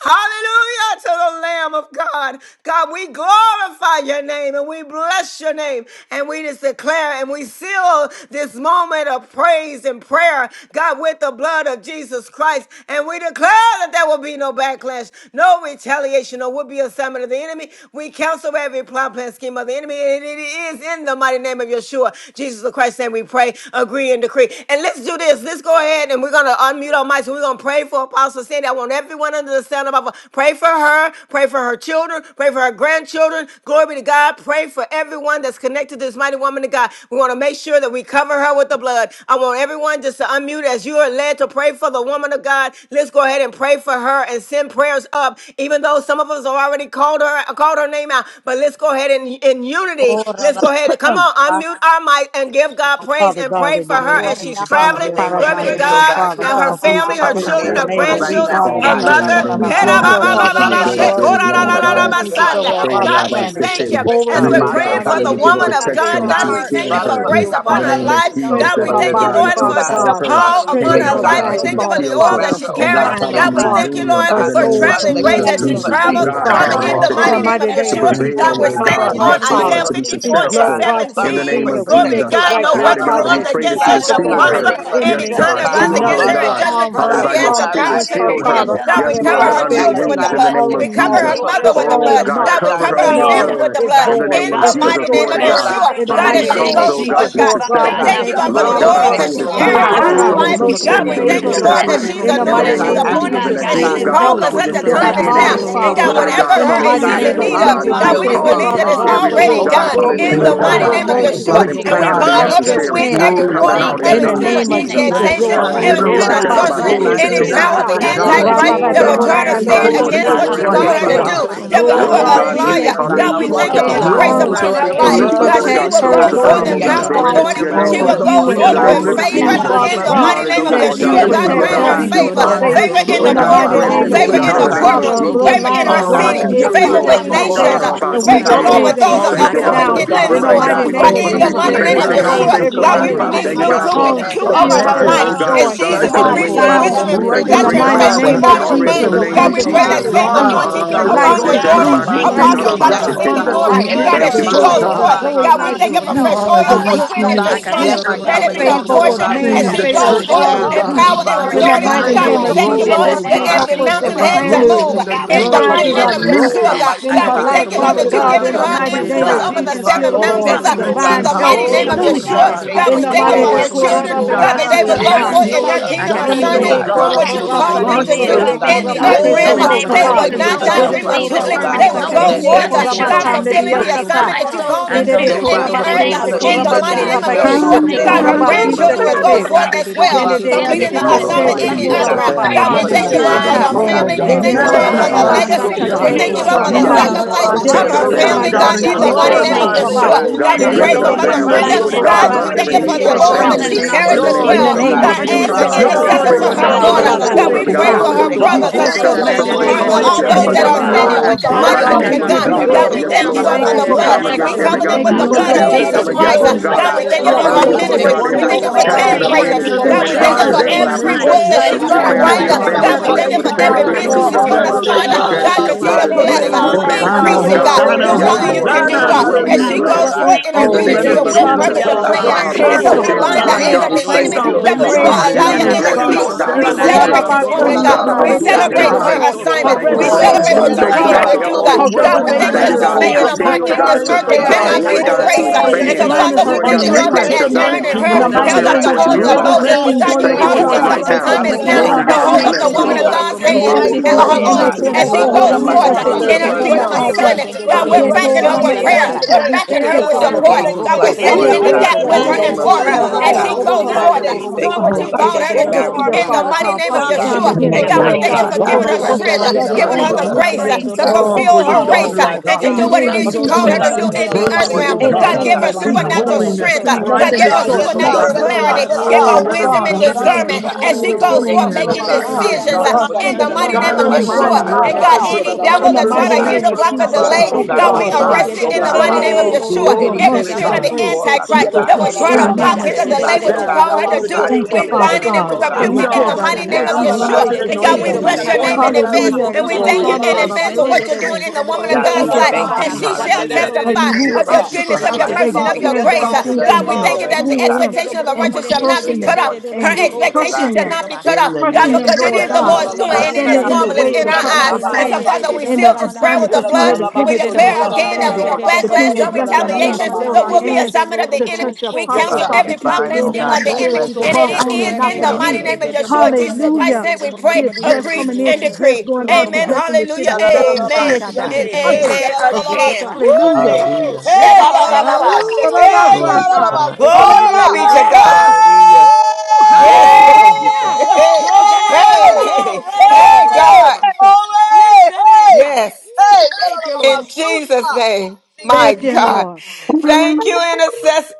S3: Hallelujah to the Lamb of God. God, we glorify your name and we bless your name and we just declare and we seal this moment of praise and prayer, God, with the blood of Jesus Christ. And we declare that there will be no backlash, no retaliation, or will be assignment of the enemy. We cancel every plot, plan, scheme of the enemy. And it is in the mighty name of Yeshua, Jesus the Christ, and we pray, agree, and decree. And let's do this. Let's go ahead and we're going to unmute our mics. We're going to pray for Apostle Sandy. I want everyone under the sound of my voice. Pray for her. Pray for her children. Pray for her grandchildren. Glory be to God. Pray for everyone that's connected to this mighty woman of God. We want to make sure that we cover her with the blood. I want everyone just to unmute as you are led to pray for the woman of God. Let's go ahead and pray for her and send prayers up, even though some of us have already called her called her name out. But let's go ahead and in
S1: Oh,
S3: unity, let's
S1: Rabba,
S3: go ahead and come on,
S1: Rabba,
S3: unmute our mic and give God
S10: Lord.
S3: praise
S10: Just
S5: Father
S3: and
S10: thank
S5: God,
S3: pray
S5: in
S3: for
S5: the
S10: you for
S3: her
S5: name of
S3: as
S10: your
S3: she's
S5: Jesus,
S1: Rabba,
S11: Father,
S5: we
S11: in
S10: laws.
S3: traveling.
S11: the
S5: lift
S11: name
S5: up
S11: of
S1: and
S3: Glory be to
S5: mighty
S1: good
S11: Jesus,
S1: and
S11: oh
S5: name,
S3: God
S11: God,
S1: you
S5: Father
S3: and
S1: like
S3: her
S5: God. We
S3: family, her
S11: Apostle
S9: Yes,
S1: We
S5: praise
S1: lift
S3: children,
S10: Bless
S5: your
S11: Sandy
S9: Lord.
S1: up
S3: her
S10: the
S11: to
S5: name
S11: you
S1: a
S10: Lord,
S5: and
S11: right
S5: we
S9: Hallelujah.
S11: now,
S3: grandchildren,
S5: honor
S11: oh
S9: Father,
S1: and
S9: I
S3: her
S11: God, in
S5: you.
S11: the
S9: pray
S10: cover
S9: in
S10: his
S9: the
S11: name
S3: mother.
S11: of
S9: name
S5: We
S9: of
S10: blood,
S11: Jesus,
S5: bless
S1: God,
S9: Jesus,
S11: God.
S5: your
S9: God, if
S5: Father
S9: you will
S11: Father,
S5: name,
S9: go
S11: we ask
S5: Lord.
S11: that
S9: with this
S5: We
S11: you would
S9: woman
S5: plead
S9: of
S5: the
S10: Lord.
S11: touch
S5: blood
S11: her
S9: God.
S5: of
S1: oh
S11: even
S5: Jesus
S1: God,
S11: right
S5: over
S9: We
S11: now,
S1: in
S9: pray,
S1: the
S11: oh
S5: Apostle
S1: name
S3: God,
S11: God,
S9: Rabbi
S11: that
S3: we
S1: of
S11: you
S5: Sandy,
S11: would
S3: thank
S11: send
S9: Sete,
S1: Jesus,
S3: you
S11: strength
S5: over
S11: to
S9: that
S3: as
S11: her
S9: you,
S3: we're
S1: we
S6: Senator,
S5: every
S9: oh
S11: body,
S9: God,
S3: praying
S11: oh God,
S3: for
S9: Holly,
S5: assignment,
S1: pray,
S5: and
S3: the
S11: in the
S9: would
S5: every
S9: give
S11: name
S9: her
S3: woman
S11: of
S1: Father
S5: work
S3: woman
S1: God,
S3: of
S5: and
S11: Jesus,
S5: thing
S11: oh
S1: for
S9: protection,
S3: God.
S5: that
S9: that
S1: a
S5: you
S9: you
S3: God,
S11: God.
S9: would
S3: we
S5: have
S1: heart,
S3: thank
S5: given
S9: shield
S3: you
S5: her
S11: Father,
S3: for
S5: to
S1: Lord,
S9: her
S11: from the
S6: and
S3: grace
S5: do,
S11: top
S9: in
S11: of
S3: upon
S9: the
S5: Father.
S1: thanks
S11: her
S3: her
S9: name
S11: head
S1: for
S11: to
S9: of
S1: the
S11: the
S3: life.
S1: young
S9: Jesus,
S11: soles
S3: God,
S11: of
S5: Strengthen
S9: that,
S3: we
S11: her
S5: her
S1: man
S9: oh
S3: thank you,
S11: very
S9: God,
S5: body,
S9: that
S11: feet,
S3: Lord,
S9: you
S11: oh
S9: would
S3: for
S5: Father
S1: in
S11: God.
S1: the
S3: the
S9: cause
S5: God.
S9: her
S1: name
S11: Father,
S3: call
S1: of
S11: we
S6: I have
S3: upon
S5: Strengthen
S11: pray,
S9: hands,
S3: her
S11: oh
S6: a
S5: her
S9: oh
S11: God,
S1: Jesus,
S3: life.
S11: a
S9: God,
S3: We
S11: hedge
S9: to
S1: oh
S11: of
S9: be
S3: thank you
S1: God.
S3: for the
S5: backbone,
S11: protection
S3: oil
S9: skillful.
S3: that
S5: Father,
S11: around her,
S1: Thank
S3: she
S5: her
S1: you,
S11: oh
S9: And
S3: carries.
S11: God,
S9: God,
S11: in the
S5: mind,
S1: Father
S5: her
S3: God,
S9: hallelujah,
S11: name of
S3: we
S9: to
S1: God.
S6: feeling
S3: thank
S5: heart,
S3: you,
S11: Jesus,
S6: that
S11: oh
S9: win
S3: Lord,
S5: her
S9: in
S11: God.
S9: the
S3: for
S9: name of
S5: souls,
S11: Father,
S5: her
S3: traveling
S11: that you
S3: grace
S9: Jesus,
S1: Stand
S11: would
S3: as
S1: in
S5: legs,
S3: she
S11: keep
S9: to
S1: the
S5: her
S6: Lindsey,
S11: her
S6: the
S1: gap
S5: feet,
S11: safe,
S3: travels.
S11: oh
S1: for
S9: God,
S6: wisdom
S11: God,
S3: Father,
S6: and
S5: Father.
S1: her,
S11: from
S1: and
S3: in
S9: Paro
S11: all
S3: the
S6: wealth,
S5: In
S11: harm,
S1: for
S5: the
S3: mighty
S1: her
S3: name
S11: hurt,
S3: of
S5: mighty
S11: harm,
S9: to
S5: name
S6: the
S1: family,
S11: and
S5: of
S3: Yeshua,
S11: danger,
S1: oh
S5: Jesus,
S11: oh
S6: answer,
S3: God,
S9: prevail,
S5: we
S3: we're
S1: God,
S9: oh
S11: God,
S6: the
S3: standing
S5: cover
S9: God.
S6: culture.
S1: in
S11: in
S5: her,
S1: the
S3: on
S11: the
S9: Yes,
S1: mighty
S11: name
S3: Isaiah
S9: Lord,
S5: Father.
S9: to
S11: of
S9: be
S1: name of
S3: 54
S5: She
S11: Jesus, oh
S3: and
S5: blood
S11: God.
S9: successful
S5: washed,
S1: Jesus,
S5: she
S9: in
S11: Father,
S1: oh
S9: the
S11: we
S1: God.
S3: 17.
S9: name
S5: redeemed.
S11: pray
S9: of
S5: We
S3: Glory to
S5: take
S11: protection
S9: Jesus.
S5: it
S1: God,
S3: God.
S11: around
S5: right
S11: her, oh
S3: No
S5: now,
S9: Glory
S11: God,
S9: to
S3: weapon
S1: cover
S11: even
S1: her
S5: Father,
S9: God. We
S1: with
S3: formed
S11: as
S5: that
S1: the
S11: she
S5: she's
S9: pray that
S3: against
S9: you
S3: her
S9: would
S11: travel,
S1: blood.
S5: protected
S3: shall
S11: oh
S1: We
S5: from
S9: shield
S11: God, in
S1: hold
S5: the
S1: up
S11: the
S9: her.
S3: prosper.
S1: her
S11: name of
S1: arms
S9: Yes,
S3: Any
S5: enemy,
S11: Jesus,
S3: tongue
S11: oh
S9: God,
S3: that
S11: God.
S1: today,
S5: that
S3: rises
S9: shield her,
S3: against
S9: oh
S5: nothing
S11: Father,
S3: her
S1: Father.
S5: will
S3: in
S9: God.
S11: as
S3: judgment,
S11: she
S5: harm
S9: Hallelujah,
S5: her
S3: she
S5: or
S1: Jesus'
S9: by
S11: travel,
S9: your
S3: has
S11: oh
S5: come
S3: the
S11: God,
S1: mighty
S11: by
S9: spirit,
S3: power
S5: against
S3: to
S5: her,
S1: name.
S9: shield
S11: airways,
S3: condemn.
S9: her.
S5: Father,
S11: oh
S3: God,
S11: God,
S9: Yes,
S3: we
S1: We
S5: in
S1: say,
S3: cover
S9: Lord,
S11: Father,
S9: God,
S3: her
S11: we
S9: under
S1: Lord,
S9: your
S11: ask,
S3: children
S11: oh
S3: with the
S5: prosperity.
S9: wings
S11: God,
S1: have
S9: in
S5: It's
S9: the
S3: blood.
S1: your
S9: name
S5: all
S11: that
S3: We
S9: of
S11: you
S3: cover
S11: would
S9: Jesus.
S5: null.
S3: her
S11: keep
S1: way,
S11: her
S1: Father
S3: mother
S5: It's
S11: covered
S3: with the
S11: under
S9: Oh
S5: all
S3: blood.
S11: the
S1: God.
S9: God,
S5: null.
S11: blood,
S3: God, we
S11: God,
S9: cover
S3: cover
S11: in
S9: her
S5: It's
S11: the
S9: under
S3: her
S9: your
S11: name
S1: Lord,
S11: of
S3: family
S5: null.
S1: the,
S3: with
S9: blood
S3: the
S11: Jesus.
S5: It's
S3: blood.
S9: in
S11: God,
S9: the
S11: be the
S5: void.
S9: name
S3: In
S9: of
S3: the
S5: It's
S11: pilot of
S1: the
S9: Jesus,
S3: mighty
S11: the
S3: name
S5: destroyed
S9: Lord
S3: of
S9: to
S11: plane,
S3: Yeshua.
S8: Yes,
S11: oh
S5: now.
S9: God.
S1: burden
S11: God,
S3: Yeshua.
S5: In
S1: that
S5: the
S1: you
S3: God,
S9: Hallelujah.
S3: as
S11: in
S5: mighty
S1: placed
S11: the
S3: she
S5: name
S9: Cause,
S5: of
S1: upon
S3: goes
S9: oh
S11: name
S9: God,
S3: forth,
S5: Jesus,
S11: of
S9: to be
S1: us,
S3: God,
S5: Lord
S1: Father
S11: Jesus,
S1: God,
S5: God,
S11: oh
S3: we
S1: for
S5: we
S12: Keto
S9: successful.
S11: God.
S1: the
S3: thank you,
S5: thank
S3: Lord,
S12: bokoro
S1: young
S5: you,
S3: for the
S12: beke
S9: Lord
S11: Father,
S8: Oh
S5: Father,
S9: God,
S11: we
S1: men,
S12: tete
S9: I
S3: oil
S12: de
S5: for
S11: thank
S9: pray
S1: oh
S3: that
S8: God,
S3: she
S9: that
S11: you,
S12: bokoro
S11: oh
S8: Father,
S9: you
S1: God.
S11: God,
S9: will
S12: mando
S5: grace
S11: for
S3: carries
S12: do
S5: to
S11: what
S12: pre
S3: on
S9: cause
S11: she
S3: her
S12: bura
S5: travel,
S11: is
S12: buru
S9: souls
S3: life.
S9: to be
S12: roma
S11: doing
S12: tu
S5: mercy
S3: God,
S11: in
S5: and
S12: roma
S9: saved,
S11: your
S3: we
S12: de
S1: And,
S12: de
S9: delivered,
S11: name,
S3: thank
S12: de
S9: and
S5: favor,
S3: you,
S12: de
S11: oh
S9: set
S12: de
S3: Lord,
S5: Lord.
S11: God,
S12: ru
S3: that
S11: how
S9: free
S12: ru
S3: she's
S11: she
S12: roma
S5: In
S12: tu
S5: the
S11: is,
S9: in the
S12: roma
S11: oh
S3: anointed,
S5: mighty
S12: do
S9: name
S3: she's
S11: God,
S9: of
S12: roma
S5: name
S8: glory.
S12: de
S5: of
S12: de
S9: Jesus.
S12: de
S3: appointed,
S9: And
S12: de
S5: Jesus,
S11: advocating,
S9: that
S11: oh
S3: and
S9: you,
S12: buru ru
S5: strength
S11: God,
S9: oh
S3: she's
S12: ru
S5: and
S9: God, will
S3: called
S12: so
S5: help
S11: for
S3: for
S9: come
S12: tu
S3: such
S12: tu
S9: against
S3: a
S11: seniors,
S5: to
S12: roma
S11: how
S9: every
S3: time
S12: de
S5: her
S11: she's
S3: as
S12: de de
S3: now.
S12: de
S9: enemy.
S5: body,
S12: ru ru
S1: oh,
S3: And
S11: advocating,
S12: roma
S5: Father.
S11: oh
S3: God,
S9: Glory
S11: God,
S9: to
S1: Rabba,
S12: rara
S11: for
S3: whatever
S9: God,
S5: In the
S11: those,
S3: her
S11: oh
S3: is,
S1: Shabba,
S5: mighty
S9: hallelujah.
S11: God,
S3: she's
S9: That,
S12: aga
S3: in
S5: name
S8: Yes,
S5: of
S3: need
S9: oh
S12: ru
S3: of,
S9: God,
S12: ru
S9: that
S5: Jesus,
S1: Rabba,
S9: you
S12: roma
S5: I
S3: God,
S11: hallelujah,
S9: will
S12: do
S3: we
S1: Rabba,
S5: thank
S3: just
S11: who
S12: roma
S5: you,
S12: de
S9: cause
S11: are,
S3: believe
S12: mande
S3: that
S12: de
S5: Father
S3: it's
S12: de
S11: are,
S12: de
S5: God,
S9: every,
S12: de
S5: for
S12: de
S9: oh
S12: buru
S3: already
S5: your
S11: oh
S12: buru
S9: God,
S11: God,
S12: buru
S3: done
S12: buru
S11: being
S5: glory,
S3: in
S12: buru
S1: Kosha,
S9: hallelujah,
S6: Prayer
S3: the
S12: roma
S11: hurt,
S9: Lord,
S12: de
S11: oh
S5: for
S3: mighty
S12: de
S6: God,
S12: de
S5: your
S11: God,
S9: uh,
S3: name
S12: de
S3: of
S12: de
S1: Bahaya.
S11: being
S6: the
S12: buru
S5: mercy,
S12: buru
S3: Yeshua.
S5: your
S12: roma
S11: killed,
S9: plot
S6: voice
S9: and
S12: de
S11: oh
S12: de
S6: of
S3: And
S12: de
S11: God,
S3: we
S11: in
S9: plan
S12: de
S9: of
S6: God,
S11: the
S12: de
S6: the
S9: the
S3: bind
S11: name
S12: buru
S11: of
S3: every
S5: outstretched
S6: majestic
S9: adversary
S11: Jesus,
S3: witch,
S5: hand.
S11: God.
S12: keto
S9: to
S3: every
S6: glory
S9: come
S12: bokoro
S9: to
S6: over
S11: Father,
S12: beke
S3: warlock,
S9: naught
S6: her,
S11: we
S9: in
S6: oh
S9: the
S12: tete
S11: ask
S5: In
S3: every
S12: de
S5: the
S11: that
S6: God.
S9: name
S12: de
S11: you
S9: of
S3: spirit
S12: de
S3: of
S5: name
S12: buru
S5: of
S11: continue
S12: roma
S9: Jesus.
S11: to
S6: Let
S12: roma
S5: Jesus,
S6: it
S11: strengthen
S12: buru
S3: incantation,
S11: her
S5: Lord,
S12: roma
S6: shine
S11: and
S6: in
S12: de
S5: we
S9: Ah,
S11: give
S12: de
S3: every
S11: her
S12: de
S6: the
S5: call
S12: de
S3: spirit
S12: de
S9: Rosetta,
S6: light
S3: of
S11: wisdom
S6: of
S12: buru
S11: for
S6: the
S12: buru
S11: the
S5: Rabasa
S3: sorcery,
S12: buru
S9: Rabakoro,
S12: roma
S6: glory,
S5: take
S12: de
S6: the
S11: assignment,
S3: any
S12: de
S11: oh
S12: de
S9: Sete.
S12: de de
S11: God,
S3: power of
S6: knowledge
S3: the
S12: ru
S6: of
S9: Yes,
S12: roma
S11: in
S12: buru
S9: Lord,
S6: God,
S11: the
S9: that
S12: roma
S9: you,
S12: do
S3: Antichrist
S11: name
S12: roma
S9: oh
S3: that
S5: Rarabe,
S11: of
S3: will
S12: buru
S6: in
S9: God,
S6: the
S12: roma
S3: try to
S12: de
S11: Jesus,
S12: de
S6: face
S12: de
S5: Horanabe,
S3: stand
S12: de
S11: God.
S6: of
S9: hallelujah,
S12: de
S1: Kosha,
S12: buru
S9: let
S3: against
S9: your
S6: Jesus
S12: buru
S11: Father,
S3: what
S9: word
S5: Orosoto,
S3: you
S12: roma
S11: we
S1: Keke,
S9: have
S12: de de
S11: pray
S9: free
S3: called
S6: Christ,
S12: de
S6: oh
S11: for
S12: de ru ru roma de de
S3: her
S12: de
S3: to
S11: her
S12: de
S9: course
S5: Horabe.
S12: ru
S6: God.
S3: do.
S1: Bahaya.
S12: so
S11: children, oh
S12: tu
S3: Devil,
S12: tu
S9: that,
S11: God,
S3: you
S5: Lord
S11: her
S3: are
S9: oh
S12: roma
S6: Oh,
S5: God,
S3: a
S9: God,
S6: keep
S5: we
S6: her
S9: you,
S11: grandchildren,
S5: thank
S3: liar.
S11: oh
S5: you
S11: God,
S5: that
S3: God,
S6: beautiful
S9: hallelujah,
S3: we
S11: her
S5: you
S9: Lord
S3: thank
S11: mother,
S6: cross,
S3: you
S12: Ekete
S9: God,
S3: for
S11: oh
S12: do
S5: stand
S9: will
S3: the
S11: God.
S3: grace
S12: bon
S6: dripping,
S12: do
S5: firm
S9: cause,
S3: upon
S12: do
S11: Lord,
S6: racking
S12: bo
S3: her
S6: the
S11: in the
S12: ko
S5: and
S3: life.
S12: to
S5: you
S11: name
S12: to
S9: hallelujah,
S11: of
S3: God,
S6: blood
S12: to
S9: Lord
S6: of
S3: she
S12: to
S9: God,
S11: Jesus,
S5: protect
S3: will
S11: oh
S12: to
S6: Jesus,
S5: her,
S9: stones
S3: go
S12: to
S11: God.
S9: to
S12: ro ma
S5: Lord,
S3: forth
S11: Father,
S9: come,
S12: de
S5: and
S9: oh
S3: in
S11: we
S12: de
S5: she
S9: God,
S11: ask
S6: hallelujah.
S3: power
S12: de
S11: your
S12: de
S3: and
S12: de
S9: surrender
S5: walk
S12: do
S9: to
S11: protection
S12: ro
S9: your
S3: authority.
S12: ro ro
S11: around
S3: She
S11: them
S9: name
S6: Oh,
S5: with
S12: ro
S3: will
S12: ma
S6: the
S11: as
S12: de
S3: go
S5: you
S12: de
S11: well,
S5: and
S12: de
S9: in
S11: oh
S12: de
S9: the
S6: freedom,
S3: forth
S6: the
S12: do
S11: God.
S5: talk
S3: with
S9: name
S12: ro
S9: of
S5: with
S12: ro ro
S3: favor
S11: In
S12: ro
S5: you,
S6: liberty,
S11: the
S12: ma
S1: Ela,
S9: Jesus.
S12: de
S6: the
S1: Ma,
S12: de
S11: name
S5: Father
S12: de
S3: in
S12: do
S3: the
S11: of
S12: ro
S5: God,
S12: ra.
S3: mighty
S11: Jesus,
S3: name
S11: oh
S3: of
S1: Rabba,
S9: Hallelujah,
S11: God.
S5: that
S6: jubilee.
S9: Lord
S11: Keep
S9: God,
S5: you
S9: that
S3: Yeshua.
S12: Ekete
S11: them
S9: the
S12: do
S3: God,
S12: ro
S9: people
S12: ro
S9: of
S11: covered,
S5: protect
S6: Hallelujah.
S12: ro
S3: grant
S11: oh
S9: God
S5: her
S9: will
S3: her
S12: ro
S9: be
S11: God.
S5: and
S12: do
S5: keep
S12: do
S9: built
S3: favor.
S5: her
S12: ni
S9: up.
S6: Oh,
S12: anna
S5: safe.
S6: her
S12: do
S3: Favor
S12: ro
S11: Hallelujah,
S3: in
S12: ro
S11: oh
S5: In
S3: the
S9: Glory to
S12: ro
S6: family,
S5: the
S9: God,
S11: God.
S12: ro ro
S6: her
S5: mighty
S12: ma
S11: Father,
S3: boardroom,
S12: de
S11: we
S12: de
S5: name
S9: strengthened,
S6: homes,
S12: de
S5: of
S9: oh
S3: favor
S11: thank
S12: de
S6: oh
S12: ro
S9: God,
S3: in
S11: you,
S9: in
S11: oh
S3: the
S9: the
S12: ro
S5: Jesus,
S6: God.
S12: ro
S11: God,
S9: name
S12: ma
S9: of
S12: de
S3: courtroom,
S12: de
S5: Father, a
S12: de
S11: for
S12: de
S11: who
S12: de
S9: Jesus.
S3: favor
S12: de
S11: you
S3: in
S12: do
S5: bloodline
S3: her
S5: is
S11: are,
S12: ro
S6: Oh,
S12: ro ro
S11: God.
S9: Ah,
S5: drawn,
S12: ro
S3: city,
S5: a
S11: We
S9: yes,
S12: de
S5: hedge
S11: thank
S12: de
S5: of
S11: you,
S12: de
S3: favor
S11: oh
S12: de
S3: with
S11: God,
S12: de
S9: Lord.
S6: reconciliation,
S11: for
S5: protection
S12: do
S5: is
S6: oh
S12: ro
S11: all
S12: ro
S9: Ah,
S11: that
S5: there,
S3: nations,
S6: God.
S12: ro
S3: uh,
S11: you're
S12: ro
S9: Rabbi
S5: and
S11: doing,
S12: ro
S5: we
S11: oh
S12: ra
S3: favor,
S11: God,
S1: Oh,
S12: anna
S9: Shete.
S3: Lord,
S11: all
S12: da
S5: decree
S6: Double
S11: that
S12: ra.
S5: it
S3: with
S1: Rabba,
S5: and
S6: for
S5: we
S11: you've
S9: We
S3: those of
S6: all
S11: done
S5: speak
S9: thank
S6: her
S11: and
S9: you,
S5: it
S1: Shabba,
S11: all
S12: Aka
S9: God,
S12: to
S3: affluence
S6: trouble,
S11: that
S9: for
S12: to
S11: you
S6: oh
S5: now.
S9: the
S3: and
S12: ro
S11: will
S12: ro
S9: victory
S6: God.
S5: In
S11: do,
S1: Rabba,
S5: the
S12: ro
S9: right
S11: oh
S3: influence.
S12: ro
S9: now.
S11: God.
S5: mighty
S12: ro
S9: We
S3: God,
S12: ro
S5: name
S9: thank
S5: of
S6: Oh,
S12: ro
S9: for
S3: in
S9: the
S6: the
S11: In
S12: do
S3: the
S11: the
S12: de
S5: Jesus,
S12: de
S9: victory. We
S3: mighty
S12: de
S5: that
S9: thank
S12: de
S1: Kosha,
S3: name
S9: for
S6: fire
S11: name
S12: de
S3: of
S5: every
S6: of
S11: of
S12: do
S9: taking
S12: ro
S5: foe
S9: us
S6: God,
S5: and
S12: ro
S3: Yeshua,
S6: the
S11: Jesus,
S12: ro
S11: oh
S5: every
S9: safely.
S12: ro
S3: God,
S12: ma
S11: God,
S3: we
S12: de
S6: power,
S5: enemy
S12: de
S9: We
S12: de
S11: Father,
S12: de
S3: release
S11: we
S9: thank
S1: Bahaya.
S12: ro
S9: you,
S3: Luke
S12: ro
S5: that
S9: God,
S12: ro
S11: bind the
S9: for
S12: ro
S5: comes
S12: ra.
S3: 252
S11: hand
S5: to
S11: of
S9: uh,
S6: the
S11: the
S3: over
S5: kill,
S3: her
S11: enemy,
S5: steal,
S11: oh
S9: assignment,
S5: and
S1: Oh,
S3: life.
S6: majesty,
S9: oh
S11: God.
S6: the
S9: God,
S1: Rabba,
S3: And
S9: is
S5: destroy
S11: We
S12: Akato
S9: done
S3: Jesus
S9: and
S11: cancel
S5: are
S9: done
S6: pleasure,
S11: every
S3: increased
S9: well.
S3: with
S1: Keke,
S11: plot,
S6: the
S3: wisdom
S11: every
S5: bound
S1: Ma,
S9: We
S3: and
S9: thank
S11: plan,
S9: you
S1: Shabba,
S11: and
S9: for
S5: in
S6: pleasure
S5: the
S11: every
S6: of
S3: stature
S1: Rabba,
S9: bringing us
S3: and
S9: back
S5: mighty
S3: favor
S1: Kosha,
S6: God,
S11: assignment
S3: with
S5: name
S6: the,
S9: safely
S5: of
S3: God and
S11: now
S3: with
S11: in
S6: the
S9: already in
S3: man.
S5: Jesus.
S9: the
S11: Jesus'
S9: name
S3: God,
S6: delight
S9: of
S11: name,
S3: we
S5: Abundant
S11: oh
S6: of
S3: pray
S5: life
S9: Jesus.
S11: God.
S3: that
S1: The
S5: is
S3: same
S1: burden,
S6: God,
S11: Father,
S5: loose.
S1: the
S3: anointing
S11: oh
S9: Ah,
S6: the
S5: And
S11: God,
S1: burden,
S5: life
S3: upon
S1: the
S9: Roshe
S3: your
S5: is
S11: hallelujah.
S6: joyful
S11: We
S1: burden
S3: daughter,
S5: loose.
S9: Terabako
S11: bind
S5: Life
S11: every
S6: jubilee,
S5: is
S3: Apostle
S6: oh
S5: loose.
S3: Dr.
S11: attack,
S6: God,
S11: oh
S3: Sandy
S9: Shetarabashete.
S11: God,
S5: Abundant
S1: God,
S6: the
S3: Norman.
S5: life.
S9: We
S11: every
S3: God,
S9: thank
S3: as
S5: The
S9: you,
S3: she
S6: liberty,
S1: Lord.
S6: oh
S11: demonic,
S3: goes
S5: joy,
S9: Father.
S11: oh
S1: Oh
S3: forth
S5: the
S6: God.
S3: Lord.
S11: God,
S1: my
S5: Zoe
S3: God, we
S5: life
S1: God.
S11: hallelujah,
S3: thank
S5: is
S3: you for
S1: Yes,
S5: loose.
S3: fresh
S6: Oh,
S11: strategic
S3: oil,
S5: The
S1: God.
S6: everyone
S3: fresh
S5: good
S11: situation,
S6: to
S3: wind,
S11: oh
S3: and
S5: life
S6: me,
S11: God,
S3: fresh
S5: is
S6: say,
S3: fire.
S1: Breakthrough,
S11: that
S5: loose.
S11: might
S3: Let
S11: come
S6: eloquent,
S3: it
S1: Father
S3: be her
S11: against her,
S5: Favor
S1: God.
S11: oh
S5: with
S3: portion
S11: God. We
S5: man
S3: as
S6: Sing
S5: and
S11: come
S3: she
S6: the
S5: favor
S1: Is
S3: goes
S11: against
S5: with
S11: it
S6: churches,
S1: that
S3: forth
S5: God
S6: oh
S11: now.
S5: is
S1: one
S3: in
S6: God.
S5: loose.
S11: We
S3: power and
S11: bind
S5: In
S1: Father
S11: it
S5: the
S3: authority.
S11: now
S5: mighty
S11: in
S1: that
S3: God,
S11: the
S6: Revival
S5: name
S3: we
S5: of
S11: name
S3: thank
S11: of
S1: goes
S3: you,
S5: Jesus,
S6: glory,
S3: Lord,
S11: Jesus,
S1: forth
S6: oh
S3: that
S11: oh
S5: destiny
S1: from
S6: God.
S11: God.
S3: every
S5: helpers
S11: And
S3: mountain
S5: of
S6: And
S3: has
S11: Father,
S3: to
S11: we
S1: your
S5: planners
S11: say,
S3: move
S6: glory,
S5: and
S11: let
S6: the
S11: your good
S3: in
S11: and
S3: the
S11: perfect
S3: mighty
S1: head
S6: glory,
S5: advisors
S11: will
S6: the
S3: name
S1: on
S5: are
S3: of
S1: my
S11: be done
S5: loose
S11: in
S3: Yeshua,
S11: her
S6: glory.
S3: God.
S11: life,
S5: in
S11: oh
S3: God,
S1: trial
S5: her
S3: we
S11: God,
S5: life,
S3: thank you,
S1: of
S11: in
S6: Earthly
S3: Lord,
S11: the
S5: Father
S6: to
S3: that you've
S6: the
S5: God.
S11: name
S3: given
S5: In the
S11: of
S3: her
S6: heavenlies,
S1: trial
S5: mighty
S6: oh
S11: Jesus,
S5: name
S3: influence
S5: of
S11: God.
S6: God.
S3: over the
S1: of
S5: Jesus, shield
S11: Father,
S3: seven
S5: of
S1: Jesus.
S11: we
S6: Oh,
S11: thank
S3: mountains
S5: protection,
S3: uh,
S11: you, oh
S3: in
S11: God,
S5: divine
S6: extension
S3: the
S5: help
S3: mighty
S5: is
S3: name
S11: hallelujah,
S1: Ora, ta,
S3: of
S6: glory,
S11: for
S6: O
S5: loose
S11: giving her
S3: Yeshua.
S6: God.
S1: ta, ta,
S3: God,
S11: favor
S12: Angando
S3: we
S11: with
S3: thank you for
S5: Enamare
S1: ta,
S6: Oh,
S11: man
S5: de
S3: her
S11: and with you,
S3: children.
S5: korara
S6: ascending
S11: oh
S6: the
S3: God,
S11: God.
S3: that they
S1: ta,
S6: high
S3: will
S6: and
S11: In
S3: go
S11: the
S1: ta,
S5: beyasikata.
S6: holy
S3: forth
S1: ta,
S3: in
S6: hill
S11: name
S6: of
S3: their
S11: of
S1: ke,
S3: kingdom
S1: ke, ke,
S11: Jesus,
S6: Zion,
S11: oh
S6: O
S1: he.
S3: assignment,
S5: Enelebe
S11: God.
S3: doing
S5: kora
S6: God.
S11: Father,
S3: what
S11: we
S3: you
S11: decree
S5: barasa
S3: called
S11: and
S3: them to
S6: Launching
S11: declare,
S3: do
S6: her
S11: oh
S5: katurebe
S11: God,
S6: out
S3: in
S5: kora
S3: the
S6: deep
S3: earth
S11: that no
S6: into
S5: bakese
S1: Oh,
S3: realm. Uh,
S11: weapon
S5: tota
S1: Lama
S3: They
S11: formed
S5: ba.
S3: will
S6: eternity, O
S3: not
S11: against us
S3: die
S1: Shabba,
S11: shall
S6: God.
S5: Dede
S1: Shabba,
S11: prosper,
S5: dora
S11: oh
S3: prematurely.
S11: God,
S3: They
S6: Oh,
S5: barasa
S3: will
S11: and
S3: go
S11: that
S5: keteste
S1: Makushike.
S3: forth,
S6: beautiful
S3: uh,
S11: every
S5: kora
S6: God.
S3: God,
S11: tongue
S5: bakande
S3: fulfilling the
S6: Beautiful
S1: God,
S5: diyasata.
S3: assignment that
S1: for
S3: you called called
S1: Apostle
S3: them
S5: Dede
S3: to
S5: de
S3: do
S11: that
S1: Sandy,
S3: in
S5: kora
S3: the
S11: rise up
S3: earth. uh,
S11: against
S1: God,
S5: bateste
S11: her
S1: for the
S11: in
S5: kora
S3: In the mighty
S11: judgment
S1: burden,
S5: bakora
S11: and
S1: the
S3: name of
S11: shall
S1: burden,
S11: be
S1: the
S5: bakese te
S3: Yeshua,
S11: condemned
S3: God,
S1: burden
S5: kora
S11: in
S3: her
S11: the
S6: God.
S1: upon
S5: bak
S11: name of
S1: her,
S3: grandchildren will go
S11: Jesus,
S5: isekate.
S3: forth
S1: Father.
S11: God.
S3: as well,
S5: Dede
S11: Father,
S5: de
S11: we
S9: Yes,
S3: completing
S11: thank
S3: the
S11: you
S5: yasika
S11: for
S9: Lord.
S1: in
S11: who
S3: assignment
S5: sete
S3: in
S1: the
S9: Hallelujah.
S3: the
S11: she
S1: name
S11: is,
S9: Bless
S3: earth
S5: kora
S9: her
S11: God.
S3: realm.
S11: We
S5: raba
S1: of
S9: family.
S11: thank
S3: God,
S11: you
S9: Bless
S3: we
S11: for
S5: ane
S9: her
S11: the
S3: thank you,
S6: Yes.
S5: sete
S3: Lord,
S1: Jesus.
S3: for
S9: children.
S11: assignment
S5: ta.
S3: the
S11: room,
S9: Glory
S11: God.
S6: Oh,
S9: to
S11: We
S3: family.
S6: the
S3: We
S11: thank
S9: God.
S11: you
S5: Dede
S3: thank you,
S9: Bless
S11: for
S9: her
S11: her
S5: hora
S3: Lord, for
S11: life,
S5: nada
S3: the
S6: magnify
S9: family.
S11: God.
S6: you,
S1: Ela
S5: basta
S6: O
S3: legacy.
S11: We
S9: Yes,
S3: We
S6: God.
S11: thank you,
S5: tete
S3: thank you,
S9: Lord.
S11: oh
S3: Lord, for
S11: God,
S1: Mahaya.
S5: soka
S3: the
S5: ba.
S9: Hallelujah.
S11: hallelujah, for
S3: sacrifice
S11: her
S6: Magnifying your
S3: of
S11: prayer
S9: Protect
S5: Dede
S9: her
S3: her
S11: life,
S5: kora
S6: servant, O
S11: God.
S9: family,
S3: family,
S11: We
S9: God.
S6: God,
S3: God,
S11: thank you
S5: bakasa
S6: and
S3: in
S11: for
S9: Shield
S3: the
S11: her
S9: her
S5: teko
S3: mighty
S11: love for
S1: Etekela
S3: name
S9: family.
S3: of
S5: so
S11: you,
S6: glorifying
S11: oh
S6: the
S5: baba.
S3: Yeshua.
S11: God,
S9: Oh,
S1: Masheta
S9: God.
S3: God, we
S6: beauty
S11: and
S5: Dede
S6: of
S11: her
S3: pray
S9: Strengthen
S5: de
S3: for
S9: her
S5: ne
S11: love
S5: ne
S11: for
S3: Mother
S9: family.
S6: holiness,
S5: seko
S3: Brenda.
S11: souls,
S6: O
S9: Glory
S1: Rabayama
S9: to God.
S5: tora
S11: Father
S3: God,
S6: God,
S3: we
S9: Provide
S5: bate
S3: thank
S1: Kushanda
S9: every
S3: you
S9: need
S5: teke
S3: for
S6: the
S9: for
S3: the
S9: her
S5: teke
S1: Rabahaya.
S3: all
S11: in
S5: ba.
S3: that
S11: the
S9: family.
S3: she
S6: righteous
S11: name
S9: In
S11: of
S3: carries
S9: the
S3: as
S6: joy,
S9: name
S5: In
S9: of
S11: Jesus,
S5: the
S3: well.
S11: oh
S5: name
S11: God.
S9: Jesus,
S6: peace,
S3: God,
S5: of
S9: glory
S3: as
S9: to
S5: Jesus,
S3: an
S11: Father,
S9: God.
S11: we
S9: We
S11: thank
S6: joy
S11: you
S3: intercessor
S9: pray,
S11: for
S3: for
S9: oh
S3: her
S9: God, for
S11: enlarging her
S3: daughter.
S6: unspeakable,
S9: their
S6: full
S3: God,
S6: of
S9: children,
S3: we
S11: territory, oh
S9: God,
S3: pray
S5: Ekosodarabarabasekata.
S3: for
S11: God.
S6: glory,
S11: We
S6: O
S3: her
S11: thank
S9: hallelujah.
S11: you
S5: we
S11: for
S6: God.
S3: brothers,
S9: We
S3: her
S5: bless
S9: walk
S11: opening
S5: your
S9: out their
S11: every
S5: man
S9: purpose
S3: sisters,
S11: door
S9: and
S6: Oh,
S3: her,
S5: name.
S11: that
S5: We
S11: no
S9: call that
S5: lift
S3: all
S11: man
S9: you
S6: anointed
S5: your
S1: Honda
S9: have
S11: can
S1: de
S3: those
S6: her
S9: upon
S5: name
S3: that
S9: their
S6: with
S5: up.
S3: are
S11: close,
S1: de
S5: We
S6: the
S1: la
S11: oh
S9: lives.
S5: honor
S3: standing
S11: God.
S6: oil
S3: with
S5: you,
S6: of
S3: this
S1: Rabaka.
S9: In
S5: Father
S9: the
S3: mighty
S11: Father,
S9: mighty
S11: we
S5: God.
S6: gladness,
S3: woman
S9: name
S5: We
S3: of
S11: thank
S9: of
S11: you
S6: O
S5: give
S3: God.
S11: for
S5: you
S11: every
S6: God.
S9: Jesus,
S3: God, we
S5: glory.
S9: yes,
S3: thank you,
S11: connection,
S5: We
S11: oh
S9: Lord.
S3: Lord,
S5: thank
S3: for
S11: God,
S5: you
S3: the
S6: Oh,
S9: We
S11: that
S5: for
S11: you
S6: the
S3: blood.
S11: have
S9: come
S11: allowed
S3: We
S9: against
S5: protection.
S11: her
S6: power,
S9: every
S11: to
S5: We
S3: cover
S6: the
S3: them
S9: God
S11: make,
S5: thank
S3: with
S5: you
S3: the
S11: oh
S5: for
S9: premature
S3: blood
S11: God,
S5: your
S11: in
S3: of
S11: the
S6: unity,
S9: death.
S6: the
S9: We
S11: name
S5: goodness
S9: come
S3: Jesus
S11: of
S5: and
S1: Shela
S5: your
S9: against,
S3: Christ. Uh,
S11: Jesus,
S9: oh
S11: oh
S5: mercy
S6: togetherness,
S9: God.
S3: God,
S1: Rabaka.
S11: God.
S3: we thank
S5: and
S3: you for
S5: your
S3: her
S11: Father,
S9: Hallelujah,
S6: oh,
S11: we
S5: favor
S6: the
S5: that
S9: Lord
S11: thank
S3: ministry.
S5: is
S9: God,
S11: you, oh
S3: We
S5: extended
S9: every
S11: God,
S3: thank
S6: oneness,
S5: over
S11: that
S3: you
S6: O
S3: for
S5: her
S11: all
S5: life.
S9: tactic
S11: things
S3: chain
S6: God.
S9: of
S11: are
S5: We
S9: the
S5: thank
S11: working
S3: breakers.
S5: you
S9: enemy.
S5: for
S6: Every
S11: together
S3: God,
S9: Glory
S3: we
S9: to
S11: for
S3: thank
S11: her
S9: God
S3: you
S9: in
S6: tribe,
S9: the
S3: for
S11: good,
S5: provisions,
S11: oh
S9: name
S6: every
S9: of
S11: God,
S5: the
S3: every
S9: Jesus.
S3: book
S11: because
S6: nation,
S11: she
S3: that
S6: every
S5: insight
S9: But
S3: she's
S1: Shela
S9: we
S11: loves
S5: and
S11: you,
S3: going
S11: oh
S3: to
S12: and
S9: declare
S6: tongue,
S9: and
S12: then
S11: God,
S6: O
S12: the
S3: write.
S9: decree our
S3: Uh,
S5: understanding,
S12: number
S6: God
S5: the
S11: and
S9: families
S3: God, we
S11: because
S1: Rabaka.
S3: thank
S12: of
S9: blessed.
S3: you
S9: We
S11: she's
S13: Sunday.
S3: for
S5: revelation,
S9: declare and
S11: called
S3: every
S12: mandate
S9: decree
S5: knowledge,
S9: our
S12: or
S6: gathering
S3: business
S11: according
S5: Lord,
S9: children
S11: to
S3: she's
S9: are
S5: all
S11: your
S5: the
S3: going to
S9: blessed.
S5: more
S6: together,
S5: that
S11: purpose,
S6: oh
S3: start.
S5: you
S3: Uh,
S9: We declare
S6: God.
S11: Father.
S9: and
S3: God,
S9: decree our
S3: continue
S1: Shanda
S11: God,
S3: to
S9: mothers
S13: Yarararabasiyande,
S1: de
S11: in
S5: put
S11: the
S3: bless
S9: blessed.
S5: through
S3: her.
S11: name
S1: la
S9: We
S5: her,
S11: of
S9: declare
S5: Father
S9: and
S11: Jesus,
S6: Hosanna,
S9: decree,
S5: God,
S11: oh
S1: Masabra
S5: for
S3: Increase
S9: oh
S12: mandate
S3: it,
S5: your
S11: God,
S9: God,
S3: God.
S13: yararararabasoko,
S5: glory
S11: continue
S3: Do
S5: in
S6: Hosanna,
S3: what
S9: yes,
S5: the
S11: to
S3: only
S11: have
S5: mighty
S3: you
S9: Lord,
S11: your
S3: can
S5: name
S3: do,
S5: of
S11: way
S6: Hosanna,
S9: her
S11: in
S3: God.
S1: Rabaha.
S5: Jesus.
S11: her
S13: yararararabasiyande,
S11: and
S9: dwelling
S5: We
S3: As
S9: is
S12: or
S11: through her,
S3: she
S5: thank you
S6: hallelujah.
S11: oh
S5: for
S3: goes
S9: blessed
S11: God
S12: mandate
S3: forth in
S9: in the
S5: increase.
S11: in
S6: Oh,
S11: the
S5: We
S3: obedience
S6: let
S3: to
S9: name
S6: her
S5: thank
S11: name
S3: your
S9: of
S5: you,
S12: Ekeke
S11: of
S3: will,
S12: to
S5: Father,
S6: children
S5: for
S3: purpose,
S9: Jesus.
S11: Jesus,
S1: Eba
S11: oh
S12: soto
S3: and
S6: cry,
S11: God.
S1: Rabak.
S3: plan. Uh,
S9: Ah,
S12: ramanda
S11: Continue
S1: Zoba
S12: de
S11: to
S3: And
S12: de
S13: yarararabasoto,
S6: Hosanna,
S3: so
S12: de
S11: bless
S3: we
S1: Rabaka.
S5: tables
S11: her,
S12: ro
S11: oh
S12: ro
S9: Rashatim.
S3: bind the
S12: ro
S11: God,
S12: ma
S9: Yes,
S6: Hosanna.
S12: de
S5: being
S3: hand
S12: de
S9: God,
S3: of
S11: to
S12: de
S9: we
S3: the
S12: ro
S11: stay
S9: thank
S3: enemy.
S12: ro
S5: placed
S9: you.
S5: and
S11: pure
S13: yararararabasiyande,
S11: and
S3: Devil,
S12: soto
S3: you
S1: Masabra
S11: holy
S6: Salvation,
S5: spread,
S3: are a
S12: ramanda da
S9: Hallelujah.
S3: liar
S9: We
S5: her
S12: da
S3: and
S6: healing,
S12: da
S3: a
S11: before
S9: bless
S12: da
S9: you,
S5: seat.
S12: da
S11: you, oh
S1: Rabayama
S9: Lord
S12: don
S3: thief.
S9: God,
S12: ro
S11: God,
S5: be
S3: We
S9: for
S12: ba
S9: the
S11: in
S13: yararararabasikande,
S11: the
S12: dan
S1: Kahaya.
S6: prosperity,
S12: dan
S9: victory.
S11: name
S3: celebrate
S12: don
S11: of
S3: this
S12: do
S3: woman
S11: Jesus,
S3: of
S9: Oh
S12: rom do
S3: God.
S9: God,
S12: do
S11: Father.
S12: do
S5: korarabatasata,
S3: We
S5: At
S6: deliverance,
S12: ro
S9: hallelujah,
S5: the
S6: oh
S9: that's
S11: God,
S12: ko
S9: in
S13: yararararabasande.
S11: we
S3: celebrate
S9: her
S12: ko
S5: tables,
S6: God.
S9: life.
S3: her
S11: thank
S5: Lord,
S11: you,
S12: soto
S11: oh
S9: We
S5: her
S12: don
S3: assignment.
S11: God,
S9: thank
S12: don
S9: you
S13: We
S11: for
S12: do
S9: for
S3: We
S6: Oh,
S12: ra
S11: who
S6: in their
S12: ba
S5: reservation
S11: you
S3: celebrate
S1: Oh,
S13: celebrate.
S9: promotion.
S5: is
S11: are,
S9: We
S13: Yeah,
S3: what
S6: hand,
S13: la,
S3: you
S1: la
S6: oh
S13: la,
S9: thank
S11: God. We
S9: you,
S13: la,
S3: called
S13: la,
S3: her
S9: God,
S11: thank
S5: fulfilled.
S6: God.
S13: ba.
S11: you
S9: for
S3: to
S12: akato
S11: for
S3: do,
S12: to
S11: all
S13: Cover
S6: The
S3: God.
S12: to
S5: Her
S13: her,
S11: that
S12: to
S11: you've
S9: elevation.
S13: cover
S3: God,
S11: done
S6: working
S3: we
S12: ngo
S11: in
S13: her.
S6: of
S9: We
S12: ma
S11: her
S3: thank
S13: Yeah,
S5: reservation
S3: you
S13: la,
S9: thank
S11: life,
S5: is
S13: la,
S3: that
S9: you,
S13: la,
S3: she's
S12: di
S11: God.
S13: la,
S9: God, to
S12: di
S13: la,
S6: miracles,
S3: making
S13: ba.
S5: fulfilled,
S6: the
S3: a
S11: We
S13: Say,
S6: gift
S12: asa
S9: continue,
S3: mark
S5: Father
S11: thank
S9: oh
S11: you
S12: ta
S6: of
S3: in
S11: for
S12: ta
S5: God.
S9: God,
S3: this
S12: do
S13: Everything
S9: to,
S6: faith,
S5: She's
S13: she
S3: earth
S12: do
S11: delivering
S13: lay
S12: ro
S6: oh
S3: that
S11: her
S13: her
S5: there
S12: ba
S9: oh,
S5: in
S6: God,
S12: ya
S13: hands
S3: cannot
S11: soul
S6: in
S13: to
S3: be
S12: kan
S9: glory,
S5: place
S11: from
S12: ta
S13: do.
S11: the
S12: do
S13: Yeah,
S9: God,
S6: total
S13: la,
S9: to
S12: do
S11: hand
S13: la,
S3: erased.
S11: of
S12: ro
S13: ba.
S3: Uh,
S11: the
S5: that
S12: de
S13: Say,
S1: Etekela
S12: de
S5: you
S3: And
S11: enemy,
S12: de
S9: expand.
S3: so,
S13: Everything
S6: operation,
S12: ro
S13: that's
S11: God.
S3: Father,
S5: planted
S12: ro
S3: we
S12: ro
S5: her
S12: ba
S9: Glory
S11: We
S9: to
S5: and
S12: de
S13: connected.
S9: God
S3: thank you,
S9: to
S12: di
S11: thank
S5: put
S11: you
S3: Lord,
S12: yo
S13: Favor,
S11: for
S3: that
S5: her.
S9: stretch,
S6: unlimited
S12: ko
S13: favor,
S9: oh
S3: as
S12: ko
S9: God,
S11: everything
S3: Aaron
S9: and
S13: favor.
S11: that
S3: and
S11: you're
S12: don
S6: anointing,
S5: In
S3: her
S12: do
S6: oh
S5: the
S9: cause
S13: And
S11: yet
S1: Kahaya.
S12: da
S9: the
S12: de
S13: fa-
S5: mighty
S12: de
S6: God.
S3: held
S13: da,
S11: doing
S12: ya
S13: da,
S3: up
S5: name
S13: da,
S3: the
S11: right
S5: of
S9: territory
S13: da,
S12: kan
S9: to
S13: da.
S11: now,
S9: be
S12: to
S3: arms
S11: oh
S3: of
S12: to
S5: Jesus,
S6: Let
S13: favor
S6: it
S12: ro
S11: God,
S5: we
S12: ba
S11: and
S13: with
S9: enlarged.
S3: Moses,
S5: thank
S11: for
S12: ya
S13: God
S5: you
S1: Eba
S13: and
S11: what
S6: rain
S11: you're
S9: We
S13: with
S3: God,
S5: for
S3: you
S11: going
S5: your
S9: thank
S13: man.
S11: to
S9: you
S3: called
S11: do,
S6: showers
S3: us
S9: for
S12: ekete
S9: it
S3: for
S6: of
S12: te
S11: God.
S9: right
S12: de
S3: such
S13: Protection,
S3: a
S13: my
S12: bo
S5: korabaseke
S9: now.
S12: ko
S6: blessing,
S3: time
S12: to
S13: God.
S1: Rabahaya.
S13: Da,
S12: ba
S11: Father,
S3: as
S1: We
S6: oh
S13: da,
S11: we
S12: di
S13: da,
S3: now
S13: da,
S11: thank
S13: da, da,
S9: Glory to
S6: God.
S1: cover,
S12: asa
S13: da,
S11: you
S3: to
S5: sekoraba
S12: ta
S9: God.
S11: for
S9: We
S12: ta
S13: da,
S3: hold up
S12: do
S1: yes,
S13: da.
S12: do
S3: the
S11: blessing
S9: bless
S11: her,
S9: you,
S12: ro
S3: woman
S11: oh
S5: anasete.
S12: ro
S3: of
S9: Lord.
S13: Healing,
S11: God,
S12: ro ro
S3: God's
S11: with
S12: ma
S1: God.
S11: a
S12: de
S13: strength,
S5: This
S3: hand
S12: de de
S13: might,
S11: kingdom
S6: Oh,
S12: de
S5: city,
S9: Hallelujah.
S3: and
S12: ro
S13: more
S12: ro
S11: spouse,
S9: In
S3: her
S5: Christian,
S11: oh
S5: and
S12: mi
S5: they
S3: arms
S12: ti
S11: God.
S9: Jesus'
S12: ti
S5: call
S13: revelation.
S12: ti
S13: Da,
S6: hallelujah,
S9: name.
S5: her
S3: as
S13: da,
S12: ro
S13: da,
S1: protection
S3: she
S13: da,
S11: Father,
S12: ro
S5: for
S13: da, da,
S3: goes
S13: da, da,
S12: ro
S1: over
S12: ro
S1: her,
S11: somebody
S12: ro
S3: forth
S11: who
S12: ba
S6: hallelujah,
S3: uh,
S11: will
S13: da.
S12: de
S1: Father.
S12: de
S3: in
S11: love
S12: de
S3: her
S13: The
S11: her
S12: de
S1: In
S12: ro
S11: like
S1: the
S3: kingdom
S12: ro
S13: greatness,
S6: hallelujah,
S13: the
S1: name
S11: Christ
S12: ro ma
S1: of
S11: loved
S13: greater,
S3: assignment.
S12: de
S13: the
S11: the
S12: de
S11: church
S13: greater,
S3: God,
S12: de
S1: Jesus,
S13: the
S12: do
S1: we
S3: we're
S12: bu
S13: greater,
S1: break
S3: backing
S5: Deko
S13: the
S3: her
S6: hallelujah,
S12: sam
S1: every
S3: with
S13: greater,
S12: da
S13: the
S5: anamaya
S12: da
S3: prayer.
S13: greater,
S12: da
S13: the
S1: assignment,
S6: hallelujah.
S5: seta.
S3: We're
S1: every
S5: We
S13: greater.
S3: backing
S5: thank
S3: her
S13: Yeah,
S5: you,
S13: la,
S3: with
S13: la,
S1: strategy of
S13: la,
S5: Father
S11: and
S1: the,
S13: We
S3: support.
S11: gave
S5: God,
S13: thank you
S11: his
S3: God,
S13: in
S3: we're
S11: life
S5: for
S11: for it,
S3: standing
S5: your
S13: advance.
S1: that
S3: in
S11: oh
S13: Ha,
S3: the
S13: la
S6: Ooh.
S5: grace,
S11: God,
S13: la da,
S3: gap
S5: your
S11: in
S13: ba.
S11: the
S3: with her
S13: So,
S3: and
S11: name
S5: mercy
S13: to,
S11: of
S5: that's
S3: for
S5: on
S3: her
S13: yeah, la,
S5: our
S11: Jesus,
S13: la, la,
S3: as
S5: life,
S13: la,
S3: she
S13: ba.
S11: God.
S5: over
S3: goes
S5: her,
S11: Father,
S3: forth, uh,
S11: we
S13: Siande.
S11: thank
S3: doing
S11: you,
S3: what
S11: oh
S3: you
S5: um,
S11: God,
S3: called
S11: that
S3: her
S11: their
S3: to
S1: was
S3: do
S11: marriage
S1: her
S5: overseer,
S1: or her family. But Lord,
S11: will
S3: in the
S11: be
S5: Father
S1: oh
S3: mighty
S5: God,
S3: name
S11: fruitful,
S3: of
S11: oh
S12: Ramanda,
S1: God,
S5: Apostle
S11: God.
S5: John
S3: Yeshua.
S5: and
S11: We
S5: then
S3: And
S1: we'll
S6: Oh,
S5: the
S11: thank
S3: God,
S11: you,
S3: we
S6: yes,
S5: Lord
S11: oh
S1: stand
S3: thank
S6: the
S5: God,
S3: you
S11: God.
S3: for
S5: that those
S3: giving
S6: cry
S11: Ande
S3: her
S5: that
S6: of
S1: strong,
S6: the
S5: working
S3: strength, uh,
S1: Father
S6: Father's
S11: asoya
S5: together
S6: heart,
S1: God.
S3: giving
S6: of
S5: on
S3: her
S5: this
S3: the
S11: mandoya
S6: God.
S5: mission
S3: grace
S5: that
S3: uh,
S5: you
S3: to
S1: Mighty
S5: sent them
S11: rabasataya.
S6: Oh,
S5: on,
S3: fulfill
S6: for your
S3: her
S5: Father,
S3: race
S11: Oh
S6: daughter,
S1: angels,
S3: uh,
S6: of
S11: God,
S1: oh
S3: and
S11: that
S6: God,
S3: to
S5: in
S11: they
S1: God.
S5: the
S3: do
S11: will
S3: what it
S5: name
S11: love
S5: of
S3: is
S6: of
S3: you
S11: each other,
S3: called
S13: Sha,
S11: oh
S5: Jesus,
S3: her
S13: la
S6: peace
S3: to
S11: God,
S13: la
S3: do
S11: that
S13: la,
S6: and
S11: they
S13: da,
S3: in
S13: da,
S11: will
S3: the
S13: ba.
S3: earth
S1: Father,
S11: support
S6: virtue,
S1: you're
S13: So,
S3: realm.
S11: each
S6: of
S1: the
S13: to,
S5: in
S11: other,
S5: the
S13: La
S3: God,
S13: la
S6: God,
S11: oh
S13: la
S1: burden
S3: give
S5: name
S13: la,
S3: her
S11: God,
S5: of
S11: in
S13: ba.
S11: the
S6: in
S1: bearer,
S5: Jesus,
S11: name of
S1: Father
S13: Sunday.
S3: supernatural
S5: Lord.
S11: Jesus,
S6: holiness,
S1: God.
S3: strength.
S6: in
S3: Uh,
S11: God.
S1: Take the
S3: God,
S13: Yes,
S5: Nothing
S3: give her
S13: God.
S11: Father,
S6: righteousness,
S5: short,
S11: we
S13: Yes,
S6: oh,
S3: supernatural
S11: thank
S13: God.
S5: nothing
S6: God.
S1: burdens
S11: you,
S13: Yes,
S11: oh
S13: God.
S5: failing.
S1: of
S3: clarity.
S11: God,
S1: the
S13: Yes,
S3: Give
S13: God.
S6: Oh,
S3: her
S11: hallelujah,
S1: Lord
S5: Father
S6: let
S11: for
S6: her
S1: into
S3: wisdom and
S5: God,
S11: Apostle
S1: your
S6: garment
S5: divine and
S11: Sandy,
S6: be
S3: discernment
S1: hands,
S11: God.
S1: Lord.
S3: as
S5: protection
S3: she
S6: pure,
S5: and
S11: We
S3: goes
S5: good
S6: clean,
S11: thank
S3: forth
S5: health
S11: you,
S6: and
S5: for
S11: oh
S3: making
S5: her
S11: God,
S6: holy,
S5: family,
S6: oh,
S3: decisions
S11: hallelujah,
S3: uh,
S1: Ora
S11: for
S6: God.
S5: her
S13: Yes,
S11: what
S13: God.
S11: you're
S3: in
S13: Da
S5: extended
S3: the
S13: da da
S11: doing
S3: mighty
S13: da
S11: in
S5: family,
S6: God,
S3: name
S13: da
S11: her
S3: of
S6: her
S13: ba
S1: mashaba,
S11: life,
S13: so da
S11: oh
S5: everyone,
S13: da
S6: mind,
S3: Yeshua.
S13: da
S11: God,
S13: da
S6: her
S11: in
S13: da
S3: And
S5: Father
S11: the
S3: God,
S13: ba
S6: heart,
S5: God.
S13: so
S6: her
S11: name
S13: da
S11: of
S3: any
S13: da da da
S5: In
S6: thoughts,
S3: devil
S5: the
S13: da
S11: Jesus,
S3: that
S6: her
S13: ba
S11: oh
S3: try
S5: mighty
S3: to
S13: so
S11: God.
S13: ya.
S5: name
S6: motives,
S3: hinder,
S5: of
S3: block,
S6: her
S3: or
S5: Jesus, I
S13: da
S11: Father,
S6: actions,
S13: da
S3: delay,
S13: da
S11: oh
S5: thank
S6: oh,
S13: da
S5: you,
S11: God,
S3: God,
S13: da da
S11: we
S3: we
S13: da
S5: Lord
S6: God.
S13: da
S5: God.
S13: ba
S3: arrest
S11: bind,
S3: it
S13: so
S11: oh
S13: yeah.
S3: in the
S13: Da da
S11: God,
S13: da
S3: mighty name of
S1: kendele
S13: da da da
S6: Oh,
S11: hallelujah
S13: da
S1: la,
S13: da
S5: for
S3: Yeshua.
S13: da
S5: your
S6: glory
S13: da
S11: any
S6: be
S13: yo
S3: Every
S6: to
S5: mercy,
S11: witch,
S3: spirit
S13: sha
S5: your
S3: of
S6: God.
S3: the
S13: ya.
S11: any
S5: grace.
S11: warlock, oh
S13: Ya da
S6: Keeper
S3: Antichrist
S13: da
S3: that
S11: God,
S6: from
S13: da
S3: will
S13: da
S3: try
S13: da
S5: In the
S3: to
S13: da
S6: sin,
S11: anybody
S13: ba
S5: name
S11: and
S3: block,
S5: of
S3: hinder,
S13: so
S6: sickness,
S13: to
S3: delay
S5: Jesus,
S13: yeah.
S11: everybody,
S3: what
S11: oh
S13: da
S3: you
S13: da
S6: death,
S11: God,
S13: da
S3: call
S13: da
S6: hell,
S3: her
S13: ba
S6: and
S3: to
S11: who
S6: the
S13: so
S3: do,
S11: tries
S13: yeah.
S11: to
S6: grave,
S5: thank
S13: Da
S5: you,
S13: da
S6: O
S13: da
S3: we
S11: come
S13: da da
S5: Father
S3: bind
S6: God.
S13: da
S3: it
S11: against her,
S13: da
S3: and we
S13: da
S5: God,
S11: oh
S13: da
S5: for
S13: yo
S11: God,
S3: rebuke
S6: Meet
S5: your
S11: we
S3: it in
S13: sha.
S6: all
S3: the
S1: ola
S11: cast
S5: goodness,
S6: thy
S5: your
S3: mighty
S11: it
S13: Ya
S6: needs,
S3: name
S13: da
S3: of
S11: down,
S13: da
S5: mercy,
S11: oh
S1: mashaba,
S13: da
S5: your
S13: da da
S12: Eke
S11: God,
S3: Yeshua.
S13: da da
S5: grace,
S6: unlimited
S12: te
S5: your
S13: da
S12: te
S3: And
S13: da
S12: te
S3: God,
S12: te
S11: in
S5: favor.
S13: yo
S3: we
S12: do
S11: the
S1: mashaba,
S6: anointing,
S12: my
S13: sha. Da
S3: bless
S13: da da
S3: your
S12: kante
S1: kura
S11: name
S13: da
S3: name
S6: according
S13: da
S12: to
S3: in
S11: of
S6: to
S13: da
S12: to
S6: thy
S13: da
S3: advance
S1: mashaba,
S13: yo
S6: riches
S5: Hallelujah.
S3: and
S13: ko
S6: and
S11: Jesus.
S13: da
S3: we
S13: da da
S3: thank
S12: kokosonde
S6: glory
S13: da
S3: you
S12: te
S6: in
S13: da
S3: in
S13: ba
S12: te
S6: Christ
S3: advance for
S13: sante.
S6: Jesus.
S3: what
S12: te
S3: you're
S12: te
S3: doing in the
S1: Lord.
S3: woman of
S5: We
S13: da
S11: God,
S13: da
S3: God's
S5: thank
S13: da
S11: we
S1: Ela
S5: you,
S13: da
S3: life.
S12: bokuraburaburabada
S13: da
S11: thank
S13: ba
S1: maha,
S5: Father
S3: And
S12: bada
S5: God.
S11: you,
S13: su
S3: she
S12: bada
S3: shall
S13: da da
S12: bada
S13: da
S11: hallelujah.
S13: da
S5: Uh,
S13: da
S3: testify.
S13: da
S5: you
S13: da
S3: God,
S11: We
S5: moving
S13: yo
S3: of
S12: buraburaburabada
S3: your
S13: sha.
S11: thank you
S5: obstacles
S11: for
S3: goodness,
S11: her
S3: of
S5: out
S12: eke
S3: your
S5: the
S12: te
S11: life.
S13: Yes,
S12: te
S5: way.
S3: mercy,
S12: do
S11: We
S3: and
S5: You
S3: of
S13: Father.
S11: thank
S3: your
S11: you
S5: tearing
S13: Yes,
S11: for what
S3: grace.
S5: down
S3: Uh,
S13: Father.
S11: you've
S12: buraburaburaburabada
S5: things
S11: done
S12: te
S13: Yes,
S3: God,
S11: in
S5: and,
S12: te
S3: we
S11: it
S12: te
S5: and
S3: thank you
S12: te
S13: Father.
S3: that
S11: already,
S3: the
S11: oh
S5: moving
S11: God.
S5: them
S11: We
S3: expectation of
S11: thank you
S3: the
S11: for
S5: and
S3: righteous
S12: buraburaburabada
S11: what
S12: te
S3: shall
S11: you're
S12: te
S3: not
S11: still
S3: be
S5: cursing
S11: you're
S3: cut
S5: them
S12: te
S3: off.
S12: te
S11: going to
S3: Her
S5: and
S11: do in it, oh
S3: expectation
S11: God.
S5: crushing
S3: shall
S5: them,
S3: not be
S12: buraburaburabada
S3: cut
S11: In
S3: off.
S11: the
S3: God,
S5: crushing
S12: eke
S11: name
S12: te
S5: them,
S3: because
S12: te
S3: it
S11: of
S5: Lord
S12: do
S3: is the
S5: God.
S3: Lord's
S11: Jesus,
S3: doing
S5: They're
S11: God.
S3: and
S13: Yadadadadadabasi,
S3: it
S1: shanda
S5: standing
S3: is
S1: la,
S5: in the
S13: yandadadada,
S3: marvelous
S5: way of
S3: in
S5: the
S3: our
S12: buraburaburaburabada te
S5: purpose, the
S3: eyes.
S12: te
S3: And
S1: bahaya.
S3: so,
S5: plans,
S12: te te buraburaburabada eke
S3: Father,
S12: te te do buraburaburaburabada te te te
S13: kudadadadadabasande.
S12: te
S3: we
S5: and
S3: seal
S5: the
S3: this prayer with
S12: buraburaburabada
S5: assignments
S3: the
S5: that you
S3: blood
S5: have
S8: Morning.
S3: and we
S5: given
S12: Ingando
S13: Yadadadadabaso,
S5: to
S3: declare
S5: Apostle
S3: again that
S5: Sandy.
S3: we no
S13: todadadadadadabase,
S5: Continue
S3: backlash,
S13: ke,
S1: Hallelujah.
S5: to
S3: no
S5: bless our hands,
S3: retaliation,
S5: so whatever
S3: no
S13: yadadadadadabaso,
S5: our
S3: will be
S13: ya.
S5: hands
S3: assignment of the
S5: to
S3: enemy.
S5: touch the
S3: We
S13: Yes,
S5: apostle,
S3: cancel
S13: God.
S11: Father,
S5: Father,
S3: every
S11: we
S5: she's
S3: plot,
S5: the
S11: bind,
S3: plan,
S11: oh
S5: head and
S3: scheme
S11: God,
S5: not
S3: of
S5: the
S3: the
S5: tail.
S3: enemy.
S11: backlash
S5: She's
S11: and
S12: toto
S3: And
S5: above
S3: it
S12: soto
S5: only and
S3: is
S11: retaliation
S5: not
S3: in
S12: reme
S3: the
S11: now
S12: que
S11: in
S12: te
S3: mighty
S5: beneath.
S11: the
S12: te
S3: name
S11: name
S3: of
S12: te
S11: of
S12: te
S3: Yeshua,
S11: Jesus.
S3: Jesus Christ,
S5: Hallelujah.
S3: that we
S5: She
S3: pray,
S5: is blessed
S3: agree,
S5: coming in.
S3: and
S5: She's blessed
S3: decree.
S5: going out. She's
S3: Amen.
S5: blessed in the city.
S3: Hallelujah.
S5: She's blessed
S12: Oko
S5: in the
S3: Amen.
S5: field.
S11: In
S13: Shadadadadadabasi,
S5: She's blessed in
S12: satata,
S13: yande.
S3: And
S5: the
S11: Jesus' name.
S13: Hey,
S5: country.
S12: amen.
S3: amen
S5: Oh,
S3: again.
S13: yadadadadabasi,
S12: Dekota,
S5: hallelujah.
S12: bokoro
S13: kande.
S3: Woo!
S12: bara.
S11: Hallelujah.
S12: Ooh,
S13: Hey,
S1: Hallelujah.
S13: yadadadadabase.
S3: Glory
S12: Hallelujah.
S13: Hey,
S11: Glory to
S5: Hallelujah.
S11: God.
S13: yadadadadabaso,
S12: Yokoro boro
S13: ya.
S12: boro
S3: be
S12: boro.
S3: to
S1: Hallelujah.
S12: Yes, sir.
S3: God.
S11: Hallelujah.
S12: Ooh,
S3: Yes,
S11: Thank you,
S5: Yes.
S3: Lord.
S11: Jesus.
S12: hallelujah.
S3: Hey,
S12: Okay,
S5: Glory.
S12: no, no,
S13: Hey!
S12: no,
S1: Glory.
S12: no.
S3: hey,
S1: Glory.
S12: Santo ro
S3: hey,
S12: boro boro
S13: Hey!
S12: boro ba.
S3: God.
S13: Glory!
S12: Bless your name,
S13: Hey!
S12: God.
S3: Yes,
S12: Ooh,
S13: Hey!
S12: thank you, Lord.
S3: in
S13: Yadadadadabasuta.
S3: Jesus' name.
S13: In
S11: Thank
S13: Jesus'
S3: My
S11: you.
S5: Thank you,
S11: Jesus.
S13: name.
S3: God.
S5: Lord.
S3: Thank you, intercessor.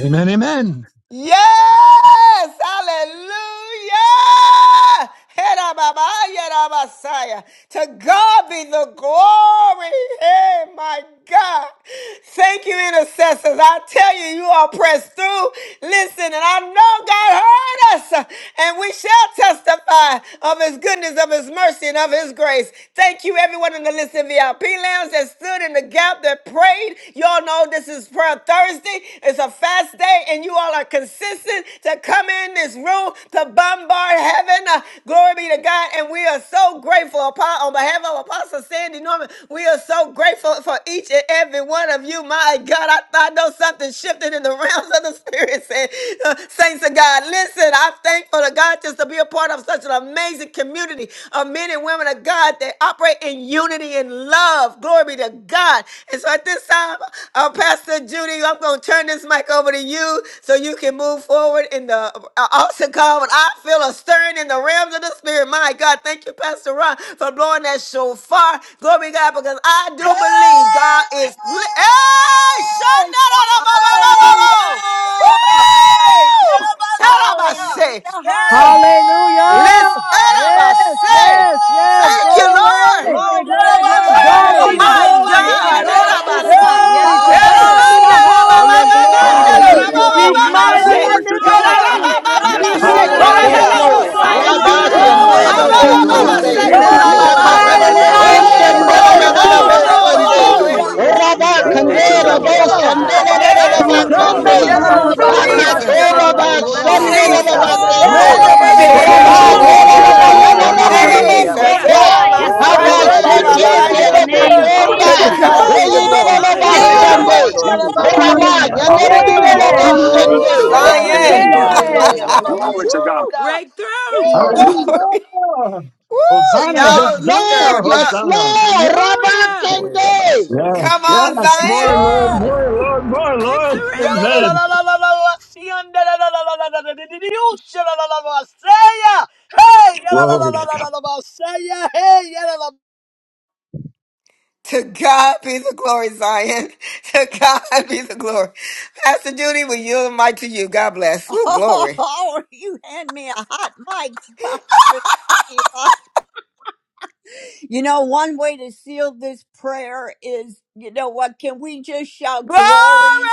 S6: Amen, amen.
S3: Yes, hallelujah. Herababaya-rabasaya. To God be the glory. Hey, my God. Thank you, intercessors. I tell you, you are pressed through. Listen, and I know God heard us, and we shall testify of his goodness, of his mercy, and of his grace. Thank you, everyone in the Listen VIP lounge that stood in the gap, that prayed. Y'all know this is Prayer Thursday. It's a fast day, and you all are consistent to come in this room to bombard heaven. Uh, glory be to God. And we are so grateful Apo- on behalf of Apostle Sandy Norman. We are so grateful for each and every one of you. My God, I, I know something shifted in the realms of the Spirit. Said, uh, Saints of God, listen, I'm thankful to God just to be a part of such an amazing community of men and women of God that operate pray in unity and love. Glory be to God. And so at this time, uh, Pastor Judy, I'm going to turn this mic over to you so you can move forward in the uh, altar call. But I feel a stirring in the realms of the spirit. My God, thank you, Pastor Ron, for blowing that shofar. Glory be to God, because I do believe God is. li-
S13: Hey!
S3: Hey, Shandana,
S1: Hallelujah.
S3: Woo! Tell 'em I say.
S1: Hallelujah. Hallelujah.
S5: Hallelujah.
S3: Let's Araba
S5: Yes,
S3: say,
S5: yes, yes.
S3: thank you, Lord.
S5: Glory. To God
S3: Oh
S5: be the
S1: Glory.
S3: my
S5: glory. To
S3: God.
S5: God be
S3: Araba
S5: the
S12: Hallelujah.
S3: say.
S5: glory. To
S12: Woo.
S5: God
S3: Araba
S5: be
S1: Hallelujah.
S3: na
S5: the
S3: na ma ma
S12: Glory
S3: ma
S12: to
S3: ma
S1: Hallelujah.
S12: God.
S3: na
S5: glory.
S3: na na ma
S9: Hallelujah.
S3: ma
S1: Hallelujah.
S5: He's
S3: ma
S12: Hallelujah.
S3: ma
S5: mighty
S3: say.
S5: in
S9: Glory to
S5: this
S9: God.
S1: We
S5: place.
S3: Araba
S1: give
S3: ma ma ma
S1: God
S9: Yes,
S3: ma say.
S5: He's
S9: Lord.
S3: Kora
S1: glory,
S3: la
S5: mighty
S12: Hallelujah.
S14: Yes,
S3: la
S5: in
S11: Hallelujah.
S5: this
S3: mo
S14: Lord.
S1: glory,
S3: say.
S5: place.
S14: Rabba
S11: Yes,
S1: glory,
S9: Hallelujah.
S11: God.
S3: Woo! Ha
S5: Hallelujah.
S14: Shandero
S3: ma
S1: glory,
S3: ma
S1: glory.
S3: ma ma
S11: Hiabasoya.
S9: Glory,
S3: say.
S14: Bokonde.
S9: glory,
S3: Kora ma
S9: glory.
S11: Oh,
S12: Andoroboroboroboromadedeleloboso.
S3: ma ya.
S5: Mighty,
S12: Bless
S14: Shakatanabo
S12: your
S11: yababandonde
S5: mighty
S9: Glory,
S1: We
S5: is
S1: give
S12: name,
S11: yere
S3: Woo!
S5: the
S9: Abba,
S1: God
S12: God.
S3: Glory,
S5: Lord
S9: Shete.
S11: yababaso.
S3: glory,
S5: God.
S14: Shandanabo
S1: glory,
S5: Hallelujah.
S14: Konde.
S12: Hallelujah.
S11: Oh,
S3: glory, glory.
S1: glory,
S9: Hallelujah.
S13: Yalabasuta!
S11: yesi
S14: Rabba
S1: glory,
S9: Glory to
S11: andonde
S12: Thank you,
S11: yere
S9: God.
S14: Kandela Bo
S1: glory,
S12: Lord.
S11: yabaso.
S12: Ah,
S14: Shandela
S11: Oh,
S3: Yes.
S1: glory.
S9: Hallelujah.
S14: Bakande.
S11: tayababasende yere
S3: Jesus.
S11: yabaso.
S14: Bakatora Ba
S5: Shandamarabakorarabaseteterohoraba.
S11: Oh,
S14: Shandela
S12: andoroboroborobriasatatatataboroboromadedeleoko.
S11: shata
S3: Jesus.
S11: yando
S1: Oh,
S12: Mm.
S14: Bakande.
S1: hallelujah,
S11: yarabase.
S12: Bless your
S9: Yes,
S14: Rabba
S3: Jesus.
S12: name,
S9: Lord.
S11: E
S1: hallelujah.
S14: Yela
S9: Yes,
S12: God.
S9: Lord.
S11: yabasonde
S5: Remebebebebekurosotorabaka.
S14: Bayana
S11: yere
S9: Hallelujah.
S3: Jesus.
S12: Hallelujah.
S11: yabaso.
S14: Bokonda.
S3: Era my
S5: Glory.
S9: Glory,
S14: Haba
S9: Abba,
S11: Oh, yesi
S12: Hallelujah.
S9: Shete.
S11: ki
S14: Shekete
S3: Sunday,
S11: ando
S1: Give him
S3: To
S14: Bokonda.
S12: Thank you,
S9: Hallelujah.
S11: yarabasataya.
S3: God
S12: Lord.
S3: be the
S14: Eyi
S3: glory.
S1: glory,
S14: Dela
S11: E
S9: Thank you,
S5: Yes,
S12: Hallelujah.
S1: glory,
S9: Lord
S14: Bashande.
S11: yababandonde
S9: Jesus.
S11: yere
S1: glory.
S14: Kurama
S11: yababaso.
S14: Yanero
S12: Woo.
S9: Hallelujah.
S13: Overturn,
S14: Dela
S5: yes,
S13: God, give us
S3: Ooh,
S11: Oh,
S13: our
S14: Bashande.
S12: Bless
S11: yes,
S12: your
S11: yeah,
S13: inheritance,
S3: Zion.
S12: name,
S9: Hallelujah.
S11: no,
S12: God.
S13: God, the
S11: yeah,
S5: yes.
S11: yeah,
S13: overflow, the
S11: Baba,
S9: Glory
S11: so.
S12: Woo!
S9: to
S13: increase,
S9: God.
S13: God.
S12: Breakthrough!
S13: Hey,
S3: glory.
S13: God,
S9: Hallelujah.
S6: Hallelujah.
S3: Woo,
S6: Hosanna,
S14: Yes,
S3: y'all
S14: Lord.
S6: Hosanna,
S3: stirred up.
S14: Yes,
S6: Hosanna.
S14: Lord. Rabba
S12: Hallelujah!
S11: Oh, yeah, Baba,
S14: Kende.
S11: so, yeah.
S6: Yes,
S3: Come on,
S6: yes, more
S3: Zion.
S6: Lord,
S1: Yes.
S6: more
S12: Woo!
S6: Lord, more Lord.
S13: Glory, glory, glory, glory, glory, glory, glory,
S12: Victory!
S6: Amen. Glory to God.
S3: To God be the glory, Zion. To God be the glory. Pastor Judy, we yield the mic to you. God bless. Woo, glory.
S1: Oh, you hand me a hot mic, Pastor Sheila. You know, one way to seal this prayer is, you know what, can we just shout
S3: Glory!
S1: glory?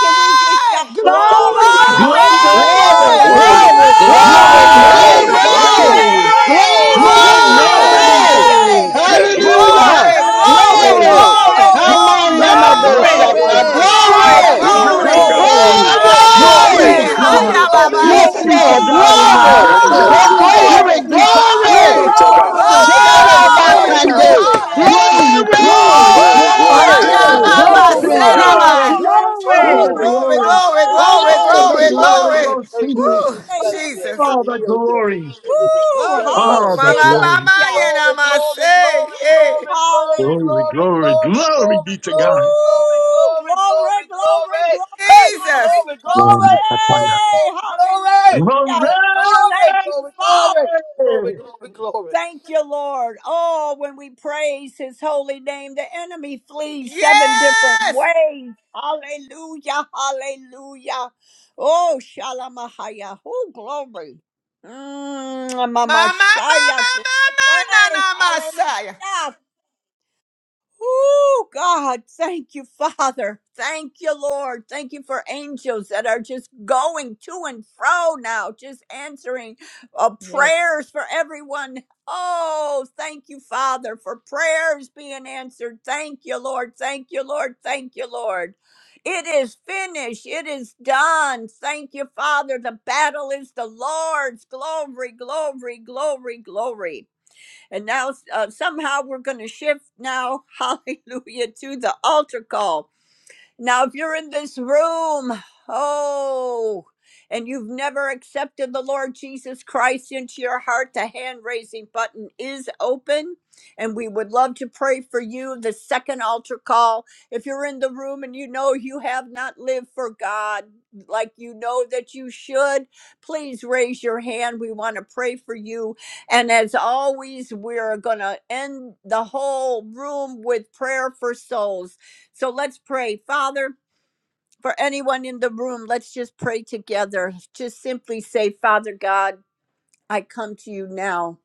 S1: Can we just shout glory?
S3: Glory!
S9: Glory,
S12: Glory!
S4: Glory.
S14: Glory,
S1: Glory!
S12: Hallelujah!
S9: glory,
S6: Glory!
S14: glory,
S4: Hallelujah.
S12: Glory
S14: glory,
S12: to your
S6: Glory!
S4: Glory.
S9: glory,
S5: Glory.
S12: name,
S11: Glory!
S12: Jesus!
S14: glory,
S9: hallelujah.
S3: Glory!
S5: Glory!
S3: Glory!
S1: Glory!
S9: Glory,
S12: Hallelujah!
S6: Glory!
S4: Glory.
S9: hallelujah.
S12: Thank
S14: glory.
S12: you for
S1: Glory!
S9: Yes,
S1: Give
S12: finishing
S1: you
S13: glory,
S12: the
S9: Lord.
S12: work!
S14: Hallelujah.
S3: Glory, glory,
S9: Glo-
S1: glory!
S6: Glory!
S14: Glory.
S5: Glory!
S3: glory,
S12: Hallelujah!
S6: Glory!
S1: Glory!
S3: glory,
S12: Thank
S1: Glory!
S12: you,
S5: Glory!
S3: glory,
S12: Lord!
S1: Glory!
S14: Hamanyanabosata.
S11: Glory!
S3: glory,
S1: Glory!
S14: Glory.
S12: Glory!
S9: Glory to
S3: glory,
S9: God.
S6: Glory!
S12: Woo! We
S1: Glory!
S12: bless
S6: Glory
S12: your
S14: Glory.
S6: to
S12: name,
S3: glory,
S9: Glory,
S12: Lord!
S13: glory,
S1: Glory,
S6: God!
S9: glory,
S3: Hiya,
S1: Jesus!
S3: Baba.
S12: Thank
S14: Yes,
S9: hallelujah.
S12: you,
S6: Glory to
S14: Lord.
S13: glory,
S6: God
S12: Jesus!
S13: glory,
S6: in the
S13: glory,
S14: Glory.
S9: Yes,
S6: highest!
S9: Lord
S14: Your
S13: glory.
S9: Jesus.
S3: glory,
S1: Glory,
S14: glory,
S5: Glory!
S6: Glory to
S13: Glory, glory,
S6: our
S14: glory.
S9: Glory
S3: glory,
S9: to
S1: Jesus!
S13: glory,
S9: God.
S6: Father,
S13: glory, glory,
S6: Son,
S3: glory,
S13: glory, glory,
S6: God!
S9: Hallelujah.
S14: Shadabakande.
S13: glory.
S1: Hallelujah!
S3: hallelujah.
S6: Glory, glory,
S9: Glory,
S6: glory!
S13: Glory,
S3: Woo,
S9: glory,
S13: glory,
S9: glory,
S14: Glory.
S3: Hiya,
S9: glory,
S13: glory,
S11: Yeah, Baba,
S9: glory,
S3: Baba,
S13: glory,
S1: Glory!
S11: so,
S6: To
S9: glory,
S11: yeah.
S5: Glory! Glory!
S13: glory.
S9: glory,
S6: God
S5: Glory!
S3: Serabai.
S6: be
S1: Glory!
S6: all
S5: Glory!
S3: Woo,
S6: the
S1: Glory!
S9: glory.
S3: glory,
S6: glory!
S3: glory,
S13: Thank you,
S6: All
S3: glory,
S13: Jesus. It
S1: Glory
S6: the
S1: to
S3: glory,
S13: saved
S9: Hallelujah.
S13: them.
S1: our
S6: glory
S3: glory.
S1: King!
S13: It
S6: goes to
S13: favored them.
S6: you!
S3: Woo,
S13: It blessed them.
S3: Jesus.
S1: Hallelujah!
S13: It
S6: All the
S13: healed them. It
S6: glory!
S13: delivered them.
S1: Woo!
S12: Glory,
S6: All
S12: glory!
S6: the
S3: Mama,
S13: Yadabasuya.
S6: glory!
S3: mama,
S1: Hallelujah!
S13: Glory,
S3: yana,
S13: glory,
S3: say,
S13: glory,
S3: yeah.
S13: glory,
S1: Hallelujah!
S13: glory,
S6: Glory,
S13: glory,
S6: glory,
S13: glory,
S6: glory
S13: glory,
S6: be to
S13: glory,
S6: God!
S13: glory,
S1: Woo!
S13: glory,
S1: Glory,
S13: glory,
S1: glory,
S13: glory.
S1: glory,
S13: Hey,
S3: Jesus.
S13: glory,
S1: glory,
S13: glory, glory,
S1: glory!
S13: glory, glory,
S1: Hallelujah!
S6: Glory!
S13: glory, glory,
S1: Thank you,
S13: glory,
S1: Father.
S13: glory, glory, glory, glory.
S1: Thank you, Lord. Oh, when we praise his holy name, the enemy flees seven different
S3: Yes.
S1: ways. Hallelujah, hallelujah. Oh, Shalamahaya. Oh, glory. Mmm, Mama
S3: Mama,
S1: Shaya,
S3: mama,
S1: glory.
S3: mama, nana, Messiah.
S1: Hallelujah. Oh, God, thank you, Father. Thank you, Lord. Thank you for angels that are just going to and fro now, just answering uh,
S12: Yes.
S1: prayers for everyone. Oh, thank you, Father, for prayers being answered. Thank you, Lord. Thank you, Lord. Thank you, Lord. It is finished. It is done. Thank you, Father. The battle is the Lord's. Glory, glory, glory, glory. And now uh, somehow we're going to shift now, hallelujah, to the altar call. Now, if you're in this room, oh, and you've never accepted the Lord Jesus Christ into your heart, the hand raising button is open. And we would love to pray for you. The second altar call. If you're in the room and you know you have not lived for God like you know that you should, please raise your hand. We want to pray for you. And as always, we're going to end the whole room with prayer for souls. So let's pray. Father, for anyone in the room, let's just pray together. Just simply say, Father God, I come to you now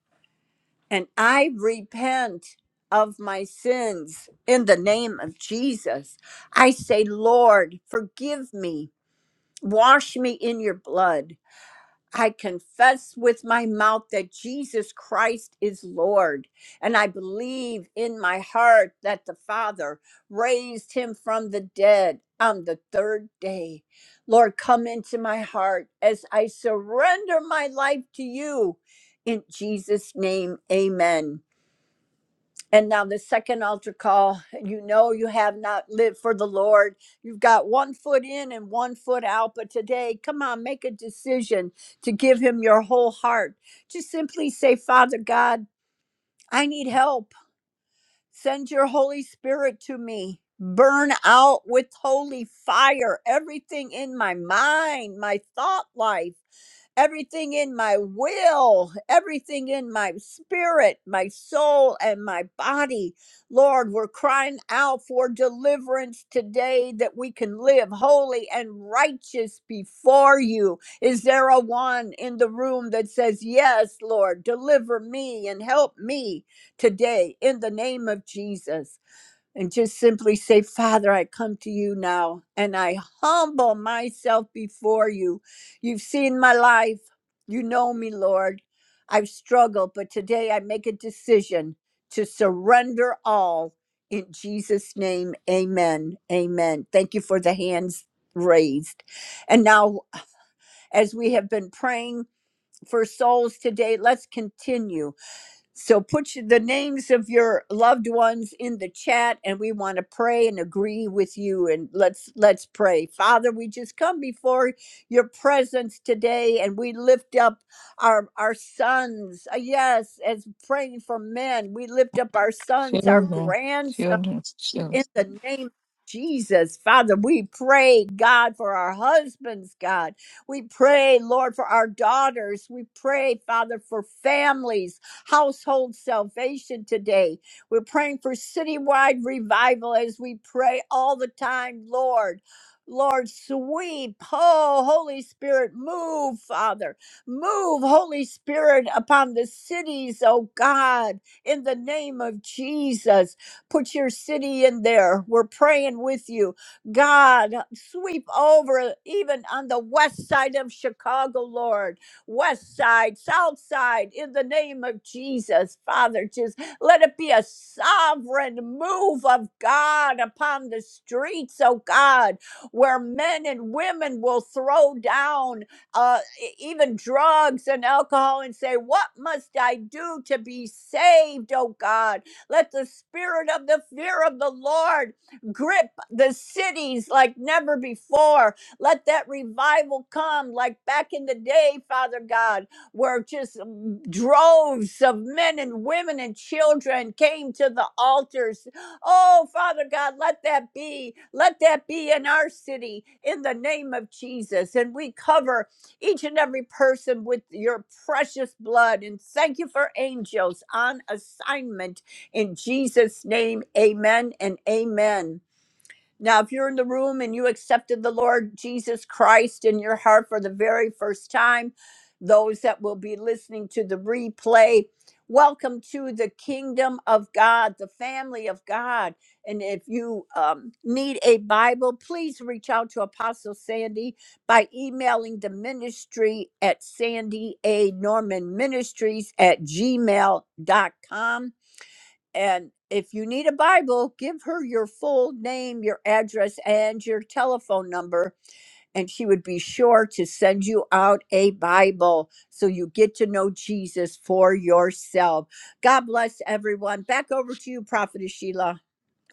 S1: and I repent of my sins in the name of Jesus. I say, Lord, forgive me. Wash me in your blood. I confess with my mouth that Jesus Christ is Lord, and I believe in my heart that the Father raised him from the dead on the third day. Lord, come into my heart as I surrender my life to you. In Jesus' name, amen. And now the second altar call, you know you have not lived for the Lord. You've got one foot in and one foot out, but today, come on, make a decision to give him your whole heart. Just simply say, Father God, I need help. Send your Holy Spirit to me. Burn out with holy fire everything in my mind, my thought life everything in my will, everything in my spirit, my soul, and my body. Lord, we're crying out for deliverance today that we can live holy and righteous before you. Is there a one in the room that says, Yes, Lord, deliver me and help me today in the name of Jesus? and just simply say, Father, I come to you now and I humble myself before you. You've seen my life. You know me, Lord. I've struggled, but today I make a decision to surrender all in Jesus' name. Amen. Amen. Thank you for the hands raised. And now, as we have been praying for souls today, let's continue. So put your- the names of your loved ones in the chat and we want to pray and agree with you and let's let's pray. Father, we just come before your presence today and we lift up our our sons. Uh, Yes, as praying for men, we lift up our sons, our
S12: Children,
S1: grandsons
S12: children, children.
S1: in the name of Jesus, Father, we pray, God, for our husbands, God. We pray, Lord, for our daughters. We pray, Father, for families, household salvation today. We're praying for citywide revival as we pray all the time, Lord. Lord, sweep. Oh, Holy Spirit, move, Father. Move, Holy Spirit, upon the cities, oh God, in the name of Jesus. Put your city in there. We're praying with you. God, sweep over even on the west side of Chicago, Lord. West side, south side, in the name of Jesus, Father, just let it be a sovereign move of God upon the streets, oh God, where men and women will throw down uh, e- even drugs and alcohol and say, What must I do to be saved, oh God? Let the spirit of the fear of the Lord grip the cities like never before. Let that revival come like back in the day, Father God, where just mm, droves of men and women and children came to the altars. Oh, Father God, let that be. Let that be in our city in the name of Jesus. And we cover each and every person with your precious blood. And thank you for angels on assignment in Jesus' name, amen and amen. Now, if you're in the room and you accepted the Lord Jesus Christ in your heart for the very first time, those that will be listening to the replay, welcome to the kingdom of God, the family of God. And if you um, need a Bible, please reach out to Apostle Sandy by emailing the ministry at Sandy A. Norman Ministries at gmail dot com. And if you need a Bible, give her your full name, your address, and your telephone number, and she would be sure to send you out a Bible so you get to know Jesus for yourself. God bless everyone. Back over to you, Prophetess Sheila.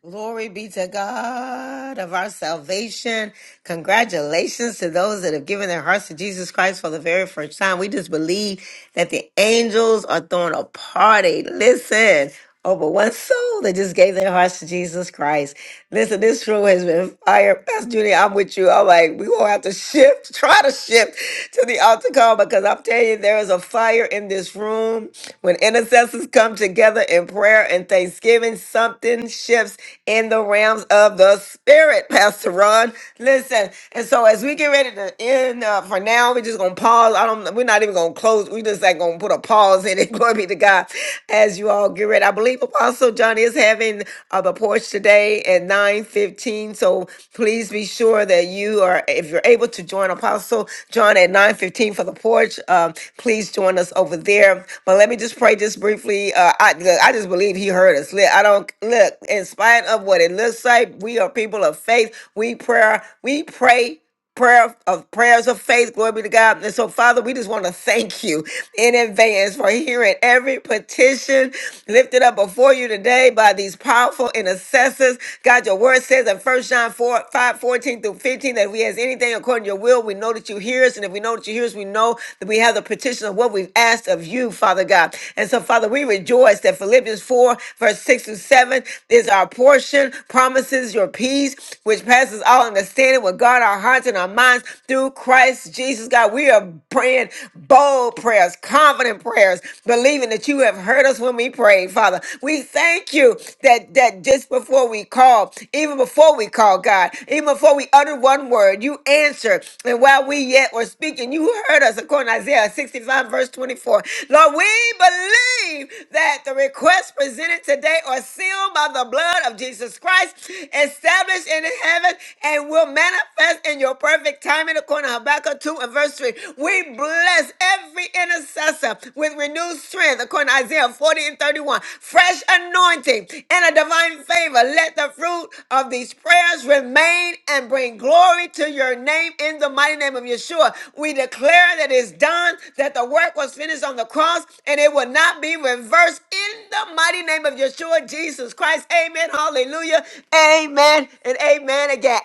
S3: Glory be to God of our salvation. Congratulations to those that have given their hearts to Jesus Christ for the very first time. We just believe that the angels are throwing a party. Listen, over one soul that just gave their hearts to Jesus Christ. Listen, this room has been fire. Pastor Judy, I'm with you. I'm like, we won't have to shift, try to shift to the altar call because I'm telling you, there is a fire in this room. When intercessors come together in prayer and thanksgiving, something shifts in the realms of the spirit, Pastor Ron. Listen, and so as we get ready to end uh, for now, we're just gonna pause. I don't we're not even gonna close, we just like gonna put a pause in it. Glory be to God. As you all get ready. I believe Apostle John is having 11 of the porch today at 9:15. So please be sure that you are, if you're able to join Apostle John at 9:15 for the porch, uh, please join us over there. But let me just pray just briefly. Uh, I look, I just believe He heard us. Look, I don't look. In spite of what it looks like, we are people of faith. We prayer. We pray prayer of prayers of faith. Glory be to God. And so, Father, we just want to thank you in advance for hearing every petition lifted up before you today by these powerful intercessors. God, your word says in First John 4, 5 14 through 15 that if we has anything according to your will, we know that you hear us. And if we know that you hear us, we know that we have the petition of what we've asked of you, Father God. And so, Father, we rejoice that Philippians 4, verse 6 through 7 is our portion, promises your peace, which passes all understanding with God God, our hearts and our minds through Christ Jesus, God. We are praying bold prayers, confident prayers, believing that you have heard us when we prayed, Father. We thank you that, that just before we call, even before we call, God, even before we utter one word, you answer. And while we yet were speaking, you heard us according to Isaiah 65, verse 24. Lord, we believe that the requests presented today are sealed by the blood of Jesus Christ, established in heaven, and will manifest in your perfect timing according to Habakkuk 2 and verse 3. We bless every intercessor with renewed strength according to Isaiah 40 and 31. Fresh anointing and a divine favor. Let the fruit of these prayers remain and bring glory to your name in the mighty name of Yeshua. We declare that it's done, that the work was finished on the cross, and it will not be reversed in the mighty name of Yeshua Jesus Christ. Amen. Hallelujah. Amen and amen again.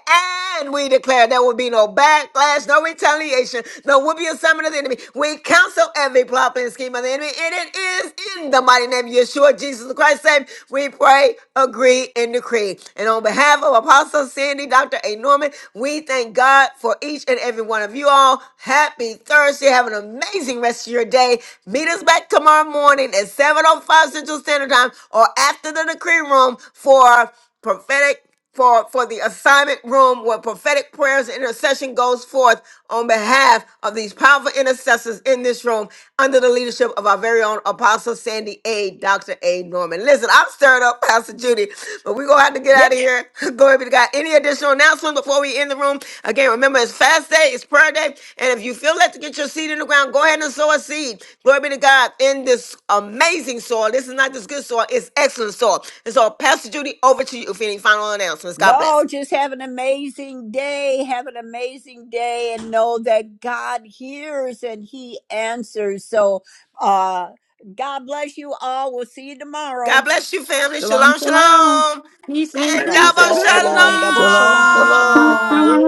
S3: And we declare there will be no backlash, no retaliation, no whooping assignment of the enemy. We counsel every plot and scheme of the enemy. And it is in the mighty name of Yeshua, Jesus Christ, same. We pray, agree, and decree. And on behalf of Apostle Sandy, Dr. A. Norman, we thank God for each and every one of you all. Happy Thursday. Have an amazing rest of your day. Meet us back tomorrow morning at 7.05 Central Standard Time or after the decree room for prophetic for, for the assignment room where prophetic prayers and intercession goes forth on behalf of these powerful intercessors in this room under the leadership of our very own Apostle Sandy A. Dr. A. Norman. Listen, I'm stirred up, Pastor Judy, but we're going to have to get
S1: Yeah.
S3: out of here. Go Glory be to God. Any additional announcement before we end the room? Again, remember it's fast day, it's prayer day. And if you feel led to get your seed in the ground, go ahead and sow a seed. Glory be to God in this amazing soil. This is not just good soil, it's excellent soil. And so, Pastor Judy, over to you for any final announcements. God
S1: No,
S3: bless.
S1: just have an amazing day. Have an amazing day and know that God hears and He answers. So, uh, God bless you all. We'll see you
S3: God
S1: tomorrow.
S3: bless you, family.
S12: Shalom,
S3: Shalom,
S12: shalom.
S3: shalom.
S12: Peace,
S10: And
S3: And
S9: Bless you,
S10: God
S12: increase,
S9: the
S12: and
S3: double
S10: bless
S9: Lord.
S10: everyone.
S12: blessing.
S10: Double
S11: Shalom,
S10: shalom,
S11: shalom.
S3: shalom.
S10: shalom.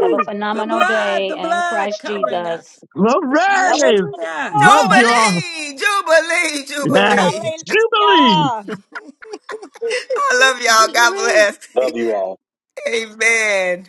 S10: Have a
S12: The
S10: phenomenal
S12: blood,
S10: day
S12: the
S10: in
S12: blood
S10: Christ
S12: covering
S10: Jesus.
S12: us.
S1: Double
S6: Glory!
S12: Hallelujah.
S6: Love you
S1: shalom.
S6: all.
S3: Jubilee, Jubilee,
S6: Yes.
S3: Jubilee.
S6: Jubilee!
S1: Hallelujah.
S3: I love y'all. God bless.
S9: Love you all.
S3: Amen.